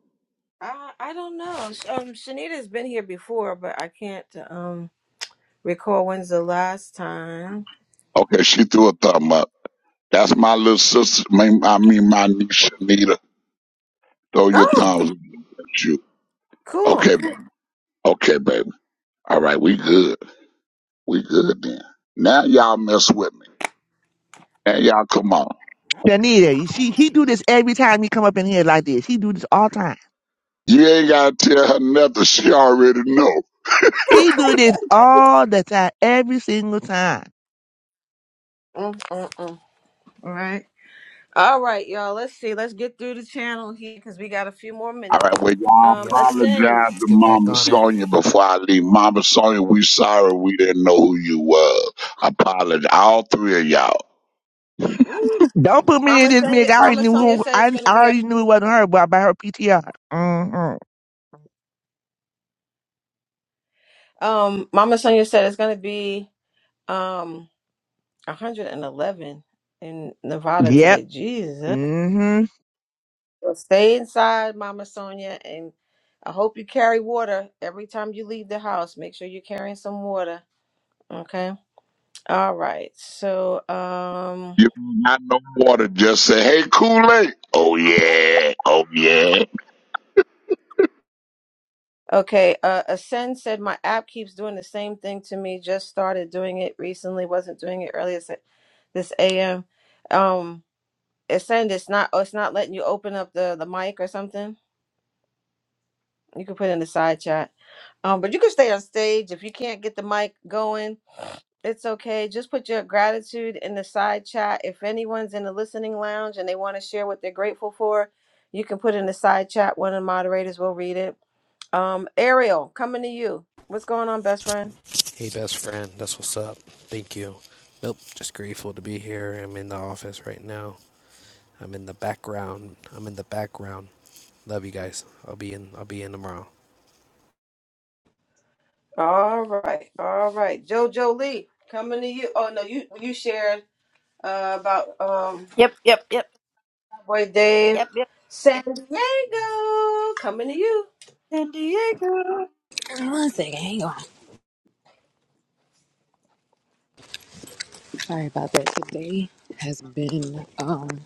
Speaker 1: I I don't know. Sh- Um, Shanita's been here before, but I can't um recall when's the last time.
Speaker 6: Okay, she threw a thumb up. That's my little sister. my- I mean, my niece Shanita. Throw your
Speaker 1: Oh,
Speaker 6: thumbs up at you.
Speaker 1: cool.
Speaker 6: Okay, baby. Okay, baby. All right, we good. We good then. Now y'all mess with me. Now y'all come on.
Speaker 4: Janita, you see, he do this every time he come up in here like this. He do this all time.
Speaker 6: You ain't gotta tell her nothing. She already know.
Speaker 4: He do this all the time, every single time.
Speaker 1: Mm, mm, mm. All right. All right, y'all. Let's see. Let's get through the channel here because we got a few more
Speaker 6: All
Speaker 1: minutes.
Speaker 6: right, well, y'all
Speaker 1: Um,
Speaker 13: Yep.
Speaker 1: ascend.
Speaker 6: apologize
Speaker 13: Let's
Speaker 6: to
Speaker 13: get back
Speaker 6: Mama
Speaker 13: on it.
Speaker 6: Sonia before I leave. Mama Sonia, we sorry we didn't know who you was. Apologize, all three of y'all.
Speaker 1: Ooh,
Speaker 4: Don't put me in
Speaker 1: Mama
Speaker 4: this mix.
Speaker 1: Sonia.
Speaker 4: I already
Speaker 1: Mama
Speaker 4: knew
Speaker 1: Sonia
Speaker 4: who,
Speaker 1: said it's
Speaker 4: I, I
Speaker 1: gonna be a
Speaker 4: already knew it wasn't her, but by her PTR. Mm-hmm.
Speaker 1: Um, Mama Sonia said it's gonna be um 111 in Nevada
Speaker 4: Yep.
Speaker 1: today. Jesus.
Speaker 4: Mm-hmm.
Speaker 1: Well, stay inside, Mama Sonia, and I hope you carry water every time you leave the house. Make sure you're carrying some water. Okay. All right. So um
Speaker 6: You got no water, just say, hey, Kool-Aid. Oh, yeah, oh, yeah.
Speaker 1: okay, uh Ascend said my app keeps doing the same thing to me. Just started doing it recently, wasn't doing it earlier s- this AM. Um Ascend, it's not oh, it's not letting you open up the the mic or something. You can put it in the side chat. Um, but you can stay on stage if you can't get the mic going. It's okay. Just put your gratitude in the side chat. If anyone's in the listening lounge and they want to share what they're grateful for, you can put in the side chat. One of the moderators will read it. Um, Ariel, coming to you. What's going on, best friend?
Speaker 13: Hey, best friend. That's what's up. Thank you. Nope. Just grateful to be here. I'm in the office right now. I'm in the background. I'm in the background. Love you guys. I'll be in. I'll be in tomorrow.
Speaker 1: All right, all right. JoJo Lee, coming to you. Oh no, you you shared uh, about um
Speaker 3: Yep, yep, yep,
Speaker 1: boy Dave.
Speaker 3: yep, yep.
Speaker 1: San Diego, coming to you.
Speaker 3: San Diego.
Speaker 14: One second, hang on. Sorry about that. Today has been um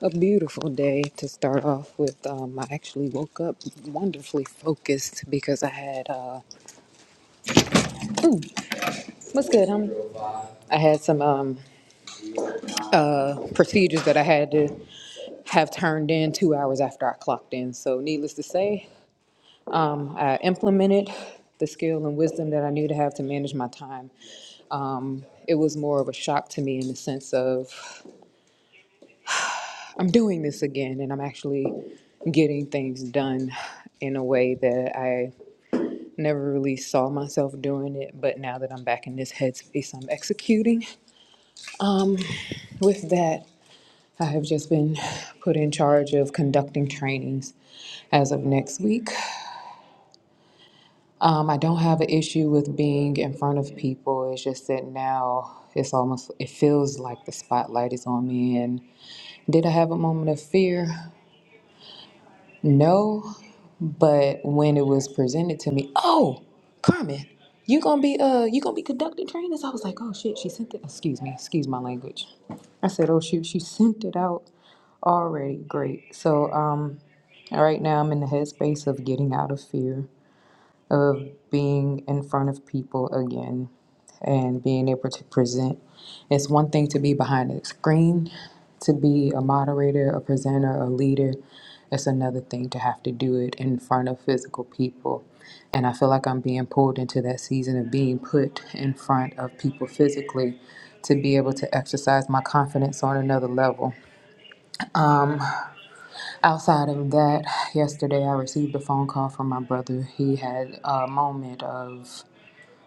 Speaker 14: A beautiful day to start off with. Um, I actually woke up wonderfully focused because I had uh, ooh, what's good, homie? I had some um, uh, procedures that I had to have turned in two hours after I clocked in. So, needless to say, um, I implemented the skill and wisdom that I knew to have to manage my time. Um, it was more of a shock to me in the sense of I'm doing this again and I'm actually getting things done in a way that I never really saw myself doing it, but now that I'm back in this headspace, I'm executing. Um, with that, I have just been put in charge of conducting trainings as of next week. Um, I don't have an issue with being in front of people. It's just that now it's almost, it feels like the spotlight is on me. And did I have a moment of fear? No, But when it was presented to me, oh, Carmen, you gonna be uh you gonna be conducting trainers? I was like, oh shit, she sent it. Excuse me, excuse my language. I said, oh shoot, she sent it out already. Great. So um, right now I'm in the headspace of getting out of fear of being in front of people again and being able to present. It's one thing to be behind a screen, to be a moderator, a presenter, a leader. It's another thing to have to do it in front of physical people. And I feel like I'm being pulled into that season of being put in front of people physically to be able to exercise my confidence on another level. Outside of that, yesterday I received a phone call from my brother. He had a moment of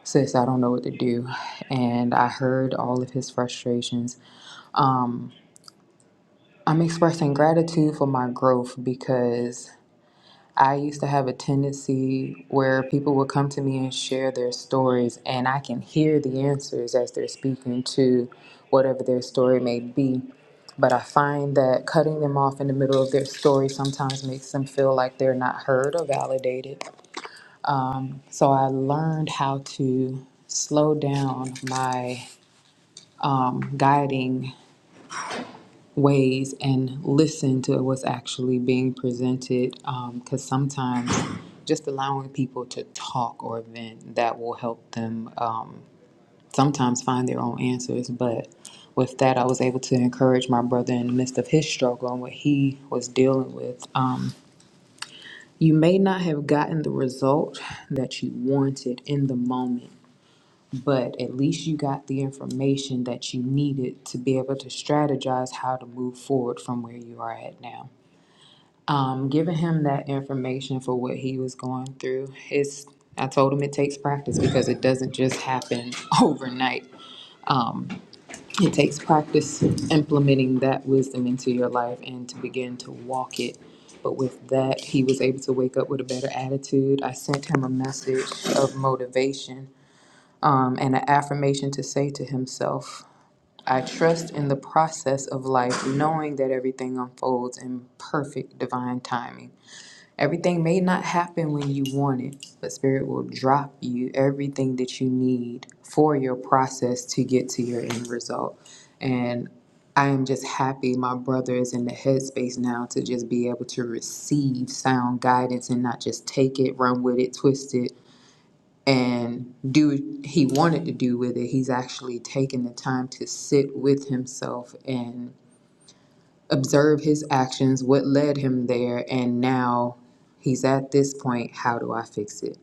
Speaker 14: Sis, I don't know what to do. And I heard all of his frustrations. I'm expressing gratitude for my growth because I used to have a tendency where people would come to me and share their stories, and I can hear the answers as they're speaking to whatever their story may be. But I find that cutting them off in the middle of their story sometimes makes them feel like they're not heard or validated. So I learned how to slow down my um, guiding ways and listen to what's actually being presented because sometimes just allowing people to talk or vent that will help them um, sometimes find their own answers but with that i was able to encourage my brother in the midst of his struggle and what he was dealing with um, you may not have gotten the result that you wanted in the moment but at least you got the information that you needed to be able to strategize how to move forward from where you are at now um, giving him that information for what he was going through. It's I told him it takes practice because it doesn't just happen [LAUGHS] overnight. Um, it takes practice implementing that wisdom into your life and to begin to walk it. But with that, he was able to wake up with a better attitude. I sent him a message of motivation um, and an affirmation to say to himself, I trust in the process of life, knowing that everything unfolds in perfect divine timing. Everything may not happen when you want it, but Spirit will drop you everything that you need for your process to get to your end result. And I am just happy my brother is in the headspace now to just be able to receive sound guidance and not just take it, run with it, twist it, and do what he wanted to do with it. He's actually taking the time to sit with himself and observe his actions, what led him there, and now he's at this point. How do I fix it?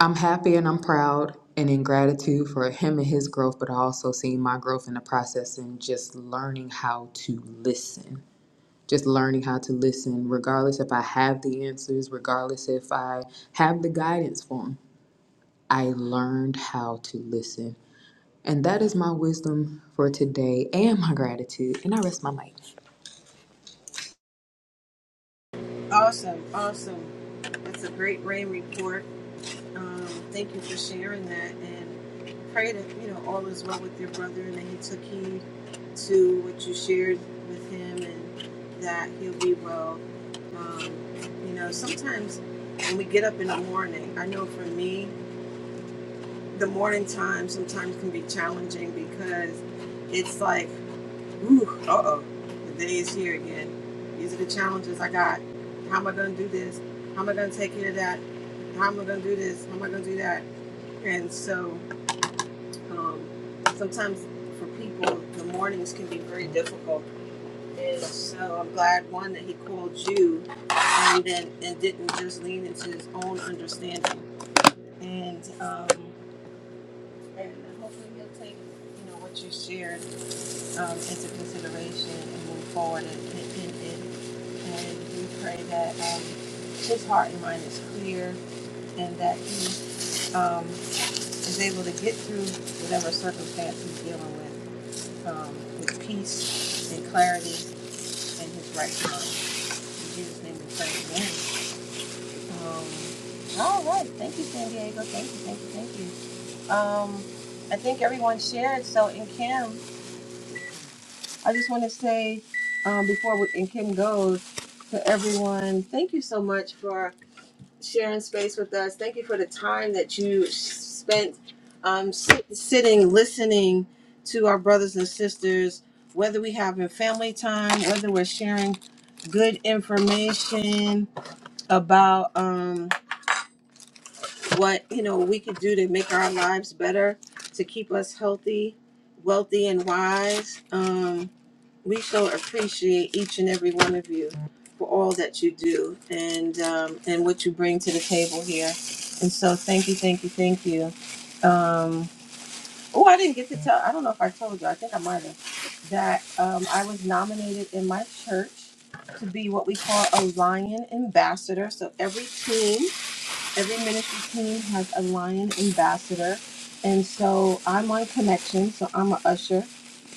Speaker 14: I'm happy and I'm proud and in gratitude for him and his growth, but I also see my growth in the process and just learning how to listen. Just learning how to listen, regardless if I have the answers, regardless if I have the guidance for him. I learned how to listen. And that is my wisdom for today and my gratitude. And I rest my mic.
Speaker 1: Awesome, awesome. That's a great rain report. Um, thank you for sharing that, and pray that you know all is well with your brother, and that he took heed to what you shared with him, and that he'll be well. Um, you know, sometimes when we get up in the morning, I know for me, the morning time sometimes can be challenging because it's like Ooh, uh oh. The day is here again. These are the challenges I got. How am I going to do this? How am I going to take care of that? How am I going to do this? How am I going to do that? And so um, sometimes for people, the mornings can be very difficult. And so I'm glad, one, that he called you and then and didn't just lean into his own understanding. And, um, and hopefully he'll take you know what you shared um, into consideration and move forward and, and, and, and And we pray that um, his heart and mind is clear and that he um, is able to get through whatever circumstance he's dealing with um, with peace and clarity and his right mind. In Jesus' name we pray. Amen. Um, all right. Thank you, San Diego. Thank you, thank you, thank you. Um, I think everyone shared. So, in Kim, I just want to say um, before we, in Kim goes to everyone, thank you so much for. sharing space with us. Thank you for the time that you spent um, sit, sitting, listening to our brothers and sisters, whether we having family time, whether we're sharing good information about um, what you know we could do to make our lives better, to keep us healthy, wealthy, and wise. Um, we so appreciate each and every one of you for all that you do and um, and what you bring to the table here. And so thank you, thank you, thank you. Um, oh, I didn't get to tell. I don't know if I told you. I think I might have that um, I was nominated in my church to be what we call a lion ambassador. So every team, every ministry team has a lion ambassador. And so I'm on connection. So I'm a usher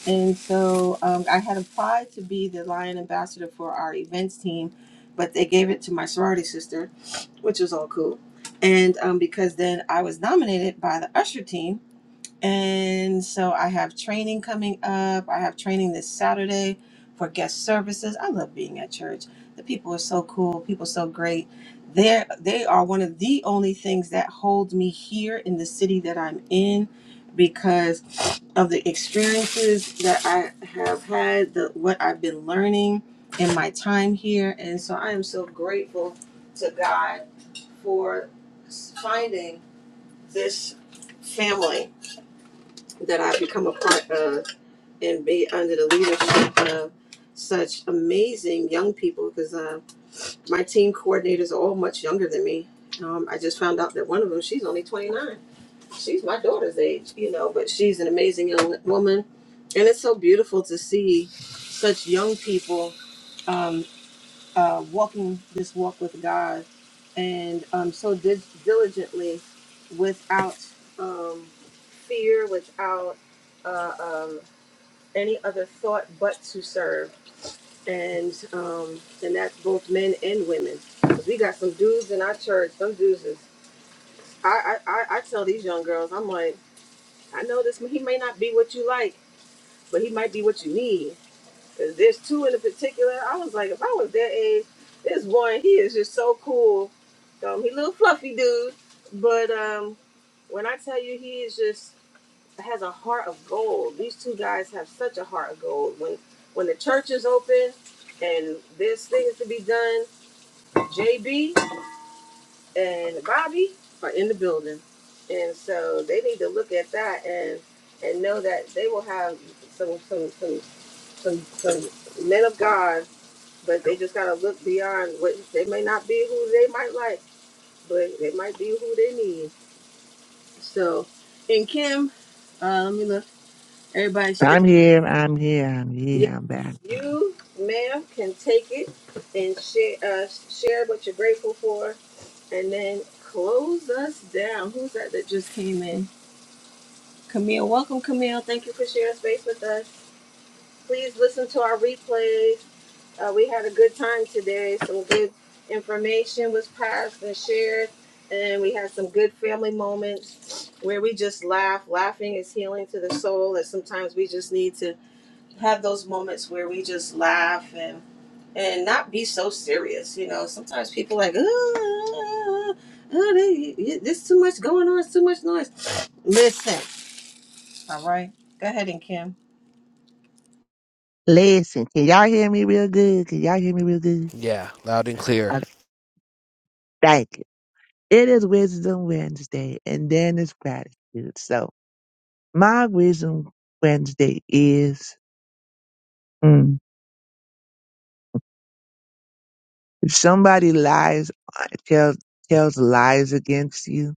Speaker 1: and so um, I had applied to be the Lion Ambassador for our events team, but they gave it to my sorority sister, which was all cool. And um, because then I was nominated by the Usher team, and so I have training coming up. I have training this Saturday for guest services. I love being at church. The people are so cool. People so great. They're, they are one of the only things that holds me here in the city that I'm in because of the experiences that I have had, the what I've been learning in my time here. And so I am so grateful to God for finding this family that I become a part of and be under the leadership of such amazing young people because uh, my team coordinators are all much younger than me. Um, I just found out that one of them, she's only 29. She's my daughter's age, you know, but she's an amazing young woman. And it's so beautiful to see such young people um, uh, walking this walk with God and um, so dil- diligently without um, fear, without. Uh, um, any other thought but to serve. And um, and that's both men and women. 'Cause we got some dudes in our church. Some dudes is I, I I I tell these young girls, I'm like, I know this. He may not be what you like, but he might be what you need. 'Cause there's two in particular. I was like, if I was their age, there's one. He is just so cool. Um, he little fluffy dude, but um, when I tell you, he is just has a heart of gold. These two guys have such a heart of gold. When when the church is open and there's things to be done, JB and Bobby are in the building, and so they need to look at that and and know that they will have some some some some some men of God, but they just gotta look beyond what they may not be who they might like, but they might be who they need. So, and Kim, uh, let me look. Everybody.
Speaker 4: I'm here. I'm here. I'm here.
Speaker 1: Yep,
Speaker 4: I'm back.
Speaker 1: you, ma'am, can take it and share uh, share what you're grateful for, and then close us down. Who's that that just came in? Camille, welcome, Camille. Thank you for sharing space with us. Please listen to our replays. Uh, we had a good time today. Some good information was passed and shared, and we had some good family moments where we just laugh. Laughing is healing to the soul, and sometimes we just need to have those moments where we just laugh and and not be so serious. You know, sometimes people like, oh, oh, they, there's too much going on, it's too much noise. [SNIFFS] Listen, all right, go ahead and Kim.
Speaker 4: Listen, can y'all hear me real good? Can y'all hear me real good?
Speaker 13: Yeah, loud and clear.
Speaker 4: Okay, thank you. It is Wisdom Wednesday, and then it's gratitude. So my Wisdom Wednesday is mm, if somebody lies, uh, tells tells lies against you,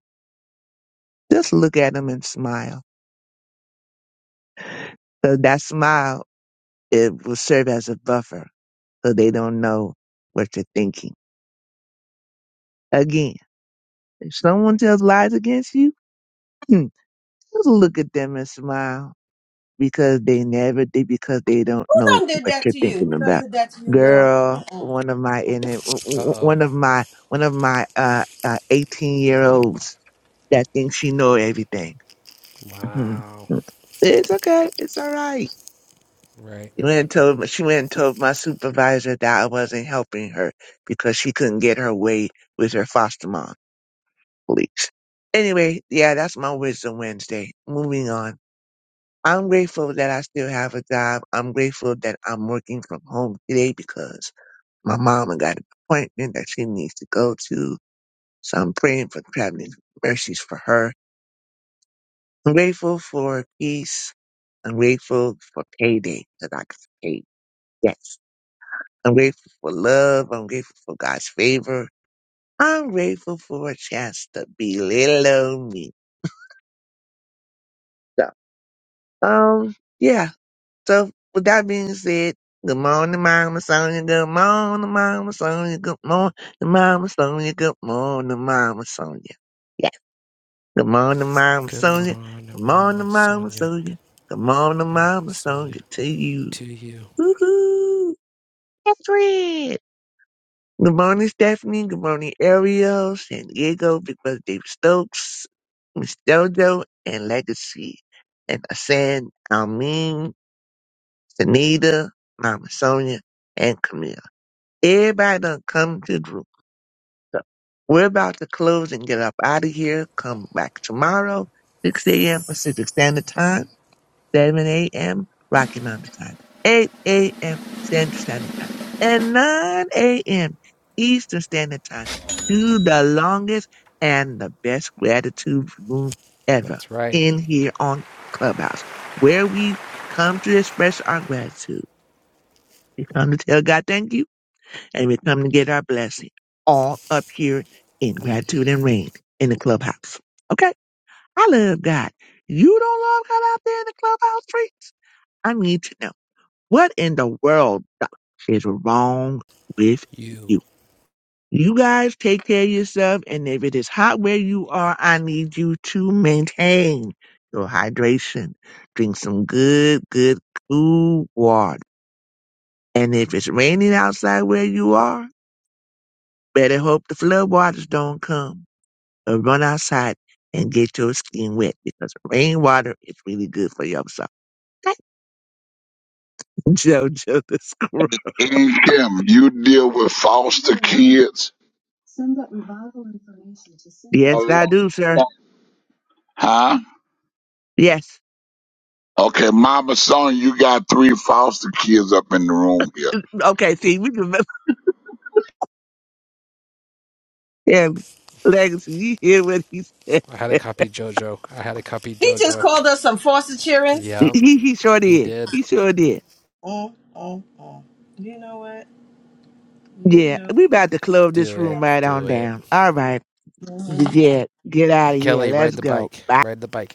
Speaker 4: just look at them and smile. So that smile it will serve as a buffer, so they don't know what you're thinking. Again, if someone tells lies against you, [CLEARS THROAT] just look at them and smile because they never did because they don't
Speaker 1: Who
Speaker 4: know
Speaker 1: done did
Speaker 4: what
Speaker 1: that
Speaker 4: you're
Speaker 1: to you?
Speaker 4: thinking
Speaker 1: Who done
Speaker 4: about.
Speaker 1: did that to you, girl?
Speaker 4: Girl, one of my in it,
Speaker 13: Uh oh.
Speaker 4: one of my one of my uh eighteen year olds that thinks she know everything. Mhm.
Speaker 13: Wow.
Speaker 4: It's okay, it's all right.
Speaker 13: Right.
Speaker 4: She went and told she went and told my supervisor that I wasn't helping her because she couldn't get her way with her foster mom. Please. Anyway, yeah, that's my wisdom Wednesday. Moving on. I'm grateful that I still have a job. I'm grateful that I'm working from home today because my mama got an appointment that she needs to go to. So I'm praying for traveling mercies for her. I'm grateful for peace. I'm grateful for payday that I can pay. Yes. I'm grateful for love. I'm grateful for God's favor. I'm grateful for a chance to be little old me. So, um, yeah, So with that being said, good morning, Mama Sonia. Good morning, Mama Sonia. Good morning, Mama Sonia. Good morning, Mama Sonia. Yeah. Good morning, Mama
Speaker 13: Good
Speaker 4: Sonia. Good
Speaker 13: morning,
Speaker 4: morning,
Speaker 13: Mama
Speaker 4: Mama
Speaker 13: Sonia.
Speaker 4: Sonia. Good morning,
Speaker 13: Mama
Speaker 4: Mama
Speaker 13: Sonia,
Speaker 4: Sonia to you.
Speaker 13: to you.
Speaker 4: Woohoo! Catherine. Good morning, Stephanie. Good morning, Ariel, San Diego, Big Brother David Stokes, Miss Jojo, and Legacy. And Asan Almin Sunita, Mama Sonia, and Camille. Everybody done come to the room. So we're about to close and get up out of here. Come back tomorrow, 6 a.m. Pacific Standard Time, 7 a.m. Rocky Mountain Time, 8 a.m. Central Standard Time, and 9 a.m. Eastern Standard Time to the longest and the best gratitude room ever
Speaker 13: That's right.
Speaker 4: in here on Clubhouse, where we come to express our gratitude we come to tell God thank you, and we come to get our blessing. All up here in gratitude and rain in the clubhouse. Okay? I love God. You don't love God out there in the clubhouse freaks? I need to know. What in the world doc, is wrong with
Speaker 13: You.
Speaker 4: you? You guys take care of yourself, and if it is hot where you are, I need you to maintain your hydration. Drink some good, good, cool water. And if it's raining outside where you are, Better hope the floodwaters don't come or run outside and get your skin wet because rainwater is really good for your soul. [LAUGHS] Jojo the squirrel.
Speaker 6: And Kim, you deal with foster kids. A lot
Speaker 4: Yes, I
Speaker 6: of-
Speaker 4: do, sir.
Speaker 6: Huh?
Speaker 4: Yes.
Speaker 6: Okay, Mama Sonia, you got three foster kids up in the room here.
Speaker 4: Okay, see, we remember [LAUGHS] him. Legacy, you hear what he said.
Speaker 13: I had to copy JoJo. I had to copy JoJo. Yep,
Speaker 4: He, he sure
Speaker 13: he
Speaker 4: did.
Speaker 13: did.
Speaker 4: He sure did.
Speaker 1: Mm, mm, mm. You know what? You
Speaker 4: Yeah,
Speaker 1: know.
Speaker 4: we about to close this
Speaker 13: Do
Speaker 4: room
Speaker 13: it.
Speaker 4: right on
Speaker 13: Do it.
Speaker 4: down. All right. Yeah, get out of here.
Speaker 13: Kelly,
Speaker 4: Let's
Speaker 13: ride the
Speaker 4: go.
Speaker 13: bike.
Speaker 4: Bye.
Speaker 13: Ride the bike.